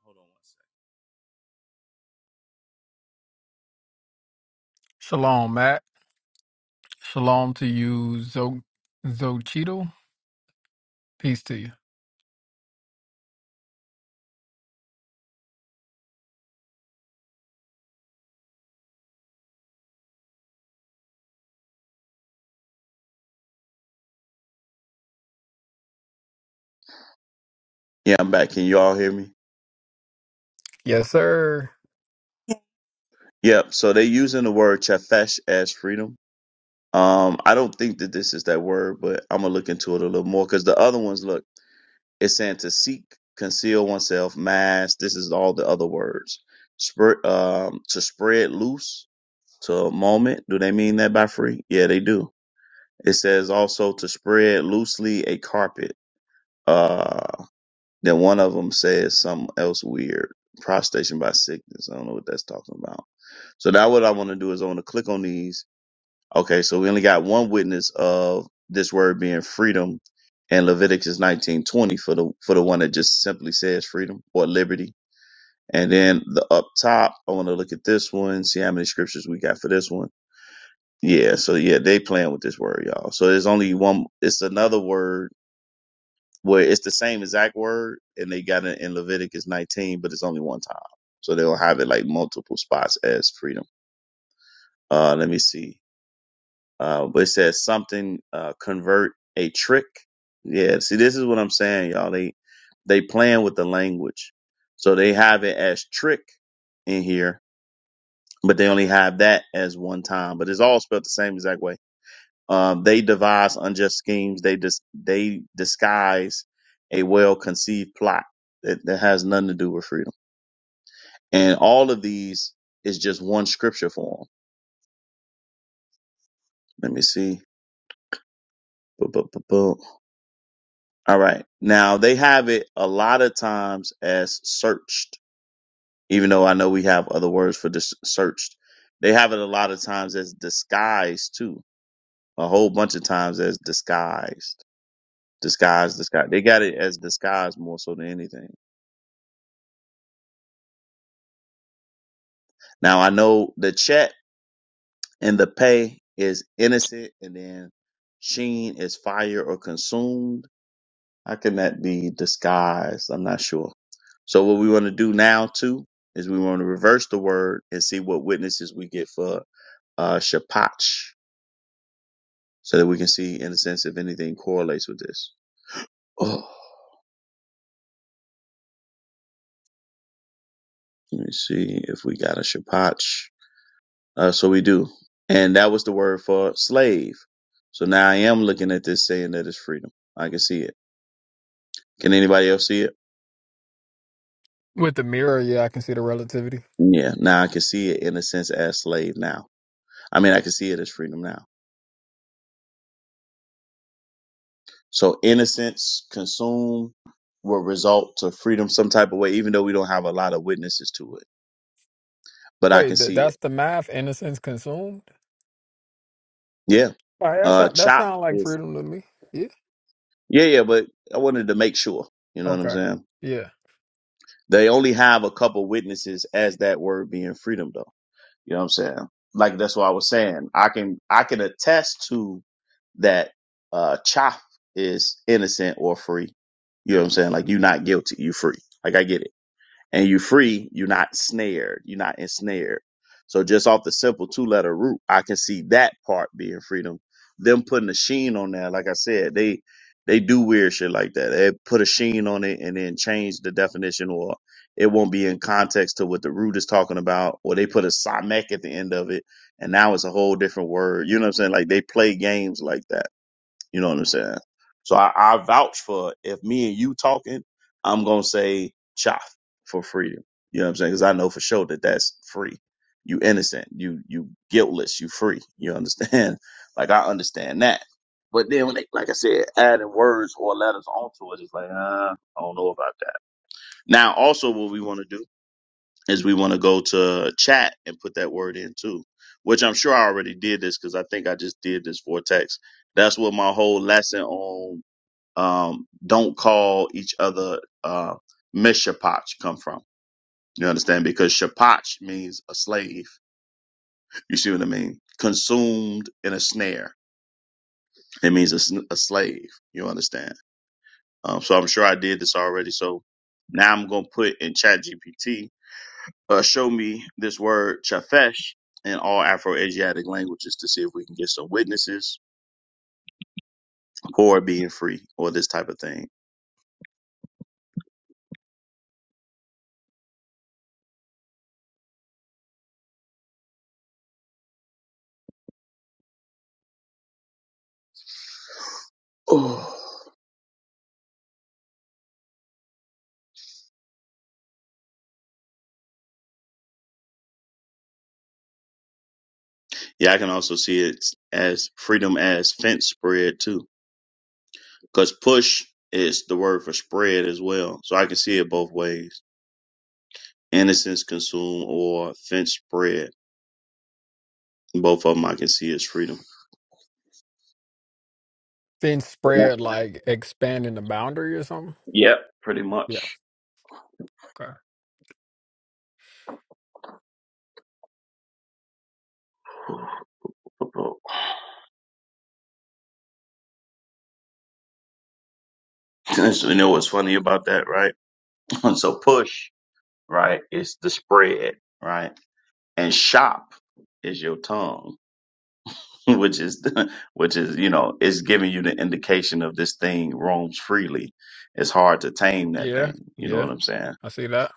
E: Hold on one second.
D: Shalom, Matt. Shalom to you, Zo Zochito. Peace to you.
E: Yeah, I'm back. Can you all hear me?
D: Yes, sir.
E: Yep. So they're using the word chafesh as freedom. Um, I don't think that this is that word, but I'm gonna look into it a little more because the other ones look, it's saying to seek, conceal oneself, mask. This is all the other words. Spread, um, to spread loose to a moment. Do they mean that by free? Yeah, they do It says also to spread loosely a carpet. Uh, then one of them says something else weird. prostration by sickness. I don't know what that's talking about. So now what I want to do is I want to click on these. Okay, so we only got one witness of this word being freedom in Leviticus 19:20 for the for the one that just simply says freedom or liberty. And then the up top, I want to look at this one, see how many scriptures we got for this one. Yeah, so yeah, they playing with this word, y'all. So there's only one. It's another word where it's the same exact word and they got it in Leviticus 19, but it's only one time. So they'll have it like multiple spots as freedom. Uh, let me see. Uh, but it says something, uh, convert a trick. Yeah. See, this is what I'm saying, y'all. They, they playing with the language. So they have it as trick in here, but they only have that as one time, but it's all spelled the same exact way Um, they devise unjust schemes. They dis- they disguise a well conceived plot that, that has nothing to do with freedom. And all of these is just one scripture for them. Let me see. Boop, boop, boop, boop. All right. Now they have it a lot of times as searched, even though I know we have other words for dis- searched. They have it a lot of times as disguised too. A whole bunch of times as disguised, disguised, disguised. They got it as disguised more so than anything. Now I know the chat and the pay is innocent, and then sheen is fire or consumed. How can that be disguised? I'm not sure. So what we want to do now too is we want to reverse the word and see what witnesses we get for uh shapach, so that we can see in a sense if anything correlates with this. Oh, let me see if we got a shapach. Uh, so we do, and that was the word for slave. So now I am looking at this saying that it's freedom. I can see it. Can anybody else see it?
D: With the mirror, yeah, I can see the relativity.
E: Yeah. Now I can see it in a sense as slave now. I mean, I can see it as freedom now. So innocence consume will result to freedom some type of way, even though we don't have a lot of witnesses to it. But I can
D: Wait, th-
E: see it.
D: that's the math innocence consumed?
E: Yeah.
D: All right, that
E: Uh,
D: sound, that
E: chop
D: sound like
E: is,
D: freedom to me. Yeah.
E: yeah, yeah, but I wanted to make sure. You know what I'm
D: Okay.
E: saying?
D: Yeah.
E: They only have a couple witnesses as that word being freedom though. You know what I'm saying? Like that's what I was saying. I can, I can attest to that uh chaff is innocent or free. You know what I'm saying? Like you're not guilty, you free. Like I get it. And you free, you're not snared, you're not ensnared. So just off the simple two letter root, I can see that part being freedom. Them putting a sheen on there, like I said, they they do weird shit like that. They put a sheen on it and then change the definition or it won't be in context to what the root is talking about, or they put a samek at the end of it, and now it's a whole different word. You know what I'm saying? Like they play games like that. You know what I'm saying? So I, I vouch for if me and you talking, I'm gonna say chop for freedom. You know what I'm saying? Because I know for sure that that's free. You innocent. You you guiltless. You free. You understand? (laughs) Like I understand that. But then when they, like I said, adding words or letters onto it, it's like, uh, I don't know about that. Now, also, what we want to do is we want to go to chat and put that word in too, which I'm sure I already did this because I think I just did this for text. That's what my whole lesson on um, don't call each other uh, mishapach come from. You understand? Because shapach means a slave. You see what I mean? Consumed in a snare. It means a, sn- a slave. You understand? Um, so I'm sure I did this already. So now I'm gonna put in chat GPT uh, show me this word chafesh in all Afro-Asiatic languages to see if we can get some witnesses for it being free or this type of thing. Oh, yeah, I can also see it as freedom as fence spread too, because push is the word for spread as well. So I can see it both ways: innocence consume or fence spread. Both of them I can see as freedom.
D: Then
E: But not-
D: spread like expanding the boundary or something.
E: Yep, pretty
D: Yeah.
E: much.
D: Okay.
E: (sighs) and so, you know what's funny about that, right? (laughs) so push. right? It's the spread, right? And shop is your tongue, (laughs) which is (laughs) which is you know it's giving you the indication of this thing roams freely. It's hard to tame that
D: Yeah.
E: thing. You know
D: Yeah.
E: what I'm saying?
D: I see that.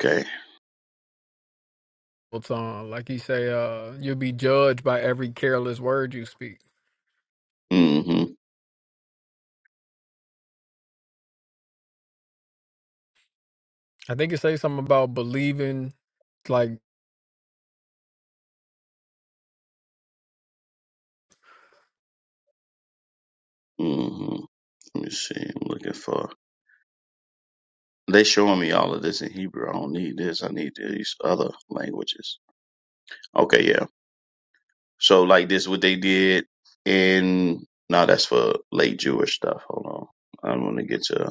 E: Okay.
D: What's on? Like you say, uh, you'll be judged by every careless word you speak.
E: Mm-hmm.
D: I think you say something about believing, like
E: Mm-hmm. Let me see. I'm looking for. They showing me all of this in Hebrew. I don't need this. I need these other languages. Okay, yeah. So like this, what they did in no, that's for late Jewish stuff. Hold on. I'm gonna get to.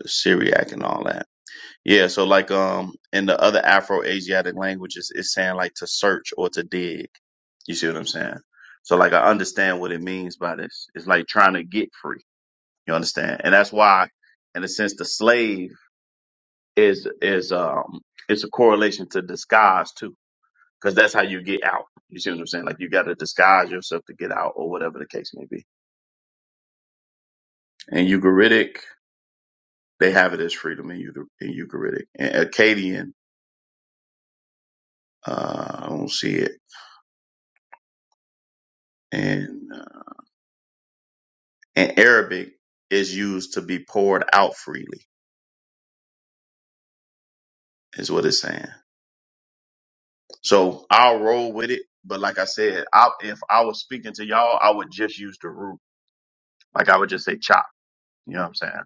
E: the Syriac and all that. Yeah, so like um in the other Afro Asiatic languages, it's saying like to search or to dig. You see what I'm saying? So like I understand what it means by this. It's like trying to get free. You understand? And that's why, in a sense, the slave is is um it's a correlation to disguise too, because that's how you get out. You see what I'm saying? Like you got to disguise yourself to get out, or whatever the case may be. In Ugaritic, they have it as freedom in, Euchar- in Ugaritic. And Akkadian Uh, I don't see it. And uh, in Arabic is used to be poured out freely, is what it's saying. So I'll roll with it. But like I said, I, if I was speaking to y'all, I would just use the root. Like I would just say chop. You know what I'm saying?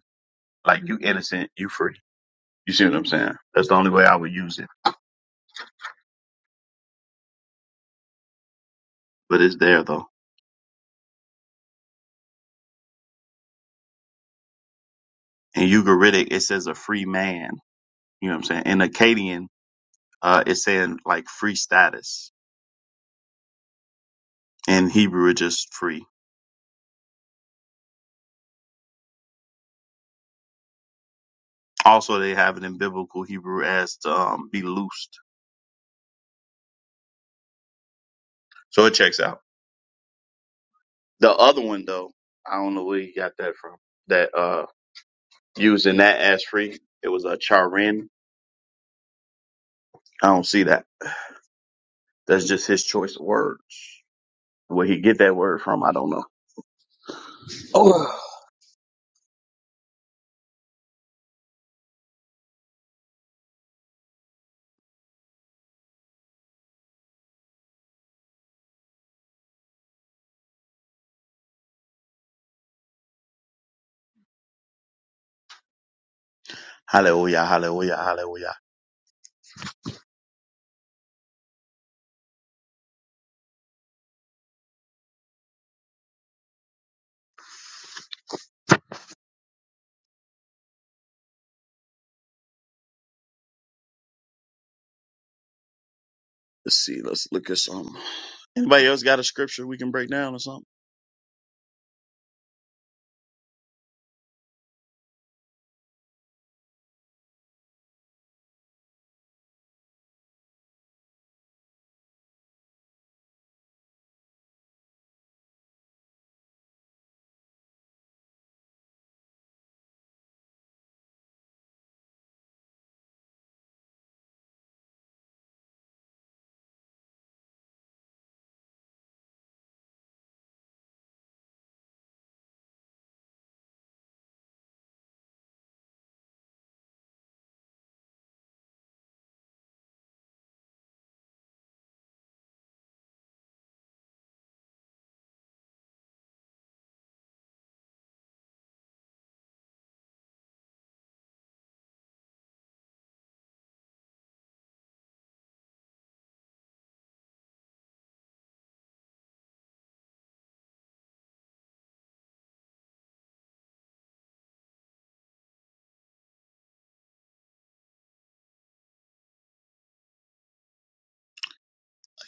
E: Like you innocent, you free. You see what I'm saying? That's the only way I would use it. But it's there though. In Ugaritic, it says a free man. You know what I'm saying? In Akkadian, uh, it's saying like free status. In Hebrew, it's just free. Also, they have it in biblical Hebrew as to um, be loosed. So it checks out. The other one though, I don't know where you got that from. That uh using that as free. It was a charin. I don't see that. That's just his choice of words. Where he get that word from, I don't know. Oh hallelujah, hallelujah, hallelujah. Let's see, let's look at some. Anybody else got a scripture we can break down or something?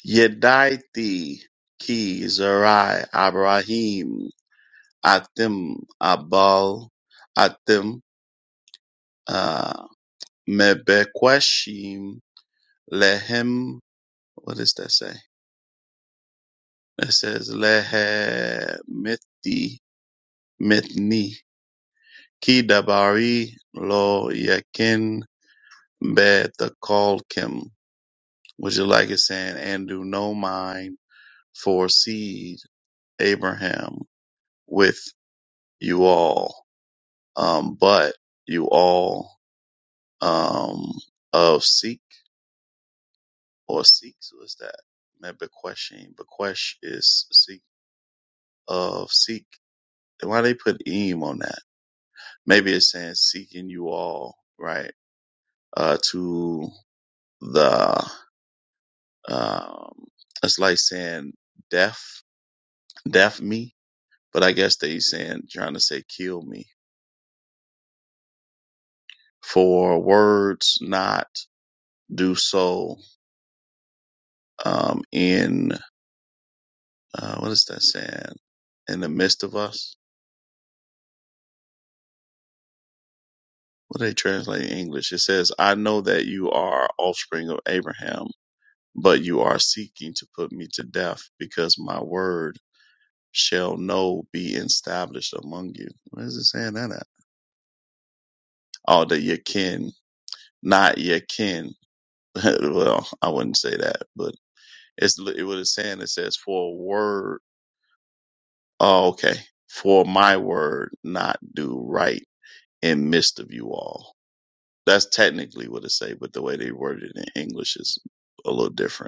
E: Yedaithi Ki Zerai Abraham. Atem abal, atem uh, mebekwashim lehem. What does that say? It says lehemeti metni kidabari lo yakin betakolkim. Would you like it saying, and do no mind foreseed Abraham with you all, um, but you all um, of seek. or Sikhs was that met Bequeshing. Bequesh is Sikh of Sikh. And why they put eem on that? Maybe it's saying seeking you all, right? Uh, to the um, it's like saying death, death me. But I guess they saying trying to say kill me for words not do so um, in uh, what is that saying in the midst of us what they translate in English. It says, I know that you are offspring of Abraham, but you are seeking to put me to death because my word shall no be established among you. Where is it saying that at? Oh, that your kin, not your kin. (laughs) well, I wouldn't say that, but it's it what it's saying. It says, for a word. Oh, okay. For my word not do right in midst of you all. That's technically what it say, but the way they worded it in English is a little different.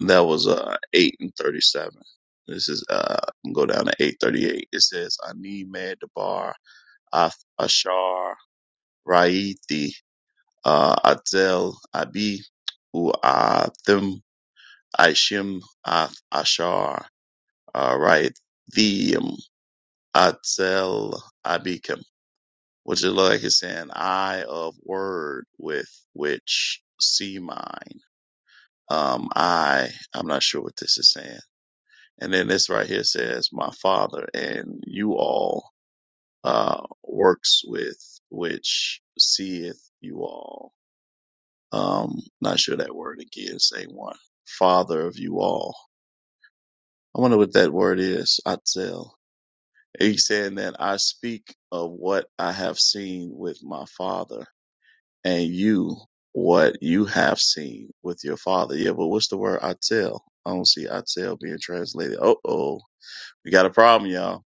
E: That was uh eight and thirty seven. This is uh go down to eight thirty eight. It says Ani Med Bar Ath Ashar Raiti uh Atzel Abi U Athim Aishim Ath Ashar uh Raithium Atzel Abikim. Which is like it's saying I of word with which see mine. Um I I'm not sure what this is saying. And then this right here says, "My Father and you all uh, works with which seeth you all." Um, not sure that word again. Same one. Father of you all. I wonder what that word is. Atzel. He's saying that I speak of what I have seen with my Father, and you what you have seen with your Father. Yeah, but what's the word Atzel? I don't see Atzel being translated. Uh oh, we got a problem, y'all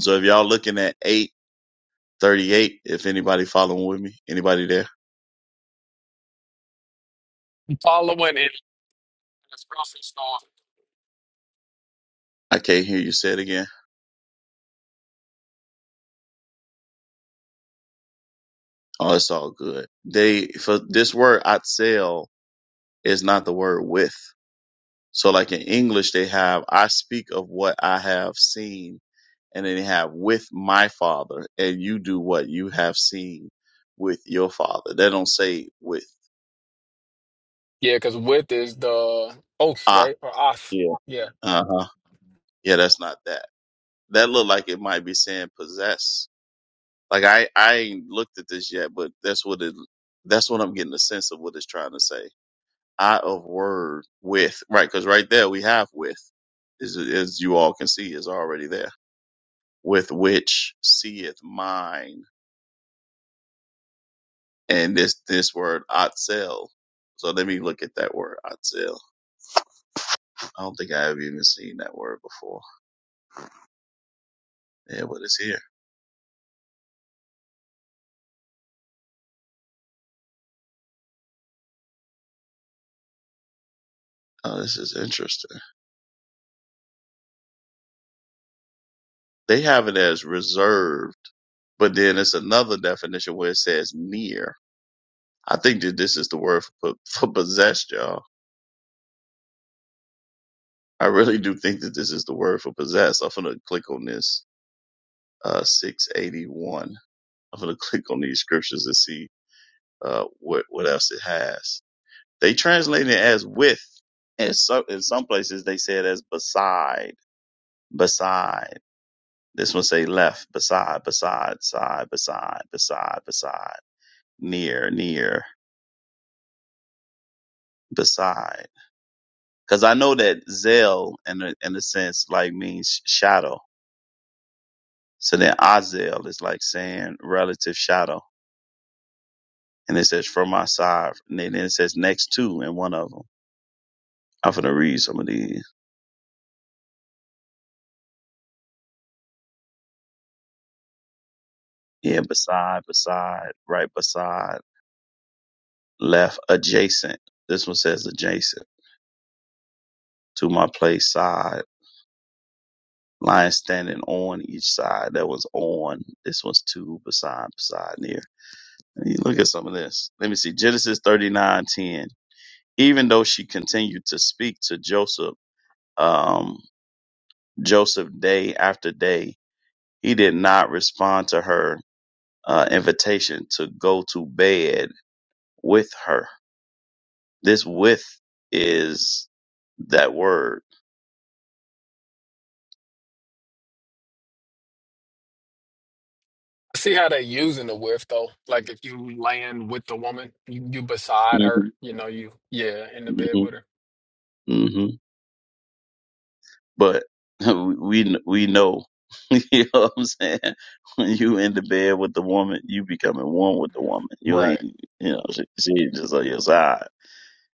E: So if y'all looking at 838, if anybody following with me, anybody there?
D: following in this process.
E: I can't hear you say it again. Oh, it's all good. They, for this word atzel is not the word with. So like in English, they have, I speak of what I have seen and then they have with my father and you do what you have seen with your father. They don't say with,
D: Yeah, because with is the oath,
E: ah,
D: right? Or oath.
E: yeah.
D: Yeah.
E: Uh huh. Yeah, that's not that. That look like it might be saying possess Like I I ain't looked at this yet, but that's what it that's what I'm getting a sense of what it's trying to say. I of word with right because right there we have with is as you all can see is already there with which seeth mine and this this word atzel. So let me look at that word atzel. I don't think I have even seen that word before. Yeah, but it's here. Oh, this is interesting. They have it as reserved, but then it's another definition where it says near I think that this is the word for, (laughs) for possessed, y'all. I really do think that this is the word for possessed. I'm gonna click on this uh 681. I'm gonna (laughs) click on these scriptures and see uh what what else it has. They translate it as with, and so in some places they say it as beside, beside. This one say left, beside, beside, side, beside, beside, beside, near, near, beside. Because I know that Zell, in a, in a sense, like means shadow So then Azel is like saying relative shadow. And it says from my side. And then it says next to in one of them. I'm going to read some of these. Yeah, beside, beside, right beside, left, adjacent. This one says adjacent to my place, side. Lion standing on each side. That was on. This one's to, beside, beside, near. And you look at some of this. Let me see. Genesis 39:10. Even though she continued to speak to Joseph, um, Joseph day after day. He did not respond to her uh, invitation to go to bed with her. This with is that word.
D: I see how they're using the whiff though. Like if you land with the woman, you, you beside her,
E: hmm
D: you know, you yeah, in the bed with her.
E: hmm hmm But (laughs) we we know. (laughs) you know what I'm saying? When you in the bed with the woman, you becoming one with the woman. You ain't,
D: Right.
E: you know, she, she just on your side.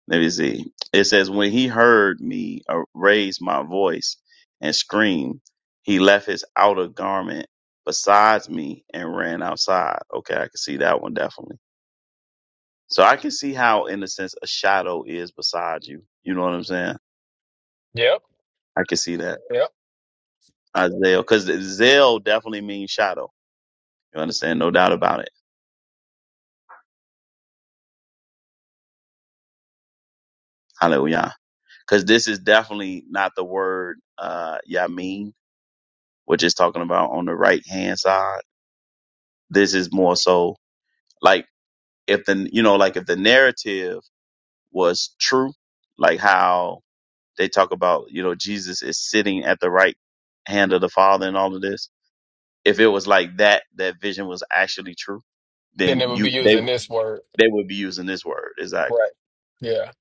E: Let me see. It says, When he heard me uh, raise my voice and scream, he left his outer garment besides me and ran outside. Okay, I can see that one definitely. So I can see how, in a sense, a shadow is beside you. You know what I'm saying?
D: Yep.
E: I can see that.
D: Yep.
E: Isaiah, because zeal definitely means shadow. You understand? No doubt about it. Hallelujah. Because this is definitely not the word uh, Yamin, which is talking about on the right hand side. This is more so like if the you know like if the narrative was true like how they talk about you know jesus is sitting at the right hand of the father and all of this if it was like that that vision was actually true
D: Then
E: then
D: they would be
E: you they
D: using this word.
E: they would be using this word exactly
D: Right. Yeah.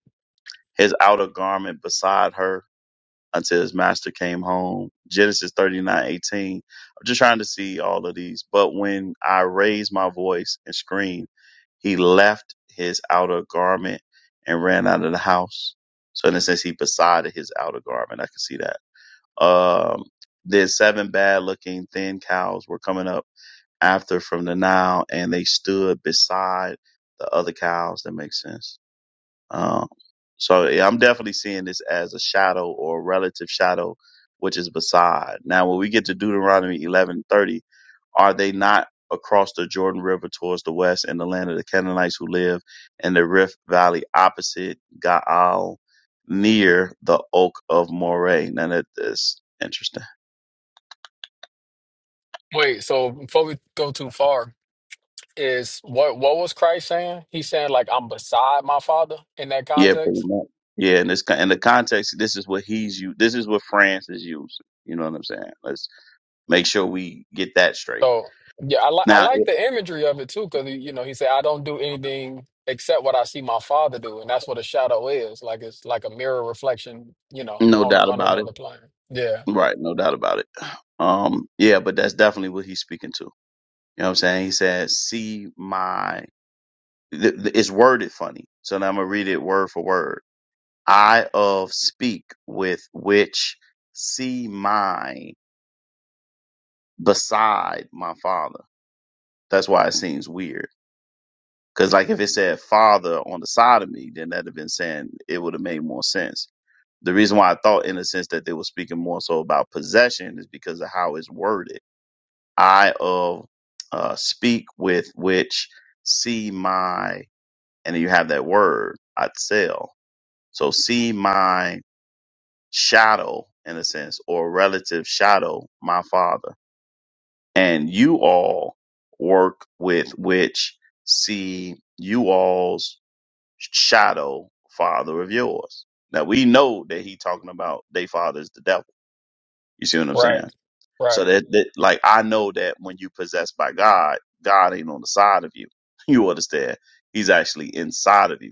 E: his outer garment beside her until his master came home. Genesis thirty i I'm just trying to see all of these. But when I raised my voice and screamed, he left his outer garment and ran out of the house. So in a sense, he besotted his outer garment. I can see that. Um, then seven bad looking thin cows were coming up after from the Nile and they stood beside the other cows. That makes sense um, so yeah, I'm definitely seeing this as a shadow or a relative shadow, which is beside. Now, when we get to Deuteronomy 11:30, are they not across the Jordan River towards the west in the land of the Canaanites who live in the Rift Valley opposite Gaal, near the Oak of Moreh? Now that is interesting.
D: Wait, so before we go too far, is what what was Christ saying? He's saying like I'm beside my father in that
E: Yeah, pretty
D: context?
E: much. Yeah, and this in the context, this is what he's you. This is what France is using. You know what I'm saying? Let's make sure we get that straight.
D: So yeah, I like I
E: Now,
D: like the imagery of it too, because you know he said I don't do anything except what I see my father do, and that's what a shadow is. Like it's like a mirror reflection, you know,
E: No
D: on a,
E: doubt
D: on
E: about it.
D: another plane. Yeah,
E: Right, no doubt about it. Um, yeah, but that's definitely what he's speaking to. You know what I'm saying? He says, "See my." Th- th- it's worded funny, so now I'm gonna read it word for word. I of speak with which see my beside my father. That's why it seems weird. Cause like if it said father on the side of me, then that'd have been saying it would have made more sense. The reason why I thought in a sense that they were speaking more so about possession is because of how it's worded I of uh, speak with which see my, and then you have that word, Atzel. So see my shadow in a sense, or relative shadow, my father. And you all work with which see you all's shadow, father of yours. Now we know that he talking about they father is the devil. You see what I'm saying?
D: right, right.
E: So that, that like I know that when you possessed by God, God ain't on the side of you. (laughs) You understand? He's actually inside of you.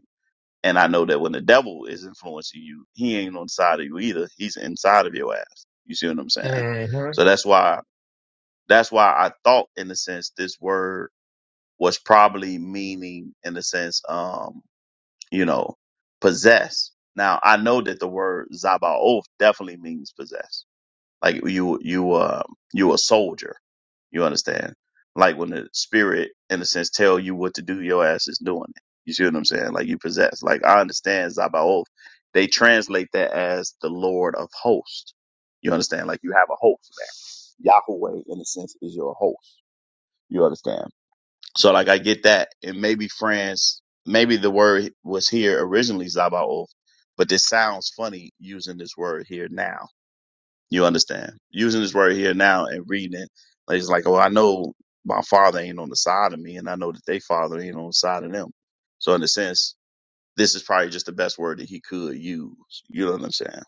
E: And I know that when the devil is influencing you, he ain't on the side of you either. He's inside of your ass. You see what I'm saying?
D: hmm
E: So that's why that's why I thought in a sense this word was probably meaning in a sense, um, you know, possess. Now I know that the word Zabaoth definitely means possess. Like you, you, uh, you a soldier. You understand? Like when the spirit, in a sense, tell you what to do, your ass is doing it. You see what I'm saying? Like you possess. Like I understand Zabaoth. They translate that as the Lord of hosts. You understand? Like you have a host. Yahweh, in a sense, is your host. You understand? So like I get that. And maybe friends, maybe the word was here originally Zabaoth, but this sounds funny using this word here now. You understand? Using this word here now and reading it, like it's like, oh, I know my father ain't on the side of me, and I know that they father ain't on the side of them. So in a sense, this is probably just the best word that he could use. You know what I'm saying?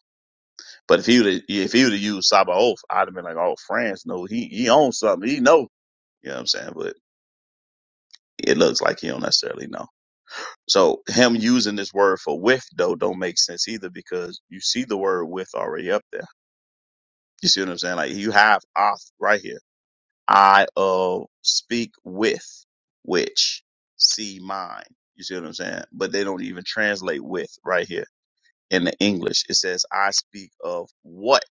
E: But if he would if he would have used Sabaoth, I'd have been like, oh, France, no, he he owns something, he know. You know what I'm saying? But it looks like he don't necessarily know. So him using this word for with though don't make sense either because you see the word with already up there. You see what I'm saying? Like you have off right here I uh speak with which see mine. You see what I'm saying? But they don't even translate with right here in the English. It says I speak of what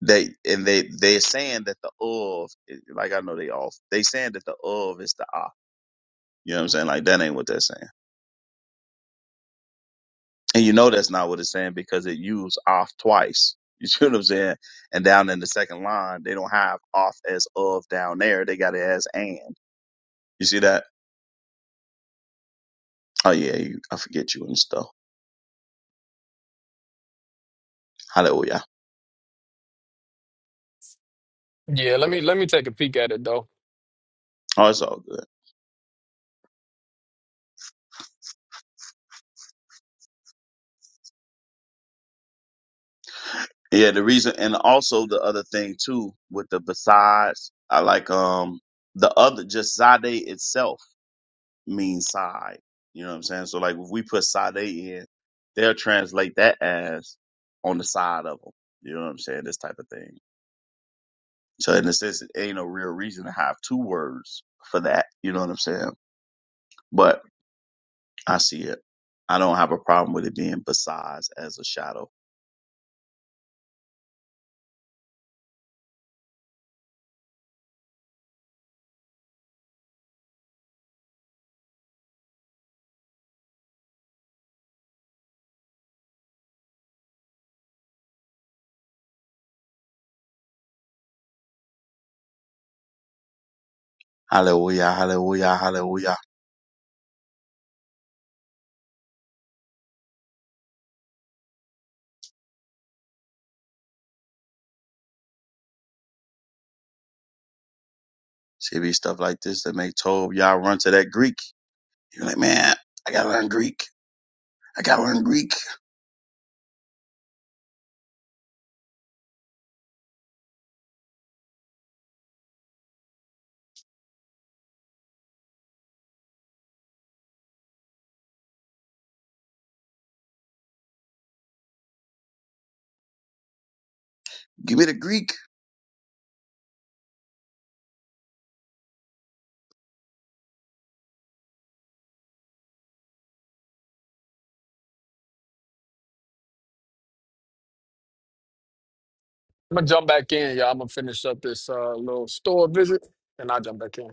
E: they and they they're saying that the of like I know they off. They saying that the of is the ah. You know what I'm saying? Like that ain't what they're saying. And you know that's not what it's saying because it used off twice. (laughs) You see what I'm saying? And down in the second line, they don't have off as of down there. They got it as and. You see that? Oh yeah, you, I forget you and stuff. Hallelujah.
D: Yeah, let me let me take a peek at it though.
E: Oh, it's all good. Yeah, the reason and also the other thing too with the besides, I like um the other just Sade itself means side. You know what I'm saying? So like if we put Sade in, they'll translate that as on the side of them. You know what I'm saying? This type of thing. So in a sense, it ain't no real reason to have two words for that. You know what I'm saying? But I see it. I don't have a problem with it being besides as a shadow Hallelujah, hallelujah, hallelujah. See it be stuff like this that make Tob y'all run to that Greek. You're like, man, I gotta learn Greek. I gotta learn Greek. Give me the Greek.
D: I'm gonna jump back in, y'all. I'm gonna finish up this uh, little store visit, and I'll jump back in.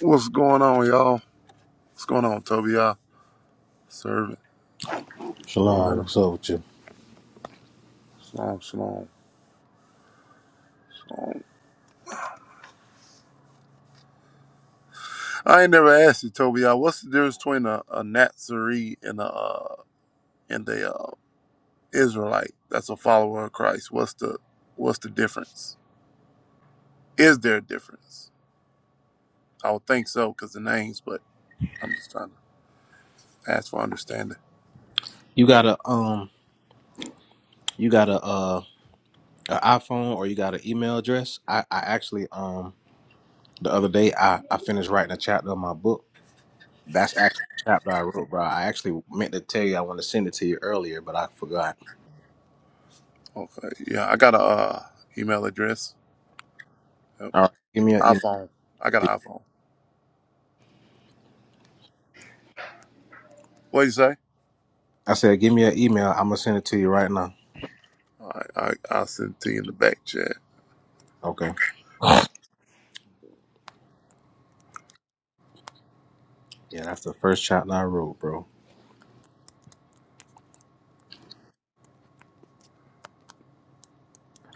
J: What's going on, y'all? What's going on, Toby? Y'all, servant,
K: Shalom,
J: Joanna.
K: what's up with you?
J: Shalom, shalom, shalom. I ain't never asked you, Toby. Y'all, what's the difference between a, a Nazarene and a uh, and a uh, Israelite that's a follower of Christ? What's the what's the difference? Is there a difference? I would think so because the names, but I'm just trying to ask for understanding.
K: You got a um, you got a uh, an iPhone or you got an email address? I I actually um, the other day I I finished writing a chapter of my book. That's actually a chapter I wrote, bro. I actually meant to tell you I want to send it to you earlier, but I forgot.
J: Okay, yeah, I got a uh, email address, yep.
K: All right, give me an
J: iPhone. I got
K: email.
J: an iPhone. What do you say?
K: I said, give me an email. I'm gonna send it to you right now.
J: All right, I, I'll send it to you in the back chat.
K: Okay. Yeah, that's the first chapter I wrote, bro.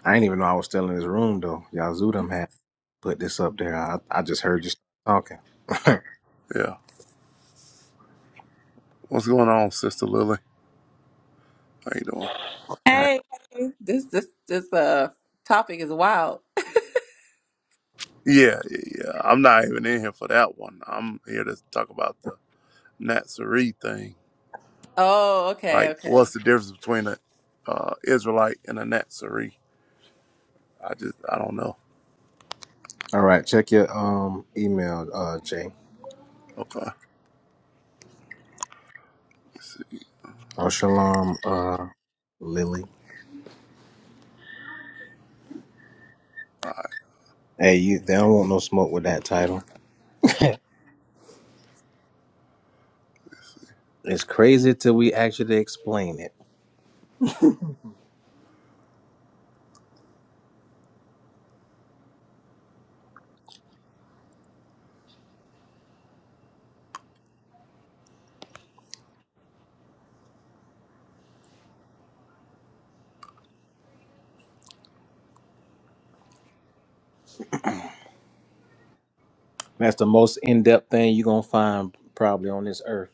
K: I didn't even know I was still in this room though. Y'all Zudum had put this up there. I I just heard you talking.
J: Yeah. What's going on, Sister Lily? How you doing?
K: (laughs)
L: Hey, hey, this this this uh topic is wild.
J: Yeah, yeah, yeah. I'm not even in here for that one. I'm here to talk about the Nazarene thing.
L: Oh, okay,
J: Like,
L: okay.
J: what's the difference between an uh, Israelite and a Nazarene? I just, I don't know.
K: All right, check your um email, uh, Jay.
J: Okay. Let's see.
K: Oh, shalom, uh, Lily.
J: All right.
K: Hey, you. They don't want no smoke with that title. It's crazy till we actually explain it. That's the most in-depth thing you're gonna find probably on this earth.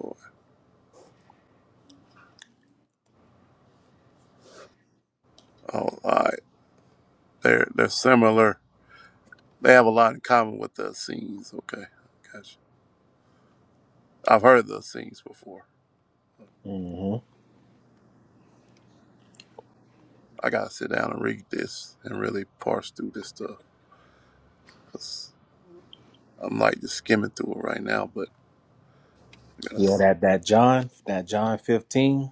J: boy. Oh, all right. They're they're similar. They have a lot in common with the scenes. Okay. Gotcha. I've heard the scenes before.
K: hmm
J: I gotta sit down and read this and really parse through this stuff. i I'm like just skimming through it right now, but I gotta.
K: Yeah, that that John, that John 15.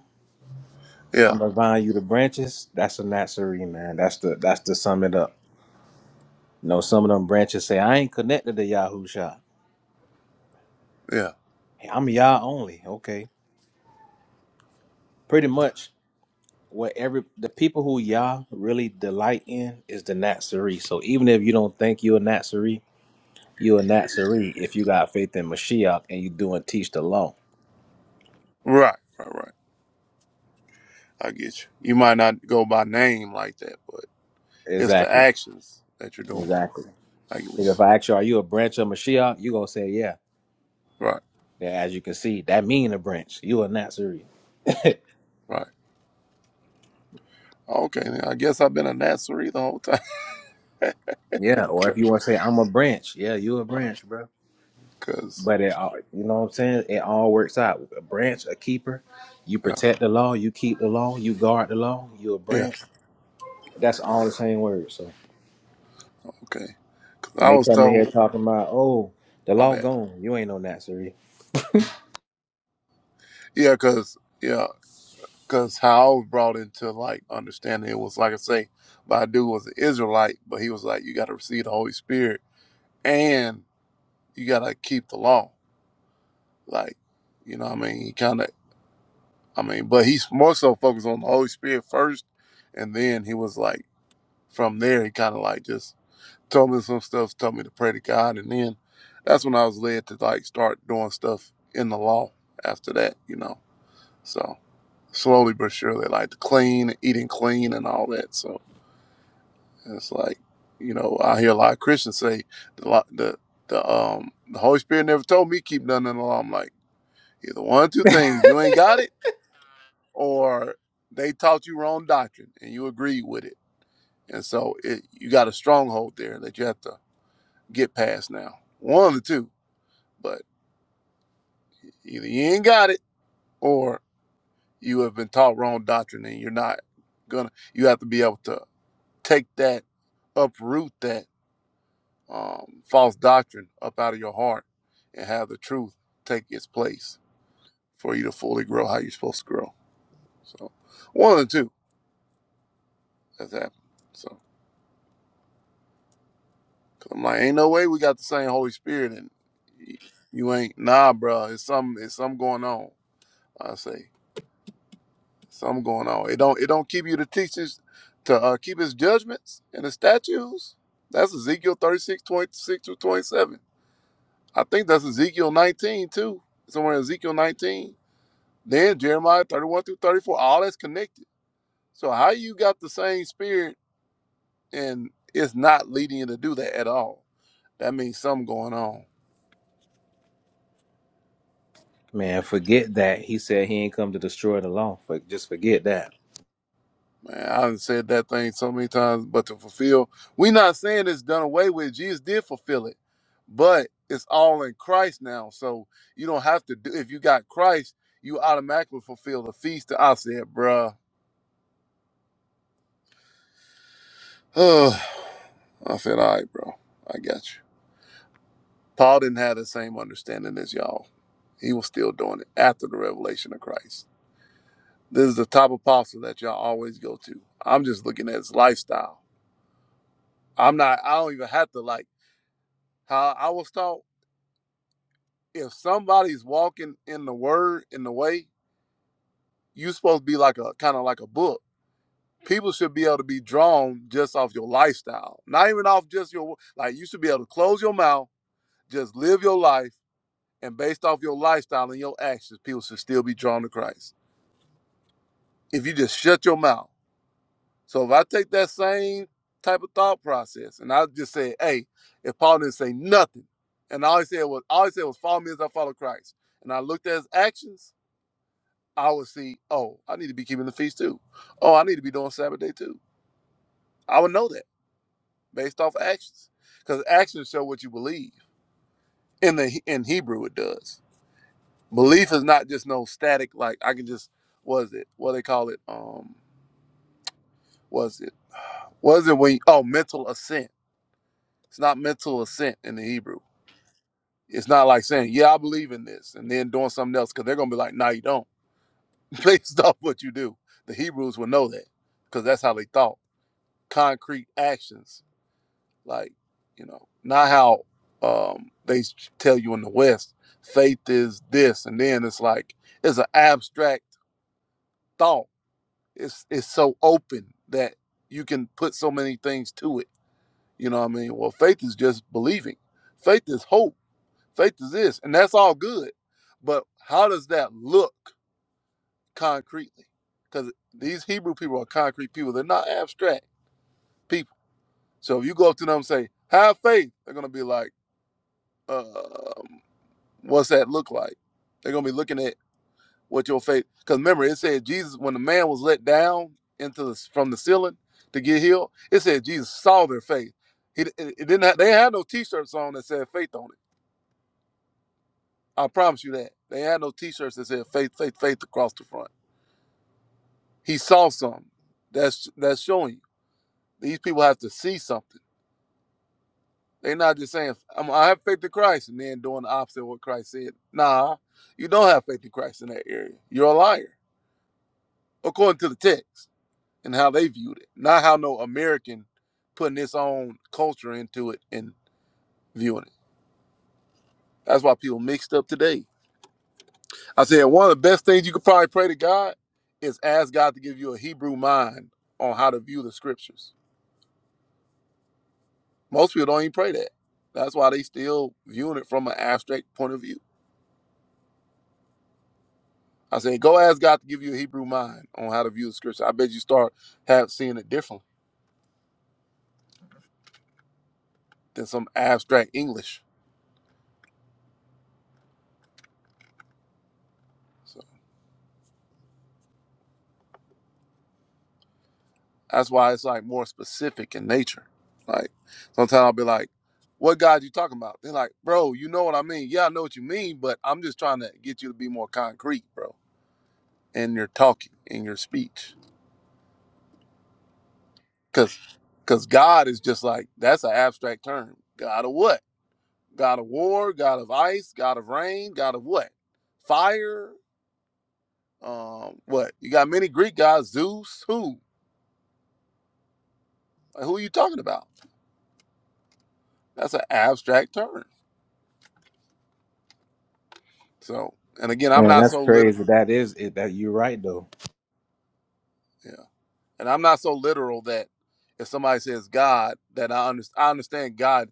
J: Yeah,
K: I'm gonna vine you the branches. That's a Nazarene man. That's the that's the sum it up. You know, some of them branches say I ain't connected to Yahoo Shah.
J: yeah.
K: I'm Yah only. Okay, pretty much what every the people who Yah really delight in is the Nazarene. So even if you don't think you're a Nazarene, you're a Nazarene if you got faith in Mashiach and you do and teach the law.
J: Right, right, right. I get you. You might not go by name like that, but it's the
K: Exactly.
J: actions that you're doing.
K: Exactly.
J: I get what you
K: 'Cause if
J: said.
K: I ask you, are you a branch of Mashiach? You're gonna say, Yeah.
J: Right,
K: Then as you can see, that mean a branch. You a Nazarene. (laughs)
J: right. Okay, then I guess I've been a Nazarene the whole time. (laughs)
K: yeah. Or if you
J: 'Cause-
K: wanna say I'm a branch, yeah, you a
J: right,
K: branch, bro.
J: because,
K: But it all you know what I'm saying? It all works out. A branch, a keeper, you
J: yeah,
K: protect the law, you keep the law, you guard the law, you a
J: yeah,
K: branch. That's all the same word. So
J: okay. 'Cause
K: when
J: I
K: they
J: was
K: come in here
J: told,
K: talking about, oh, the
J: my
K: law
J: bad.
K: gone, you ain't no Nazarene.
J: Yeah, because, yeah, because how I was brought into, like, understanding it was, like I say, my dude was an Israelite, but he was like, you got to receive the Holy Spirit and you got to keep the law. Like, you know what I mean? He kind of I mean, but he's more so focused on the Holy Spirit first, and then he was like, from there, he kind of like just told me some stuff, told me to pray to God, and then that's when I was led to like start doing stuff in the law. After that, you know, so slowly but surely, like the clean, eating clean, and all that. So it's like, you know, I hear a lot of Christians say the lo- the the um the Holy Spirit never told me keep nothing in the law. I'm like, either one or two things, you ain't got it or they taught you wrong doctrine and you agreed with it. And so it, you got a stronghold there that you have to get past now. One of the two, but either you ain't got it or you have been taught wrong doctrine and you're not gonna, you have to be able to take that, uproot that um, false doctrine up out of your heart and have the truth take its place for you to fully grow how you're supposed to grow. So one of the two has happened. So. I'm like, ain't no way we got the same Holy Spirit and you ain't nah, bro. It's some it's something going on. I say something going on. It don't it don't keep you to teach his to uh, keep his judgments and his statutes. That's Ezekiel 36 26 through 27. I think that's Ezekiel 19 too. Somewhere in Ezekiel 19. Then Jeremiah 31 through 34. All that's connected. So how you got the same spirit and it's not leading you to do that at all? That means something going on.
K: Man, forget that. He said he ain't come to destroy the law. But just forget that.
J: Man, I've said that thing so many times, but to fulfill, we are not saying it's done away with. Jesus did fulfill it, but it's all in Christ now. So you don't have to do. If you got Christ, you automatically fulfill the feast. I said, bruh. (sighs) Ugh. I said, all right, bro, I got you. Paul didn't have the same understanding as y'all. He was still doing it after the revelation of Christ. This is the top apostle that y'all always go to. I'm just looking at his lifestyle. I'm not. I don't even have to like how I was taught. if somebody's walking in the word in the way, you supposed to be like a kind of like a book. People should be able to be drawn just off your lifestyle, not even off just your like. You should be able to close your mouth, just live your life, and based off your lifestyle and your actions, people should still be drawn to Christ. If you just shut your mouth. So if I take that same type of thought process and I just say, hey, if Paul didn't say nothing, and all he said was all he said was follow me as I follow Christ, and I looked at his actions I would see, oh, I need to be keeping the feast too. Oh, I need to be doing Sabbath day too. I would know that based off actions, because actions show what you believe. In the in Hebrew, it does. Belief is not just no static. Like I can just was it what they call it? Um, was it was it when you- oh mental assent? It's not mental assent in the Hebrew. It's not like saying yeah I believe in this and then doing something else because they're gonna be like nah you don't (laughs) based off what you do. The Hebrews will know that because that's how they thought. Concrete actions Like, you know, not how um, they tell you in the West, faith is this, and then it's like it's an abstract thought. It's it's so open that you can put so many things to it. You know what I mean? Well, faith is just believing. Faith is hope. Faith is this, and that's all good. But how does that look concretely? Because these Hebrew people are concrete people. They're not abstract people. So if you go up to them and say, "Have faith," they're gonna be like. um, What's that look like? They're gonna be looking at what your faith. Because remember, it said Jesus when the man was let down into the, from the ceiling to get healed. It said Jesus saw their faith. He it, it didn't. Have, they had no T-shirts on that said faith on it. I promise you that they had no T-shirts that said faith, faith, faith across the front. He saw something. That's that's showing you these people have to see something. They're not just saying I'm, I have faith in Christ and then doing the opposite of what Christ said. Nah, you don't have faith in Christ in that area. You're a liar according to the text. and how they viewed it, not how no American putting its own culture into it and viewing it. That's why people mixed up today. I said one of the best things you could probably pray to God is ask God to give you a Hebrew mind on how to view the scriptures. Most people don't even pray that. That's why they still viewing it from an abstract point of view. I said, go ask God to give you a Hebrew mind on how to view the scripture. I bet you start have seeing it differently than some abstract English. So. That's why it's like more specific in nature. Like sometimes I'll be like, "What God you talking about?" They're like, "Bro, you know what I mean? Yeah, I know what you mean, but I'm just trying to get you to be more concrete, bro, in your talking, in your speech, because because God is just like that's an abstract term. God of what? God of war? God of ice? God of rain? God of what? Fire? Um, what? You got many Greek gods, Zeus. Who? Like, who are you talking about? That's an abstract term. So, and again, I'm
K: Man,
J: not
K: that's
J: so literal
K: crazy. That is it. That you're right though.
J: Yeah. And I'm not so literal that if somebody says God, that I, under, I understand God,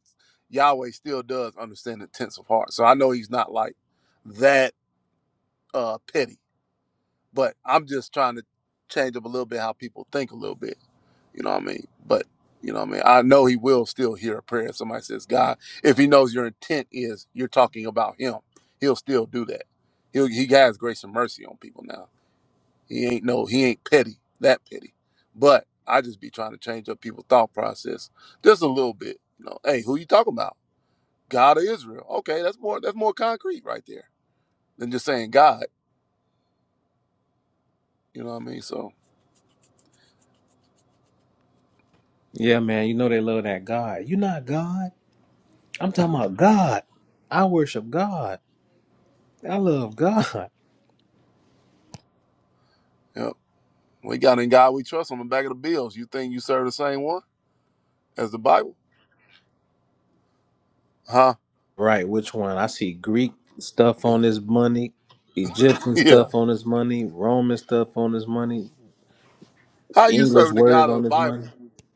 J: Yahweh still does understand the tense of heart. So I know he's not like that uh, petty, but I'm just trying to change up a little bit how people think a little bit. You know what I mean? But, you know what I mean? I know he will still hear a prayer if somebody says God. If he knows your intent is you're talking about him, he'll still do that. He'll, he has grace and mercy on people now. He ain't no, he ain't petty, that petty. But I just be trying to change up people's thought process just a little bit. You know, hey, who you talking about? God of Israel. Okay, that's more that's more concrete right there than just saying God. You know what I mean? So,
K: Yeah, man. You know they love that God. you not God. I'm talking about God. I worship God. I love God. (laughs)
J: yeah. We got in God we trust on the back of the bills. You think you serve the same one as the Bible? Huh?
K: Right. Which one? I see Greek stuff
J: Yeah.
K: on
J: (laughs)
K: this money, Egyptian
J: Yeah.
K: stuff on this money, Roman stuff on this money,
J: How you
K: English
J: serving the God
K: words
J: of the
K: on this money.
J: Bible?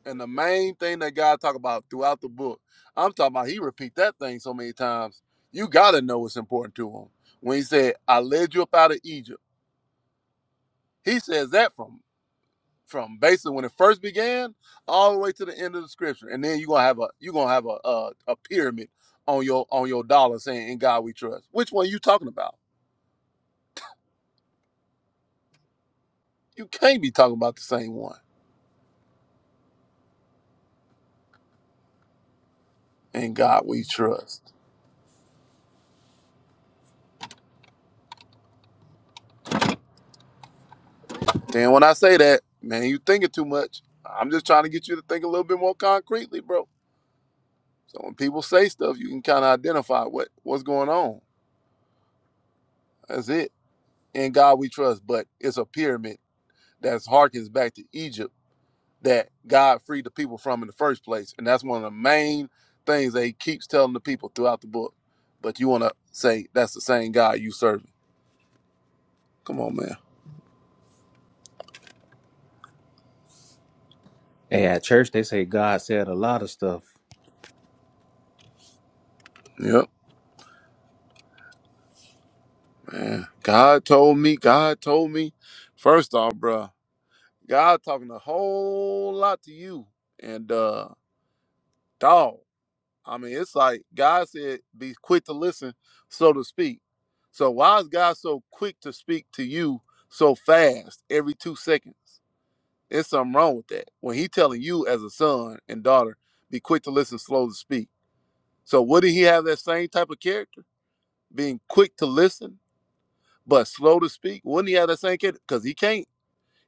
J: And the main thing that God talk about throughout the book, I'm talking about he repeat that thing so many times. You gotta know what's important to him. When he said, I led you up out of Egypt, he says that from from basically when it first began all the way to the end of the scripture. And then you're gonna have a you're gonna have a, a a pyramid on your on your dollar saying in God we trust. Which one are you talking about? You can't be talking about the same one. In God we trust. And when I say that, man, you thinking too much. I'm just trying to get you to think a little bit more concretely, bro. So when people say stuff, you can kind of identify what what's going on. That's it. In God we trust, but it's a pyramid that's harkens back to Egypt that God freed the people from in the first place, and that's one of the main things that He keeps telling the people throughout the book. But you want to say that's the same God you serving? Come on, man.
K: Hey, at church they say God said a lot of stuff.
J: Yep, man. God told me. God told me. First off, bro. God talking a whole lot to you. And uh dog, I mean it's like God said be quick to listen, so to speak. So why is God so quick to speak to you so fast every two seconds? It's something wrong with that. When he telling you as a son and daughter, be quick to listen, slow to speak. So wouldn't he have that same type of character? Being quick to listen, but slow to speak? Wouldn't he have that same character? Because he can't.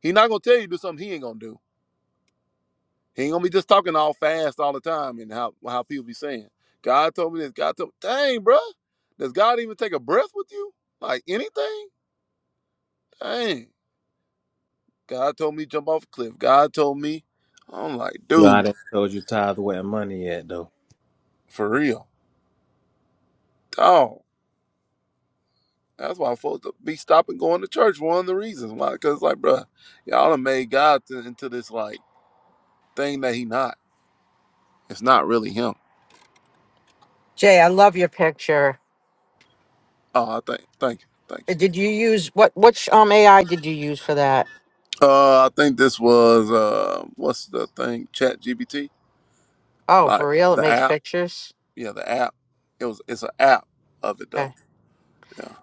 J: He's not gonna tell you to do something he ain't gonna do. He ain't gonna be just talking all fast all the time and how how people be saying. God told me this. God told me, dang, bro. Does God even take a breath with you? Like anything? Dang. God told me to jump off a cliff. God told me. I'm like, dude,
K: God ain't told you tithe where money at though.
J: for real. Dog. That's why folks be stopping going to church. One of the reasons why, because like, bro, y'all done made God to, into this like thing that he not. It's not really him.
H: Jay, I love your picture.
J: Oh, I think, thank you, thank
H: Uh,
J: you.
H: Did you use what? Which um AI did you use for that?
J: Uh, I think this was uh, what's the thing? Chat GPT.
H: Oh,
J: Like
H: for real? It
J: the
H: makes
J: app,
H: pictures?
J: yeah, the app. It was it's an app of it though.
H: Okay.
J: Yeah,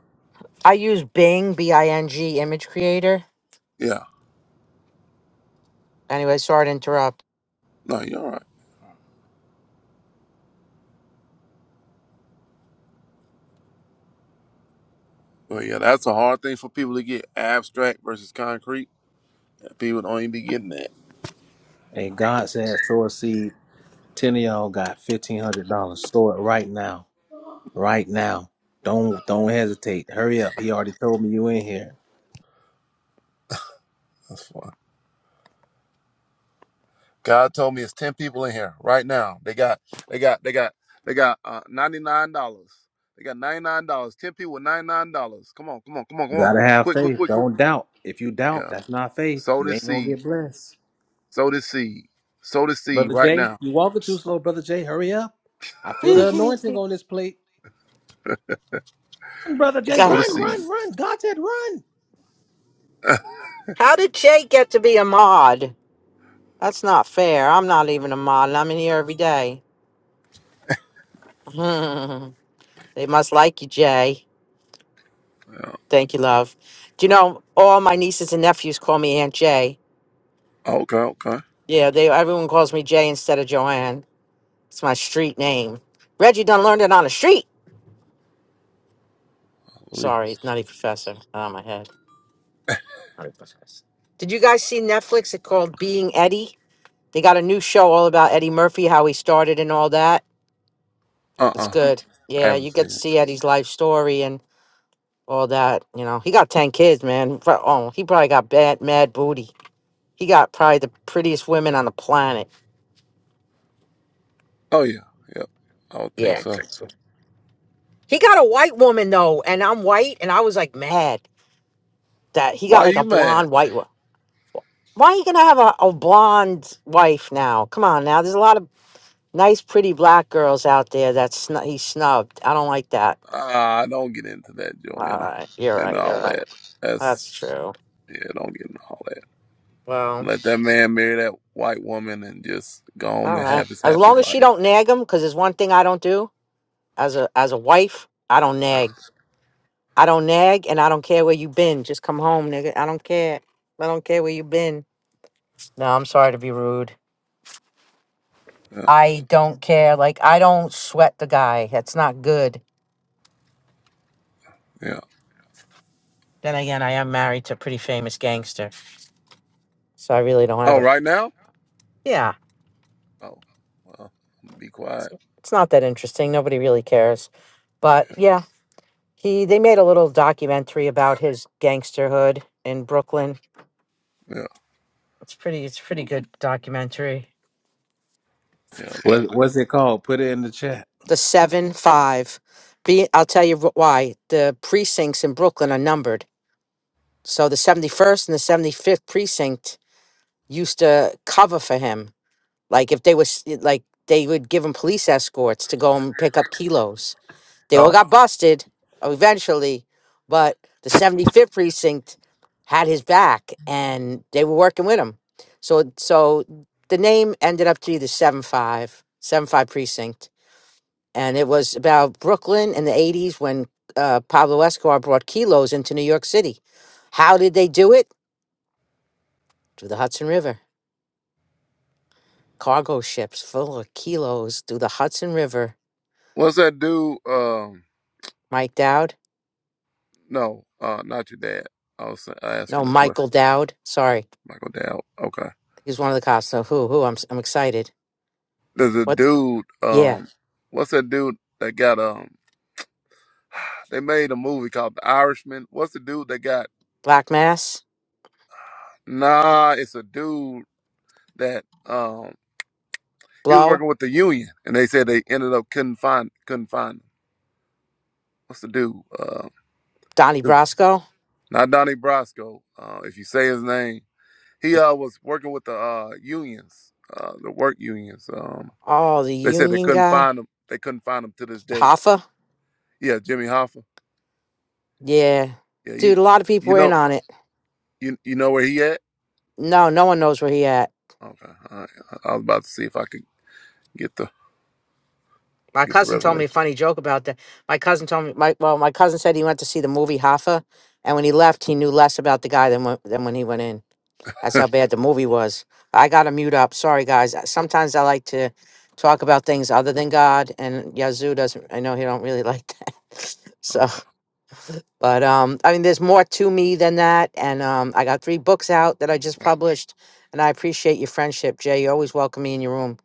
H: I use Bing, B I N G, image creator.
J: yeah.
H: Anyway, sorry to interrupt.
J: No, you're all right. Well, yeah, that's a hard thing for people to get abstract versus concrete. People don't even be getting that.
K: And God said sow a seed. Ten of y'all got fifteen hundred dollars. Sow it right now. Right now. Don't don't hesitate. Hurry up. He already told me you in here.
J: That's fine. God told me it's ten people in here right now. They got, they got, they got, they got uh, ninety nine dollars. They got ninety nine dollars. Ten people with ninety nine dollars. Come on, come on, come on, come
K: You
J: on.
K: gotta have
J: Quick, quick,
K: faith.
J: quick, quick.
K: Don't doubt. If you doubt,
J: Yeah.
K: that's not faith.
J: Sow
K: You
J: this
K: ain't gonna
J: seed.
K: get blessed.
J: Sow this seed. Sow this seed
K: Brother
J: right
K: Jay,
J: now.
K: you walking too slow, brother Jay. Hurry up. I feel
H: (laughs)
K: the anointing on this plate. Run, brother Jay,
J: Sow
H: Yeah.
J: the
K: run,
J: seed.
K: run, run. God said run.
J: (laughs)
H: How did Jay get to be a mod? That's not fair. I'm not even a mod, and I'm in here every day. (laughs) they must like you, Jay.
J: Yeah.
H: Thank you, love. Do you know all my nieces and nephews call me Aunt Jay?
J: Okay, okay.
H: Yeah, they everyone calls me Jay instead of Joanne. It's my street name. Reggie done learned it on the street.
J: Hallelujah.
H: Sorry, it's not a professor. Out of my head. 100%. Did you guys see Netflix? It called Being Eddie. They got a new show all about Eddie Murphy, how he started and all that.
J: Uh
H: It's
J: uh
H: good.
J: I
H: Yeah,
J: haven't
H: you get
J: seen
H: to
J: it.
H: see Eddie's life story and all that. You know, he got ten kids, man. Pro- Oh, he probably got bad, mad booty. He got probably the prettiest women on the planet.
J: Oh yeah, yep. I don't think
H: Yeah, Yeah,
J: so.
H: good. So, he got a white woman though, and I'm white, and I was like mad that he
J: Why
H: got
J: are
H: like a
J: you mad?
H: blonde white one. Why are you gonna have a, a blonde wife now? Come on, now. There's a lot of nice, pretty black girls out there that sn- he snubbed. I don't like that.
J: Ah, don't get into that,
H: All
J: Joanna,
H: right, you're
J: and
H: right. You're
J: all
H: right.
J: that. That's
H: That's true.
J: yeah, don't get into all that.
H: Well,
J: Let that man marry that white woman and just go
H: all
J: on and
H: right.
J: have his
H: As
J: happy
H: long as she
J: life.
H: don't nag him, because there's one thing I don't do as a as a wife. I don't
J: Yeah,
H: nag. I don't nag, and I don't care where you been. Just come home, nigga. I don't care. I don't care where you been. No, I'm sorry to be rude.
J: yeah,
H: I don't care. Like I don't sweat the guy. That's not good.
J: yeah.
H: Then again, I am married to a pretty famous gangster, so I really don't have
J: Oh,
H: a
J: right now?
H: yeah.
J: Oh, well, be quiet.
H: it's not that interesting. Nobody really cares. But yeah, he they made a little documentary about his gangsterhood in
J: Yeah,
H: Brooklyn.
J: yeah.
H: It's pretty. It's a pretty good documentary.
J: yeah.
K: What, what's it called? Put it in the chat.
H: The seven five. Be I'll tell you wh- why. The precincts in Brooklyn are numbered. So the seventy first and the seventy fifth precinct used to cover for him. Like if they was like they would give him police escorts to go and pick up kilos They all
J: Oh,
H: got busted uh, eventually, but the 75th precinct had his back and they were working with him. So so the name ended up to be the seven five, seven five precinct and it was about Brooklyn in the 80s when uh, Pablo Escobar brought kilos into New York City. How did they do it? Through the Hudson River. Cargo ships full of kilos through the Hudson River.
J: what's that dude? Um,
H: Mike Dowd?
J: no, uh, not your dad. I was
H: No,
J: asking a question.
H: Michael Dowd. Sorry.
J: Michael Dow. Okay.
H: He's one of the cops. So who? Who? I'm, s- I'm excited.
J: There's a
H: What?
J: dude,
H: Yeah,
J: um, what's that dude that got um (sighs) they made a movie called The Irishman. What's the dude that got
H: Black Mass,
J: nah, it's a dude that um he was
H: Blow,
J: working with the union and they said they ended up couldn't find couldn't find him. What's the dude? Uh
H: Donnie
J: it's
H: Brasco.
J: not Donnie Brasco, uh, if you say his name. He
H: eh,
J: uh was working with the uh unions, uh the work unions. Um
H: Oh, the
J: they said they
H: Union
J: couldn't
H: guy,
J: find him they couldn't find him to this day.
H: Hoffa.
J: Yeah, Jimmy Hoffa.
H: Yeah,
J: Yeah, you
H: dude, a lot of
J: you
H: people were in
J: know
H: on it.
J: you you know where he at?
H: No, no one knows where he at.
J: Okay. All right. I I was about to see if I could get the
H: My
J: get the
H: cousin told me a
J: revelation.
H: funny joke about that. My cousin told me, my well, my cousin said he went to see the movie Hoffa, and when he left, he knew less about the guy than when, than when he went in. That's how bad the movie was. I gotta mute up. Sorry, guys. Sometimes I like to talk about things other than God, and Yazoo doesn't. I know he don't really like that. (laughs)
J: Oh,
H: So. But um, I mean, there's more to me than that. And um, I got three books out that I just published. And I appreciate your friendship, Jay. You always welcome me in your room.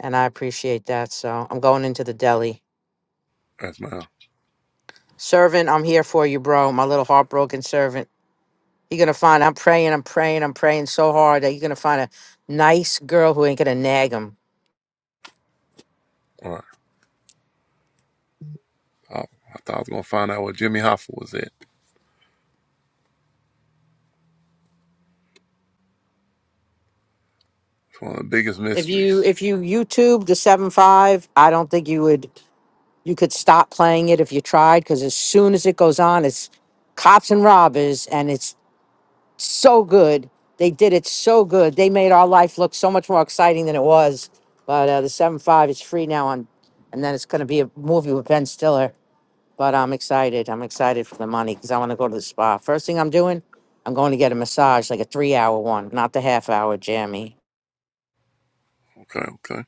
H: And I appreciate that. So I'm going into the deli.
J: that's my.
H: Servant, I'm here for you, bro. My little heartbroken servant. You're going to find, I'm praying, I'm praying, I'm praying so hard that you're going to find a nice girl who ain't going to nag him.
J: All right. I, I thought I was gonna find out where Jimmy Hoffa was at. It's one of the biggest
H: If you
J: mysteries.
H: if you YouTube the seven five, I don't think you would you could stop playing it if you tried because as soon as it goes on, it's cops and robbers and it's so good. They did it so good. They made our life look so much more exciting than it was. But uh, the seven five is free now on, and then it's going to be a movie with Ben Stiller. But I'm excited. I'm excited for the money because I want to go to the spa. First thing I'm doing, I'm going to get a massage, like a three hour one, not the half hour jammy.
J: Okay. Okay.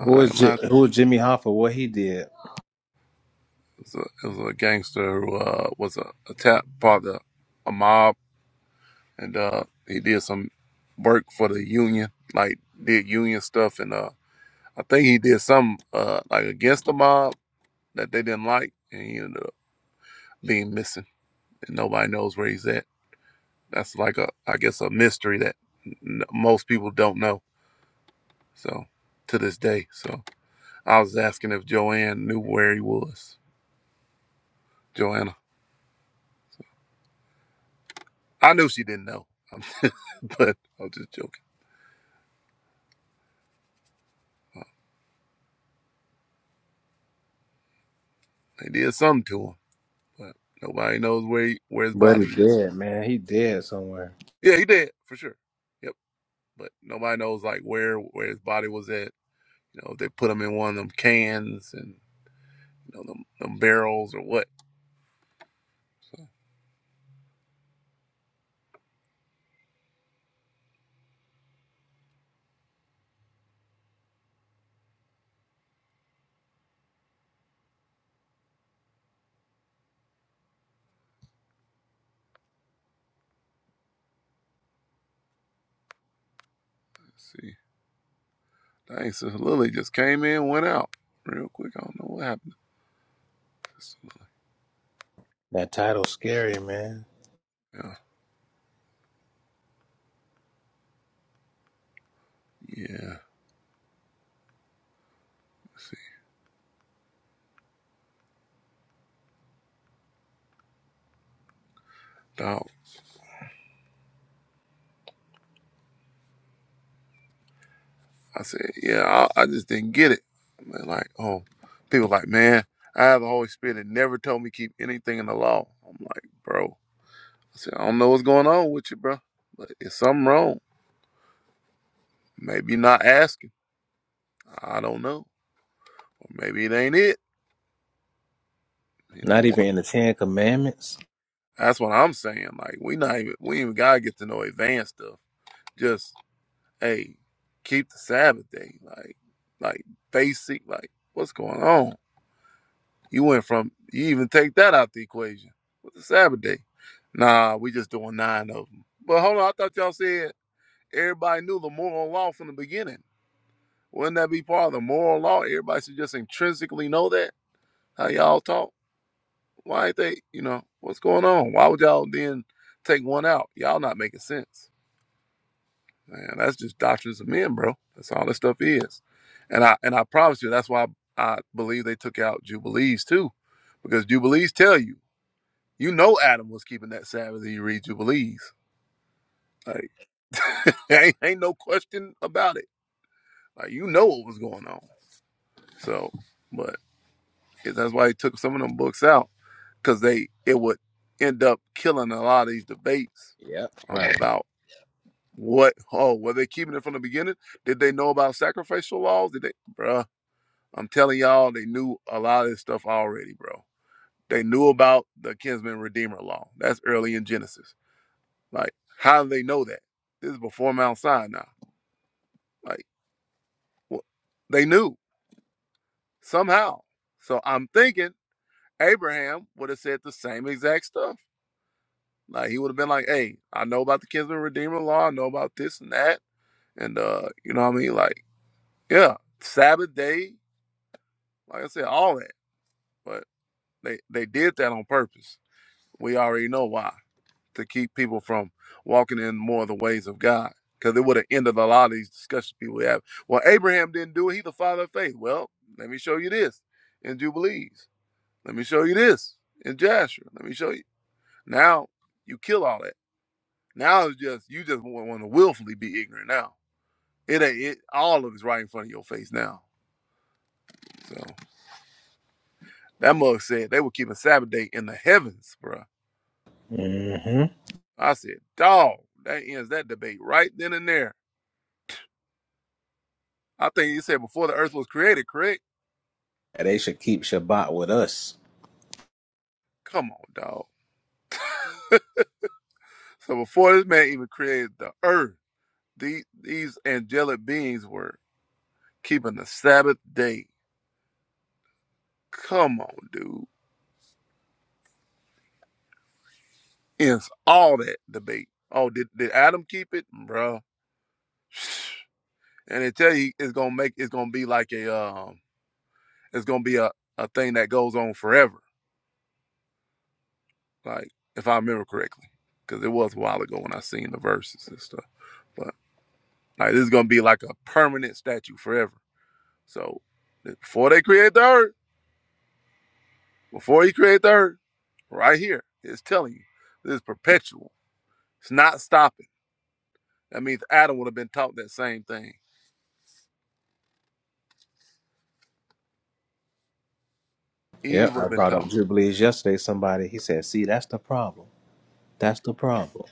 K: Who is was
J: am. I it
K: Ji- who is Jimmy Hoffa? What he did?
J: was a, it was a gangster who uh, was a, a tap part of a mob, and uh, he did some work for the union, like did union stuff, and uh, I think he did some uh, like against the mob that they didn't like, and he ended up being missing, and nobody knows where he's at That's like a, I guess, a mystery that n- most people don't know. So to this day, so I was asking if Joanne knew where he was. Joanna, I knew she didn't know, (laughs) but I was just joking. They did something to him, but nobody knows where he, where his
K: But
J: body
K: he
J: is.
K: dead, man. He dead somewhere.
J: Yeah, he did for sure. Yep, but nobody knows like where where his body was at. You know, if they put him in one of them cans and you know them, them barrels or what. Let's see, dang, so Lily just came in, went out real quick. I don't know what happened. to this.
K: That title scary, man.
J: Yeah, yeah. Let's see. Dog, I said, yeah, I, I just didn't get it. They're like, oh, people like, man, I have the Holy Spirit that never told me keep anything in the law. I'm like, bro, I said, I don't know what's going on with you, bro, but it's something wrong. Maybe you're not asking. I don't know. Or maybe it ain't it. You know
K: Not even
J: what?
K: in the Ten Commandments.
J: That's what I'm saying. Like, we not even, we even gotta get to know advanced stuff. Just, hey, keep the Sabbath day. Like, like basic, like, what's going on? You went from you even take that out the equation with the Sabbath day. Nah, we just doing nine of them. But hold on, I thought y'all said everybody knew the moral law from the beginning. Wouldn't that be part of the moral law? Everybody should just intrinsically know that. How y'all talk? Why ain't they? You know what's going on? Why would y'all then take one out? Y'all not making sense. Man, that's just doctrines of men, bro. That's all this stuff is. And I and I promise you, that's why I I believe they took out jubilees too, because jubilees tell you. You know Adam was keeping that Sabbath and you read Jubilees. Like (laughs) ain't, ain't no question about it. Like you know what was going on. So but it- that's why he took some of them books out. Cause they it would end up killing a lot of these debates
K: Yep.
J: um
K: Right.
J: about what oh, were they keeping it from the beginning? Did they know about sacrificial laws? Did they bruh, I'm telling y'all they knew a lot of this stuff already, bro. They knew about the kinsman redeemer law. That's early in Genesis Like, how do they know that? This is before Mount Sinai. Like, wh- they knew somehow. So I'm thinking Abraham would have said the same exact stuff. Like, he would have been like, hey, I know about the kinsman redeemer law. I know about this and that. And, uh, you know what I mean? Like, yeah, Sabbath day. Like I said, all that. But they, they did that on purpose. We already know why. to keep people from walking in more of the ways of God. Because it would have ended a lot of these discussions people have. Well, Abraham didn't do it. He's the father of faith. Well, let me show you this in Jubilees. Let me show you this in Jasher. Let me show you. Now you kill all that. Now it's just you just want to willfully be ignorant. Now it ain't it. All of it's right in front of your face now. So that mug said they were keeping Sabbath day in the heavens, bruh.
K: Mm-hmm.
J: I said, dog, that ends that debate right then and there. I think you said before the earth was created, correct?
K: And They should keep Shabbat with us.
J: Come on, dog. So before this man even created the earth, the, these angelic beings were keeping the Sabbath day. Come on, dude. It's all that debate. Oh, did, did Adam keep it, bruh? (sighs) And they tell you it's gonna make it's gonna be like a um, it's gonna be a, a thing that goes on forever. Like if I remember correctly, because it was a while ago when I seen the verses and stuff. But like this is gonna be like a permanent statue forever So before they create the earth, before he create the earth, right here, it's telling you this is perpetual. It's not stopping. That means Adam would have been taught that same thing. Eve
K: Yep.
J: would
K: I
J: have been
K: brought up
J: taught.
K: Jubilees yesterday. Somebody he said, "See, that's the problem. That's the problem."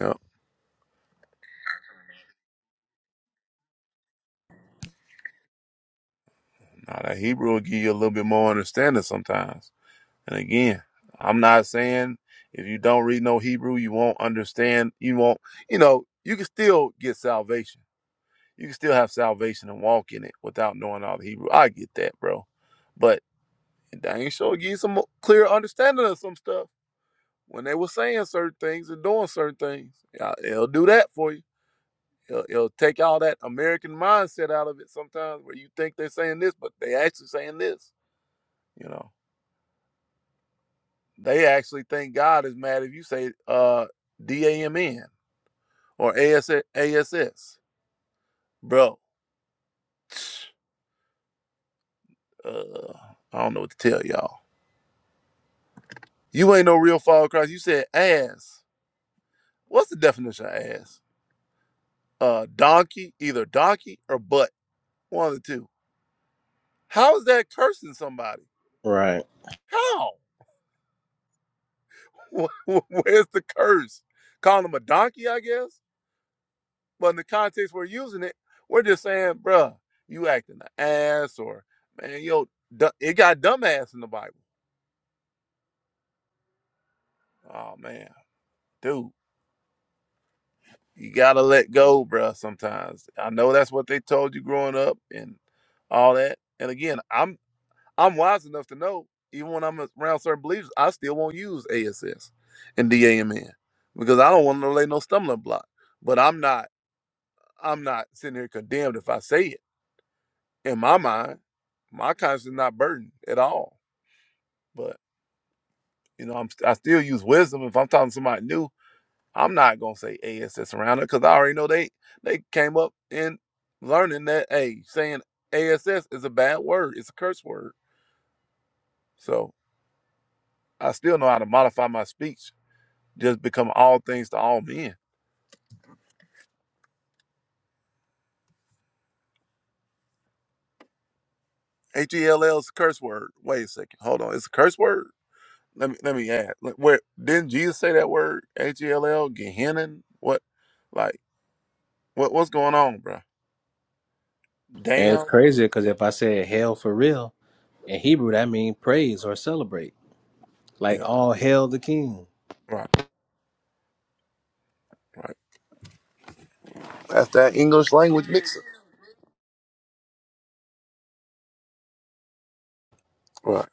J: Yep. Now that Hebrew will give you a little bit more understanding sometimes. And again, I'm not saying if you don't read no Hebrew, you won't understand. You won't. You know, you can still get salvation. You can still have salvation and walk in it without knowing all the Hebrew. I get that, bro. But. And dang sure give you some clear understanding of some stuff when they were saying certain things and doing certain things. Yeah, It'll do that for you. It'll, it'll take all that American mindset out of it sometimes where you think they're saying this, but they actually saying this. You know, they actually think God is mad if you say uh, D-A-M-N or ASS. ASS. Bro, (sniffs) uh, I don't know what to tell y'all. You ain't no real follower of Christ. You said ass. What's the definition of ass? Uh, donkey, either donkey or butt. One of the two. How is that cursing somebody?
K: Right.
J: How? (laughs) Where's the curse? Calling him a donkey, I guess. But in the context we're using it, we're just saying, bruh, you acting an ass, or man, yo, it got dumbass in the Bible. Oh man, dude, you gotta let go, bruh. Sometimes I know that's what they told you growing up and all that. And again, I'm I'm wise enough to know, even when I'm around certain believers, I still won't use ASS and DAMN because I don't want to lay no stumbling block. But I'm not, I'm not sitting here condemned if I say it. In my mind, my conscience is not burdened at all. But you know, I'm I still use wisdom. If I'm talking to somebody new, I'm not gonna say ASS around it because I already know they they came up in learning that hey, saying ASS is a bad word, it's a curse word. So I still know how to modify my speech just become all things to all men. H E L L is a curse word. Wait a second. Hold on. It's a curse word. Let me let me add. Like, Where didn't Jesus say that word? H E L L. Gehenna. What? Like what? What's going on, bro?
K: And it's
J: Damn.
K: crazy because if I said "hell for real" in Hebrew, that means praise or celebrate. Like
J: Yeah.
K: all hail the King.
J: Right. Right. That's that English language mixer. Right.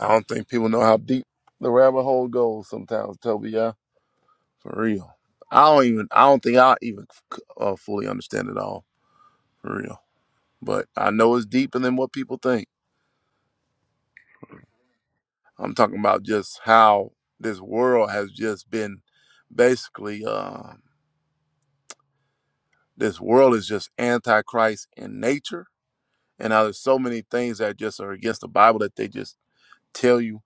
J: I don't think people know how deep the rabbit hole goes sometimes, Toby. Yeah. For real. I don't even. I don't think I even uh, fully understand it all. For real. But I know it's deeper than what people think. I'm talking about just how this world has just been basically um, this world is just antichrist in nature, and now there's so many things that just are against the Bible that they just tell you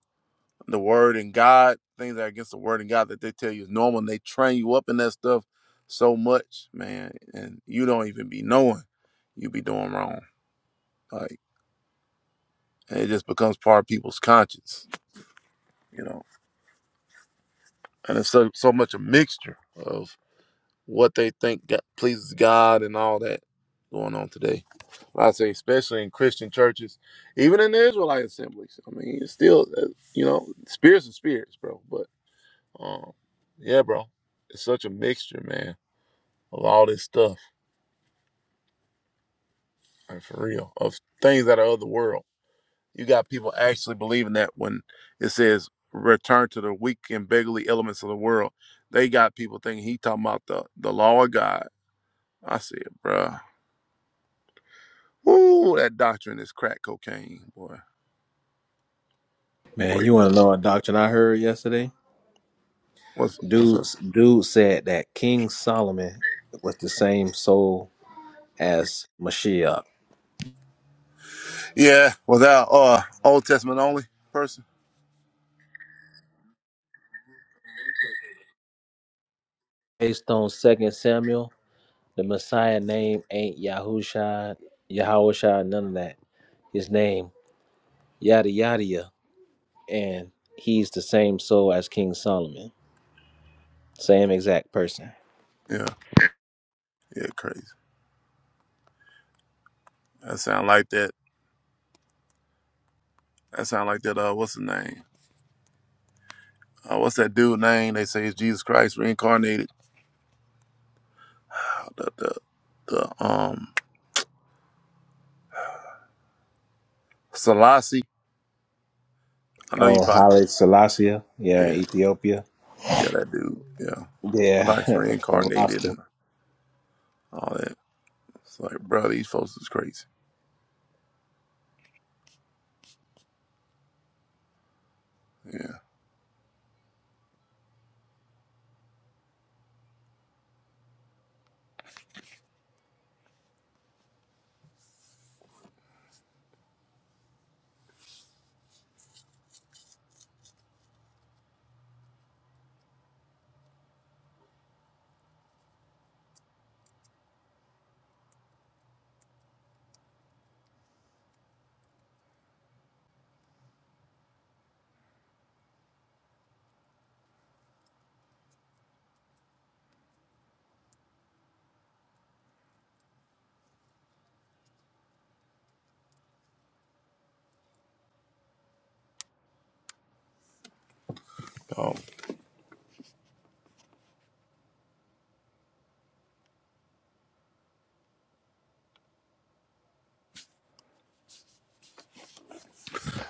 J: the word and God things that are against the word and God that they tell you is normal, and they train you up in that stuff so much, man, and you don't even be knowing you be doing wrong, like and it just becomes part of people's conscience, you know, and it's so so much a mixture of. what they think go- pleases God and all that going on today. I say, especially in Christian churches, even in the Israelite assemblies. I mean, it's still, uh, you know, spirits and spirits, bro. But um, yeah, bro, it's such a mixture, man, of all this stuff, and for real, of things that are of the world. You got people actually believing that when it says return to the weak and beggarly elements of the world, they got people thinking he talking about the the law of God. I said, bro. Ooh, that doctrine is crack cocaine, boy.
K: Man,
J: Wait,
K: you want to know a doctrine I heard yesterday?
J: what's what's up?
K: Dude, dude said that King Solomon was the same soul as Mashiach.
J: Yeah, was that uh Old Testament only person?
K: Based on Second Samuel, the Messiah name ain't Yahushua, Yahushua, none of that. His name yada yada, yada, and he's the same soul as King Solomon, same exact person.
J: Yeah, yeah, crazy. That sound like that. That sound like that. Uh, what's the name? Uh, what's that dude name? They say it's Jesus Christ reincarnated. Uh, The the the um Selassie. I know you
K: Oh,
J: probably.
K: Haile Selassie,
J: Yeah,
K: yeah, in Ethiopia,
J: yeah, that dude. Yeah,
K: yeah, (laughs)
J: Christ
K: that's the
J: reincarnated
K: roster.
J: and all that. It's like, bro, these folks is crazy. Yeah. Oh,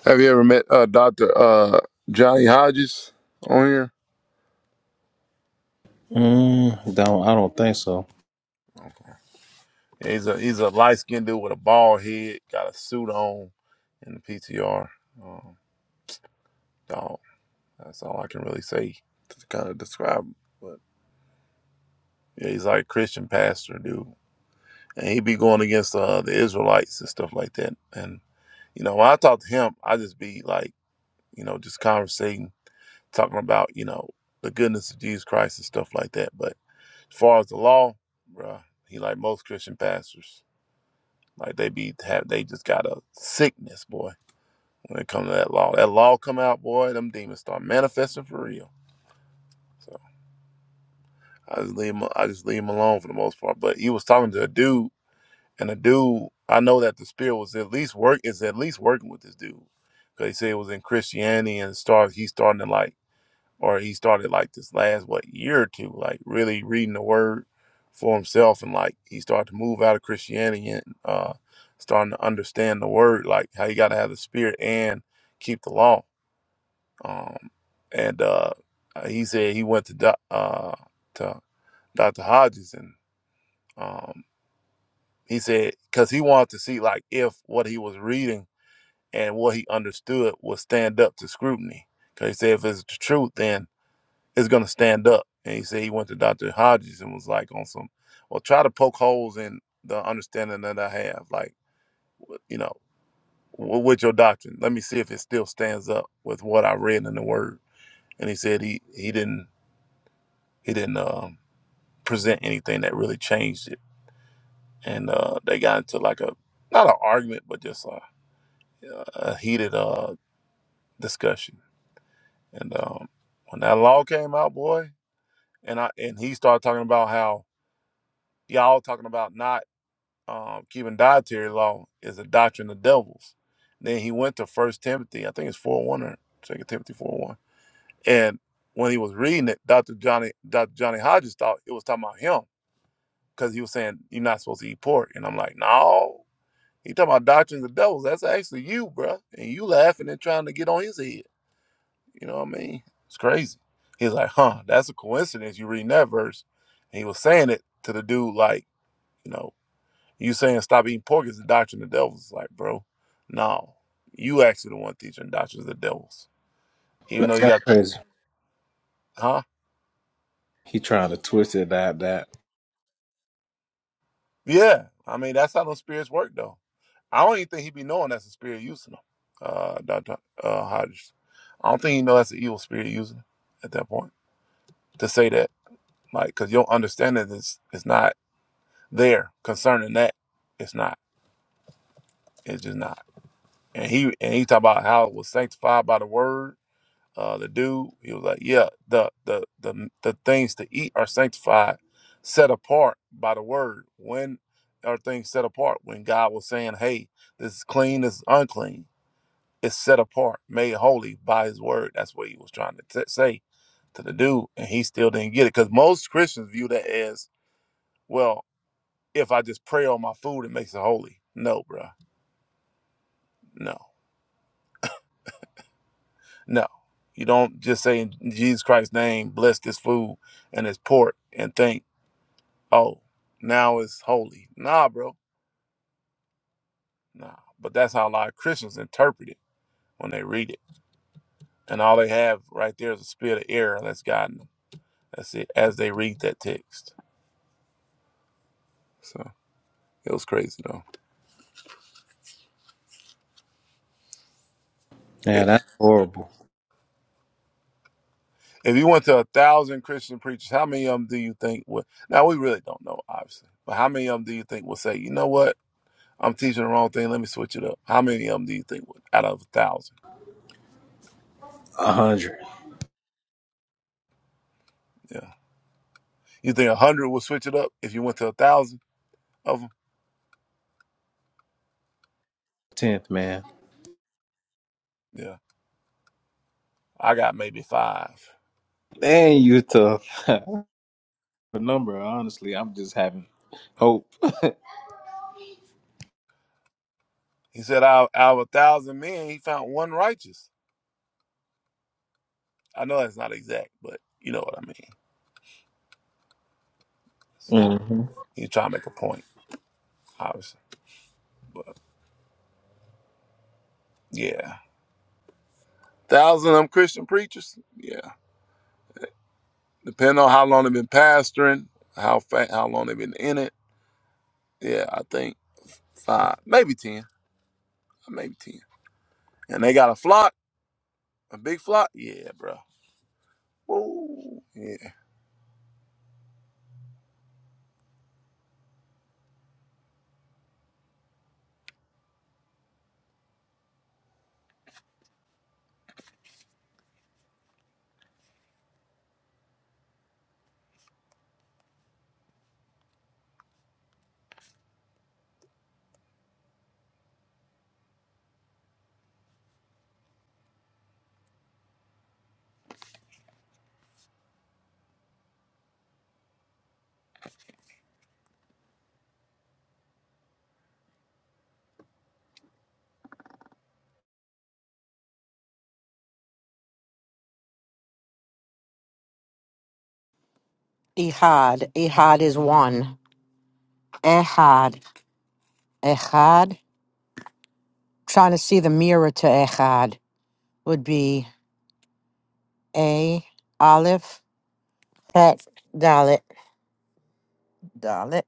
J: Have you ever met uh, Doctor uh, Johnny Hodges on here?
K: Mm, don't I don't think so.
J: Okay. Yeah, He's a he's a light skinned dude with a bald head, got a suit on, in the PTR. Um, dog, that's all I can really say to kind of describe. him. But yeah, he's like a Christian pastor dude, and he be going against uh, the Israelites and stuff like that. And you know, when I talk to him, I just be like, you know, just conversating, talking about you know the goodness of Jesus Christ and stuff like that. But As far as the law, bruh, he like most Christian pastors. Like they be have they just got a sickness, boy, when it comes to that law. That law come out, boy, them demons start manifesting for real. So I just leave him I just leave him alone for the most part. But he was talking to a dude, and the dude, I know that the spirit was at least work is at least working with this dude. Cause he said it was in Christianity and start he's starting to like or he started like this last what year or two, like really reading the word for himself, and like he started to move out of Christianity and uh, starting to understand the word, like how you got to have the spirit and keep the law. Um, and uh, he said he went to doc- uh, to Dr. Hodges, and um, he said because he wanted to see like if what he was reading and what he understood would stand up to scrutiny. Because he said if it's the truth, then is going to stand up. And he said he went to Dr. Hodges and was like on some, well, try to poke holes in the understanding that I have, like, you know, w- with your doctrine. Let me see if it still stands up with what I read in the Word. And he said he he didn't he didn't um, present anything that really changed it. And uh, they got into like a not an argument, but just a, a heated uh, discussion. And um, when that law came out, boy, and I and he started talking about how y'all talking about not. um, keeping dietary law is a doctrine of devils. Then he went to First Timothy, I think it's four oh one or Second Timothy four oh one, and when he was reading it, Doctor Johnny Doctor Johnny Hodges thought it was talking about him because he was saying you're not supposed to eat pork, and I'm like, no, he talking about doctrines of devils. That's actually you, bruh. and you laughing and trying to get on his head. You know what I mean? It's crazy. He's like, huh? That's a coincidence. You reading that verse, and he was saying it to the dude like, you know. You saying stop eating pork is the doctrine of the devils. It's like, bro, no. You actually the one teaching doctrines of the devils. Even
K: That-
J: though you
K: That's
J: got,
K: crazy.
J: huh?
K: He trying to twist it that that.
J: Yeah. I mean, that's how those spirits work, though. I don't even think he would be knowing that's a spirit using them, uh, Dr. Uh, Hodges. I don't think he know that's an evil spirit using 'em at that point to say that. Like, because your understanding is, is not there concerning that. It's not. It's just not. And he and he talk about how it was sanctified by the word Uh, the dude, he was like, yeah, the the the the things to eat are sanctified, set apart by the word. When are things set apart? When God was saying, hey, this is clean, this is unclean. It's set apart, made holy by His word. That's what he was trying to t- say to the dude, and he still didn't get it because most Christians view that as well. If I just pray on my food, it makes it holy. No, bruh. no, no. You don't just say in Jesus Christ's name, bless this food and this pork, and think. oh, now it's holy. Nah, bro. Nah. But that's how a lot of Christians interpret it when they read it. And all they have right there is a spirit of error that's guiding them. That's it, as they read that text. So it was crazy, though. I-
K: Yeah, that's horrible.
J: If you went to a thousand Christian preachers, how many of them do you think would? Now, we really don't know, obviously. But how many of them do you think will say, you know what? I'm teaching the wrong thing. Let me switch it up. How many of them do you think would, out of a thousand?
K: A hundred
J: Yeah. You think a hundred will switch it up if you went to a thousand of them?
K: tenth, man.
J: Yeah. I got maybe five.
K: Man, you tough. (laughs) The number, honestly, I'm just having hope.
J: He said, out, out of a thousand men, he found one righteous. I know that's not exact, but you know what I mean. So
K: hmm
J: he's trying to make a point, obviously. But yeah, thousand of them Christian preachers. Yeah, depending on how long they've been pastoring, how fa- how long they've been in it. Yeah, I think five, maybe ten, maybe ten. And they got a flock, a big flock. Yeah, bro. Woo. yeah."
H: Ehad, Ehad is one. Ehad, Ehad. Trying to see the mirror to Ehad would be a aleph, pet dalit dalit